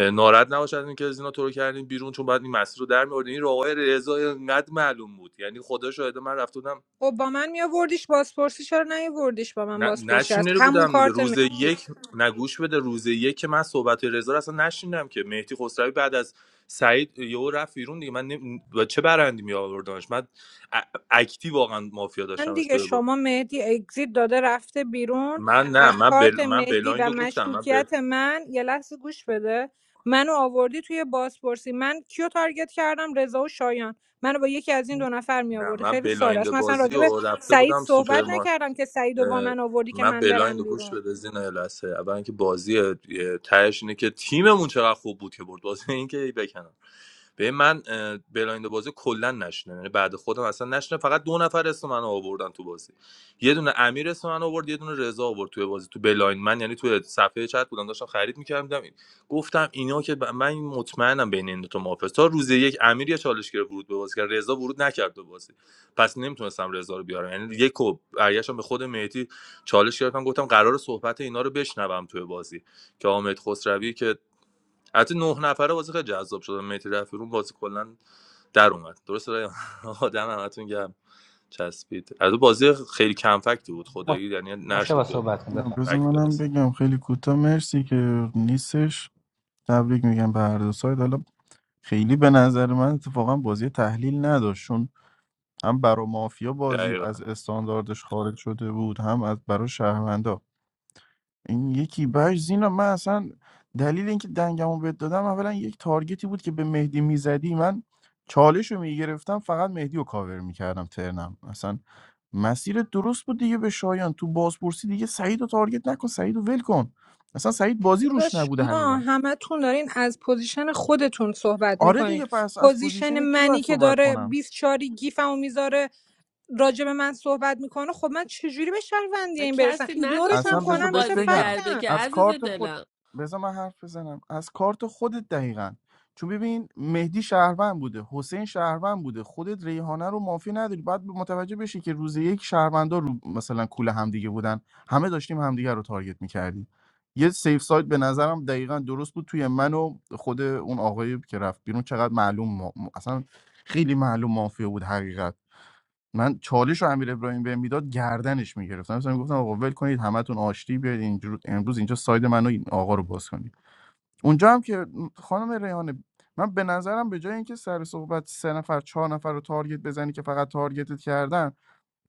ناراحت نباشید از اینکه از اینا تو رو کردیم بیرون چون بعد این مسیر رو در می‌آوردین این راههای رضا انقدر معلوم بود یعنی خدا شاهده من رفته بودم خب با من میآوردیش بازپرسی چرا نیاوردیش با من ن- بازپرسی از نشنیده همون بودم دیگه کارت روز مهدی یک نگوش بده روز یک که من صحبت رضا رو اصلا نشنیدم که مهدی خسروی بعد از سعید یهو رفت بیرون دیگه من نمی- و چه برندی می آوردنش من ا- اکتی واقعا مافیا داشتمش دیگه توی با شما مهدی اگزیت داده رفته بیرون من نه از من بل... کارت من مهدی بلایند و رو گفتم من مشکوکیت من یه لحظه گوش بده منو آوردی توی بازپرسی من کیو تارگت کردم رضا و شایان منو با یکی از این دو نفر می نه آوردی من خیلی ساده است بلایند مثلا بازی راجع به رو رفته سعید بودم صحبت سوپرمارکت نکردم که سعید و با اه، من آوردی که من من بلایند برم رو گوش بیرون بده زینا لسه اول اینکه بازی یه تهش اینه که تیممون چقدر خوب بود که برد بازی اینکه بکنم به من اه، بلایند بازی کلا نشنه یعنی بعد خودم اصلا نشنه فقط دو نفر اسم من آوردن تو بازی یه دونه امیر اسم من آورد یه دونه رضا آورد توی بازی تو بلایند من یعنی توی صفحه چت بودم داشتم خرید میکردم این گفتم اینا که ب- من مطمئنم بین این دو تا مافست تا روز یک امیر یه چالش گرفت ورود به بازی کرد رضا ورود نکرد به بازی پس نمیتونستم رضا رو بیارم یعنی یک و برگشتم به خود مهدی چالش گرفتم گفتم قرار صحبت اینا رو بشنوم توی بازی که حامد خسروی که حتی نه نفره بازی خیلی جذاب شد مهدی رفیرون بازی کلا در اومد درست رای [laughs] آدم همتون گرم چسبید از اون بازی خیلی کم فکتی بود خدایی یعنی مشتبه نشد به صحبت کن نه، بفهم بذار فکت منم برسه بگم خیلی کوتاه مرسی که نیستش تبریک میگم به هر دو سایت حالا خیلی به نظر من اتفاقا بازی تحلیل نداشت چون هم برا مافیا بازی دقیقاً از استانداردش خارج شده بود هم از برا شهروندا این یکی بهش زینا من اصلا دلیل اینکه دنگمو بهت دادم اولا یک تارگتی بود که به مهدی میزدی من چالش رو میگرفتم فقط مهدی رو کاور میکردم ترنم اصلا مسیر درست بود دیگه به شایان تو بازپرسی دیگه سعید رو تارگت نکن سعید رو ول کن اصلا سعید بازی روش داداش نبوده شما حقیقت همتون دارین از پوزیشن خودتون صحبت آره میکنین دیگه پس از پوزیشن پوزیشن کی منی باید که صحبت داره کنم 24 گیفمو میذاره راجع به من صحبت میکنه خب من چجوری به شهروندی حالا این برسم کسی ایگنورش نگفت اون اصلا هم بذار خوب کنم بهت میشه بازی بگم کرده فکتم که از عزیز کارت خود دلم بذار من حرف بزنم از کارت خودت دقیقا چون ببین مهدی شهروند بوده حسین شهروند بوده خودت ریحانه رو مافی نداری بعد متوجه بشی که روز یک شهروندا رو مثلا کول همدیگه بودن همه داشتیم همدیگه رو تارگت میکردیم یه سیف سایت به نظرم دقیقا درست بود توی من و خود اون آقایی که رفت بیرون چقدر معلوم ما... اصلا خیلی معلوم مافیا بود حقیقت من چالش رو امیر ابراهیم بهم میداد گردنش میگرفتم مثلا میگفتم آقا ول کنید همتون آشتی بیاید اینجور امروز اینجا ساید من و این آقا رو باز کنید اونجا هم که خانم ریحانه من به نظرم به جای اینکه سر صحبت سه نفر چهار نفر رو تارگت بزنی که فقط تارگتت کردن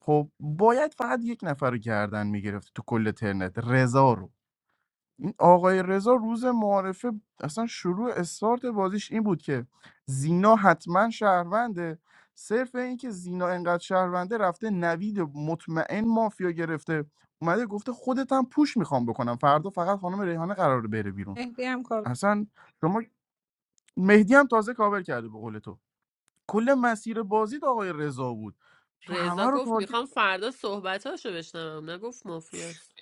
خب باید فقط یک نفر رو گردن میگرفتی تو کل ترنت رضا رو این آقای رضا روز معارفه اصلا شروع استارت بازیش این بود که زینا حتما شهرونده صرف این که زینا انقدر شهرونده رفته نوید مطمئن مافیا گرفته اومده گفته خودت هم پوش میخوام بکنم فردا فقط خانم ریحانه قراره بره بیرون مهدی هم کار اصلا شما مهدی هم تازه کاور کرده به قول تو کل مسیر بازی آقای رضا بود تو رضا همه رو گفت تارگت میخوام فردا صحبتاشو بشنوم نگفت مافیاست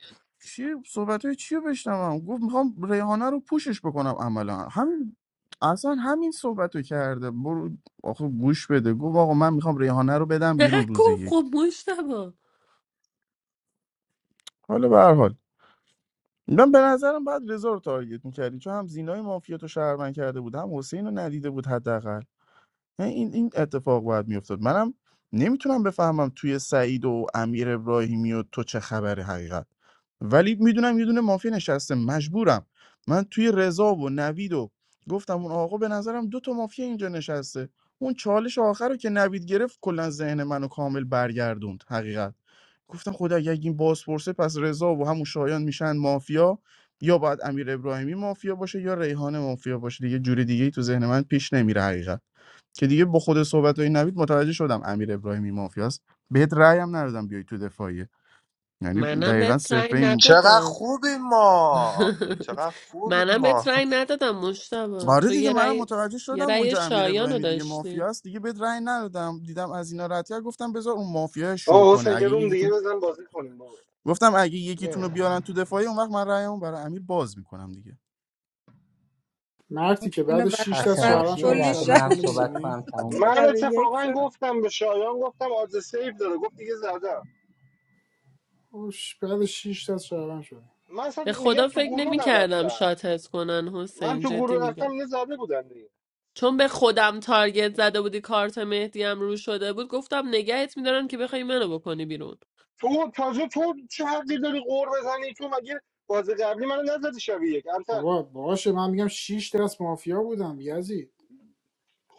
چی صحبت های چی رو بشنوم گفت میخوام ریحانه رو پوشش بکنم عملا همین اصلا همین صحبت رو کرده برو آخه گوش بده گفت آقا من میخوام ریحانه رو [laughs] بدم بیرون روز نگفت یک خب مشتبه حالا به هر حال من به نظرم بعد رضا رو تارگت میکردی چون هم زینای مافیا تو شهروند کرده بود هم حسین رو ندیده بود حداقل این این اتفاق باید میافتاد منم نمیتونم بفهمم توی سعید و امیر ابراهیمی و تو چه خبره حقیقت ولی میدونم یه دونه مافیا نشسته مجبورم من توی رضا و نوید و گفتم اون آقا به نظرم دو تا مافیا اینجا نشسته اون چالش آخر رو که نوید گرفت کلا ذهن منو کامل برگردوند حقیقت گفتم خدا اگه این بازپرسه پس رضا و همون شایان میشن مافیا یا باید امیر ابراهیمی مافیا باشه یا ریحانه مافیا باشه دیگه جوری دیگه ای تو ذهن من پیش نمیره حقیقت که دیگه با خود صحبت های نوید متوجه شدم امیر ابراهیمی مافیاست بهت رأی هم ندادم بیای تو دفاعیه یعنی منم دقیقا بهت رأی صرفه این چقدر ندادم خوبیم ما [laughs] چقدر خوبیم منم ما بهت رأی ندادم مشتبه آره تو دیگه یه منم رأی متوجه یه شدم رأی اونجا امیر شایان رو ابراهیمی دیگه داشتی مافیاست دیگه بهت رأی ندادم دیدم از اینا رد گفتم بذار اون مافیا شو آه کنه حسین یه اگه روم دیگه یکیتون بزن بازی کنیم بابا گفتم اگه یکیتون رو بیارن تو دفاعی اون وقت من رأیمو برای امیر باز میکنم دیگه مرتی که اینو بعد 6 بدبخت دست خسته بعد شهروند نباشی یه شدم کلی لحظه شب یک شهر منم منو [laughs] صحبت میزنی شد. کنم تموم شات من بشه شب یک اتفاقا شد گفتم به شایان گفتم آدرس سیف داره گفت دیگه زدم اوش بعد 6 دست شهروند شدم من اصلا به میگم خدا تو فکر گروه نمی کردم نرفتم شاتت کنن من حسین تو جدی گروه رفتم میگم یه زده بودن دیگه چون به خودم تارگت زده بودی کارت مهدی هم رو شده بود گفتم نگهت میدارن که بخوای منو بکنی بیرون تو تازه تو چه حقی داری قور بزنی تو مگه بازی قبلی منو نزدی شبیه یک امتر بابا باشه من میگم 6 دست مافیا بودم یزید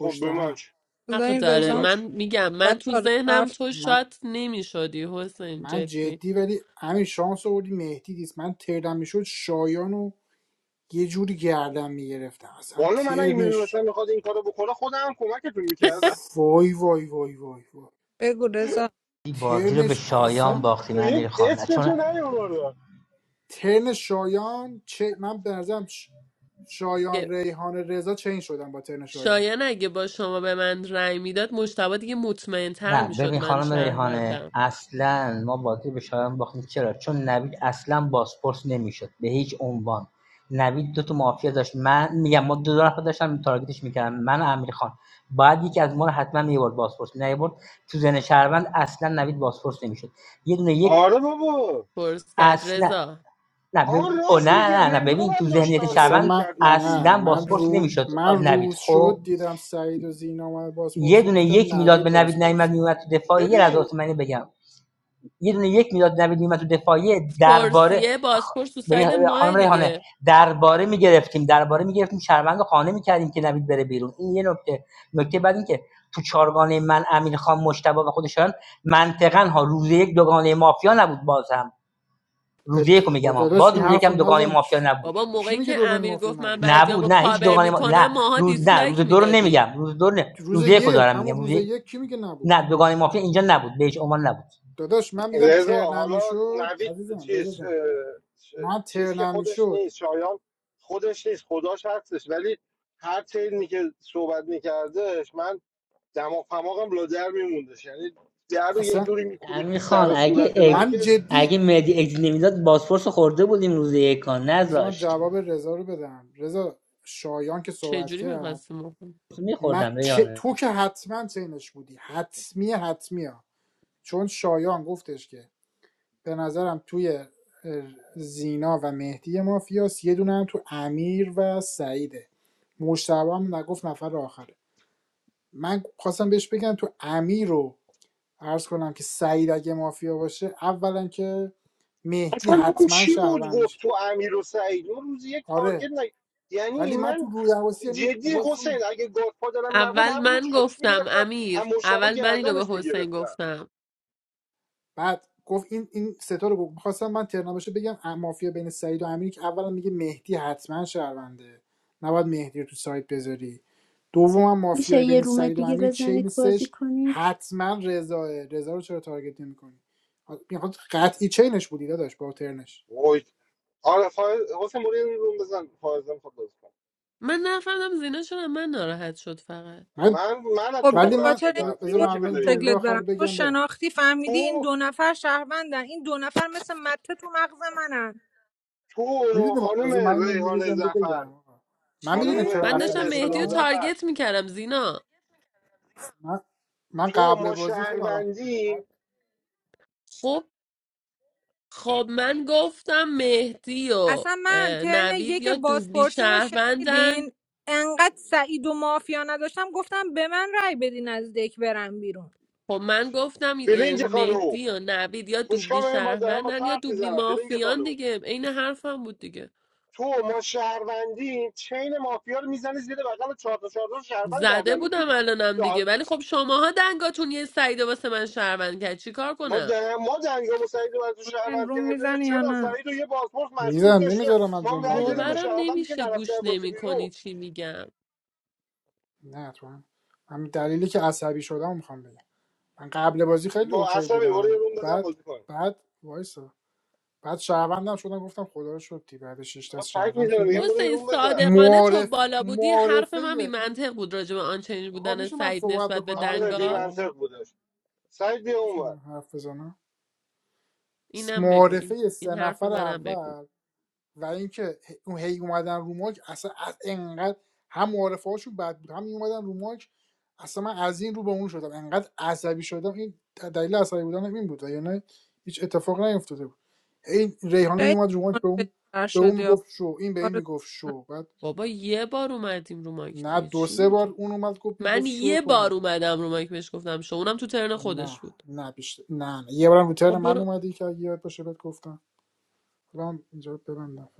خب به من هم چه؟ حق بذار این به داره رزام من من چه؟ میگم صحبت من تو چاره ذهنم طرف تو من, شات نمی شدی حسین من جدی جدی ولی همین شانس آوردی مهدی نیست من ترنم میشد شایانو یه جوری گردم میگرفتم اصلا والا من اگه ترنش میدونستم میخواد این کارو بکنه خودم هم کمکتون میکردم وای وای وای وای وای بگو رزا این بازی رو به ترنش شایان اصلا من باختیم امیر یک خان اسمشو چون نیاوردم ترن شایان چه من برزم شایان ریحان رضا چین شدم با ترن شایان شایان اگه با شما به من رأی میداد مجتبی دیگه مطمئن تر نه میشد ببین من خانم ریحانه شهروندم اصلا ما بازی به شایان باختیم چرا چون نوید اصلا بازپرس نمیشد به هیچ عنوان نوید دو تا مافیا داشت من میگم ما دو, دو نفر داشتم تارگتش میکردم من و امیر خان باید یکی از ما رو حتما میبرد بازپرس نیبرد تو زن شهروند اصلا نوید بازپرس نمیشد یه دونه یک آره بابا فرس کرد اصلا رضا نه بب... آن او نه راست میگه نه نه رضا رو ببین تو هم داشت ذهنیت تارگت اصلا شهروند من میکرد نه نوید اصلا من بازپرس رو نمیشد من نوید روز شد خب دیدم سعید و زینا اومد یه بازپرسی دونه گفتم یک میداد نوید به نوید نیومد بازپرس میومد تو دفاع یه لحظه ببین واسه من اینو بگم یه دونه یک میداد نوید نیمت و دفاعی درباره فرسیه خ- بازپرس تو ببین ساید خانم ماه ریحانه دیگه درباره میگرفتیم درباره میگرفتیم شرمند خانه میکردیم که نوید بره بیرون این یه نکته نکته بعد این که تو چارگانه من امین خان مشتبه و خودشان منطقا ها روز یک دوگانه مافیا نبود باز هم روز ات... یک با میگم ها. داداش باز این روز یک حرف هم رو دوگانه نزن مافیا چ- نبود بابا کی موقعی میگه که دوگانه امیر مافیا گفت من نبود نبود بعدیامو نه هیچ کاور دوگانه ما... میکنم نه ماها روز نه روز دیسلایک دو رو میدادیم نمیگم روز دو نه. روز روز یک یک دارم همون میگم روز روز یک- یک کی میگه نبود نه دوگانه مافیا اینجا نبود بهش عنوان نبود داداش من میگم رضا ترنم حالا میشد نوید عزیزم رضا چیز اه، جان چ- من چیز که ترنم خودش میشد نیست شایان خودش نیست خداش هستش ولی هر ترمی که صحبت میکردش من دماغ پماغم لا در میموندش یعنی در رو یه اصلا جوری میکوبید تو سر امیرخان و اگه صورت من اگ... من که جدی اگه مهدی اگزی نمیداد بازپرسو خورده بودیم روز یکا بذار من نذاشت جواب رضا رو بدم رضا شایان که صحبت چجوری کرد میخواستیم من میخوردم چه... ریحانه تو که حتما چینش بودی حتمی حتمیه چون شایان گفتش که به نظرم توی زینا و مهدی مافیاس یه دونه هم تو امیر و سعیده مجتبی هم نگفت نفر آخره من خواستم بهش بگم تو امیر رو عرض کنم که سعید اگه مافیا باشه اولا که مهدی اصلا اون حتما چی بود شهروند گفت میشه تو امیر و سعید اون روز یک تارگت آره نه یعنی ولی من تو من رو یعنی جدی باز تو حسین اگه گادفادرم نبود اول همونو من چالش گفتم میگرفتم امیر اما مشتبه اول من اینو گردنش به حسین میگرفتم گفتم بعد گفت این این ستا رو گفت خواستم من ترنامشه بگم مافیا بین سعید و امینی که اولا میگه مهدی حتما شهرونده نباید مهدی رو تو سایت بذاری دوما میشه مافیای یه بین روم سعید و دیگه امیر بزنید چین بازی سش کنید حتما رضاه رضا رو چرا تارگت نمیکنی میخواد قطعی چینش بودی داداش با ترنش وای آره فایز حسین برو یه روم بزن فایزم خود بازی کن. من نفهمم زینا چرا من ناراحت شد فقط من من من از تو خب به ولی ناراحت من خاطر این شدم بذار من قرب فیلینگی الان بلایه جمله شکلت آخر برم رو تو بگم برم شناختی فهمیدی این تو دو نفر شهروندن این دو نفر مثل مته تو مغز منن تو میدونی خانم بذار من اینو ریحانه جمله زفر بگم آقا. من میدونی خانم چی چرا من ریحانه داشتم عصبی به مهدی اصطلاح رو شدم زفر تارگت میکردم زینا من من تو قبل ما بازی خیلی حالم خوب بود شهروندیم خب خب من گفتم مهدی و اصلا من اه، ترن نوید یک یا دوبلی بازپرسیمو شهروندن شنیدین انقدر سعید و مافیا نداشتم گفتم به من رأی بدین از دک برم بیرون خب من گفتم اه، فلینگ خانم مهدی و نوید یا گوش کن دوبلی ببین با دارم با تو شهروندن یا حرف دوبلی میزنم فلینگ مافیان خانم دیگه عین حرفم بود دیگه تو ما شهروندیم چین مافیا رو میزنی زیر بغل چهار تا چهار تا شهروند زده گردن بودم میگیری الانم دیگه ولی خب شماها دنگاتون یه سعیده واسه من شهروند کرد چی کار ما کنم دن... ما دنگامو سعید رو از تو حسین شهروند روم کرده میزنی یا چرا نه سعید رو یه بازپرس مشکوک میزن داشته نمیذارم من ما هم جمله‌مو رأی دادیم به ببندم باورم شهروندی که نمیشه نرفته گوش بازی بیرون نمیکنی چی میگم نه تو هم. من دلیلی که عصبی شدم میخوام بگم من قبل بازی خیلی با اوکی اصلا برو یه بودم روم بزن بعد بازی کن بعد وایسا بعد شهروندم شدم گفتم خدا رو شکر بعد شش تا چقدر فکر شهروند میزنه شدیم میگم برو یه حسین روم بزن صادقانه تو معارف بالا بودی حرف معارفه من بی این منطق بود راجع به آنچنین آقا بودن میشه من سعید صحبت نسبت به بکنم آره بی ریحانه دنگا منطق جان بودش سعید بیا اون میشه من حرف بزنم س- اینم بگو این معارفه این سه حرف نفر منم بگو اول و اینکه اون هی اومدن رو ماک اصلا از انقدر هم معارفه هاشون بد بود هم می اومدن رو ماک اصلا من از این رو به اون شدم انقدر عصبی شدم این دلیل عصبی بودن این بود یعنی هیچ اتفاق نیفتاده بود این ریحانه می خیلی اومد رو ماک به اون منفجر به اون شدی آقا. میگفت شو این به کار این میگفت درست شو بعد بابا یه بار اومدیم رو مایک نه دیگه دو چی سه بار میگی اون اومد گفت من گفت شو یه تو بار اومدی اومدم رو مایک بهش گفتم شو اونم تو ترن خودش نه بود نه بیشتر نه, نه. یه بارم رو ترن خب من برو اومدی که اگه یاد باشه بهت گفتم الان اینجا ببندم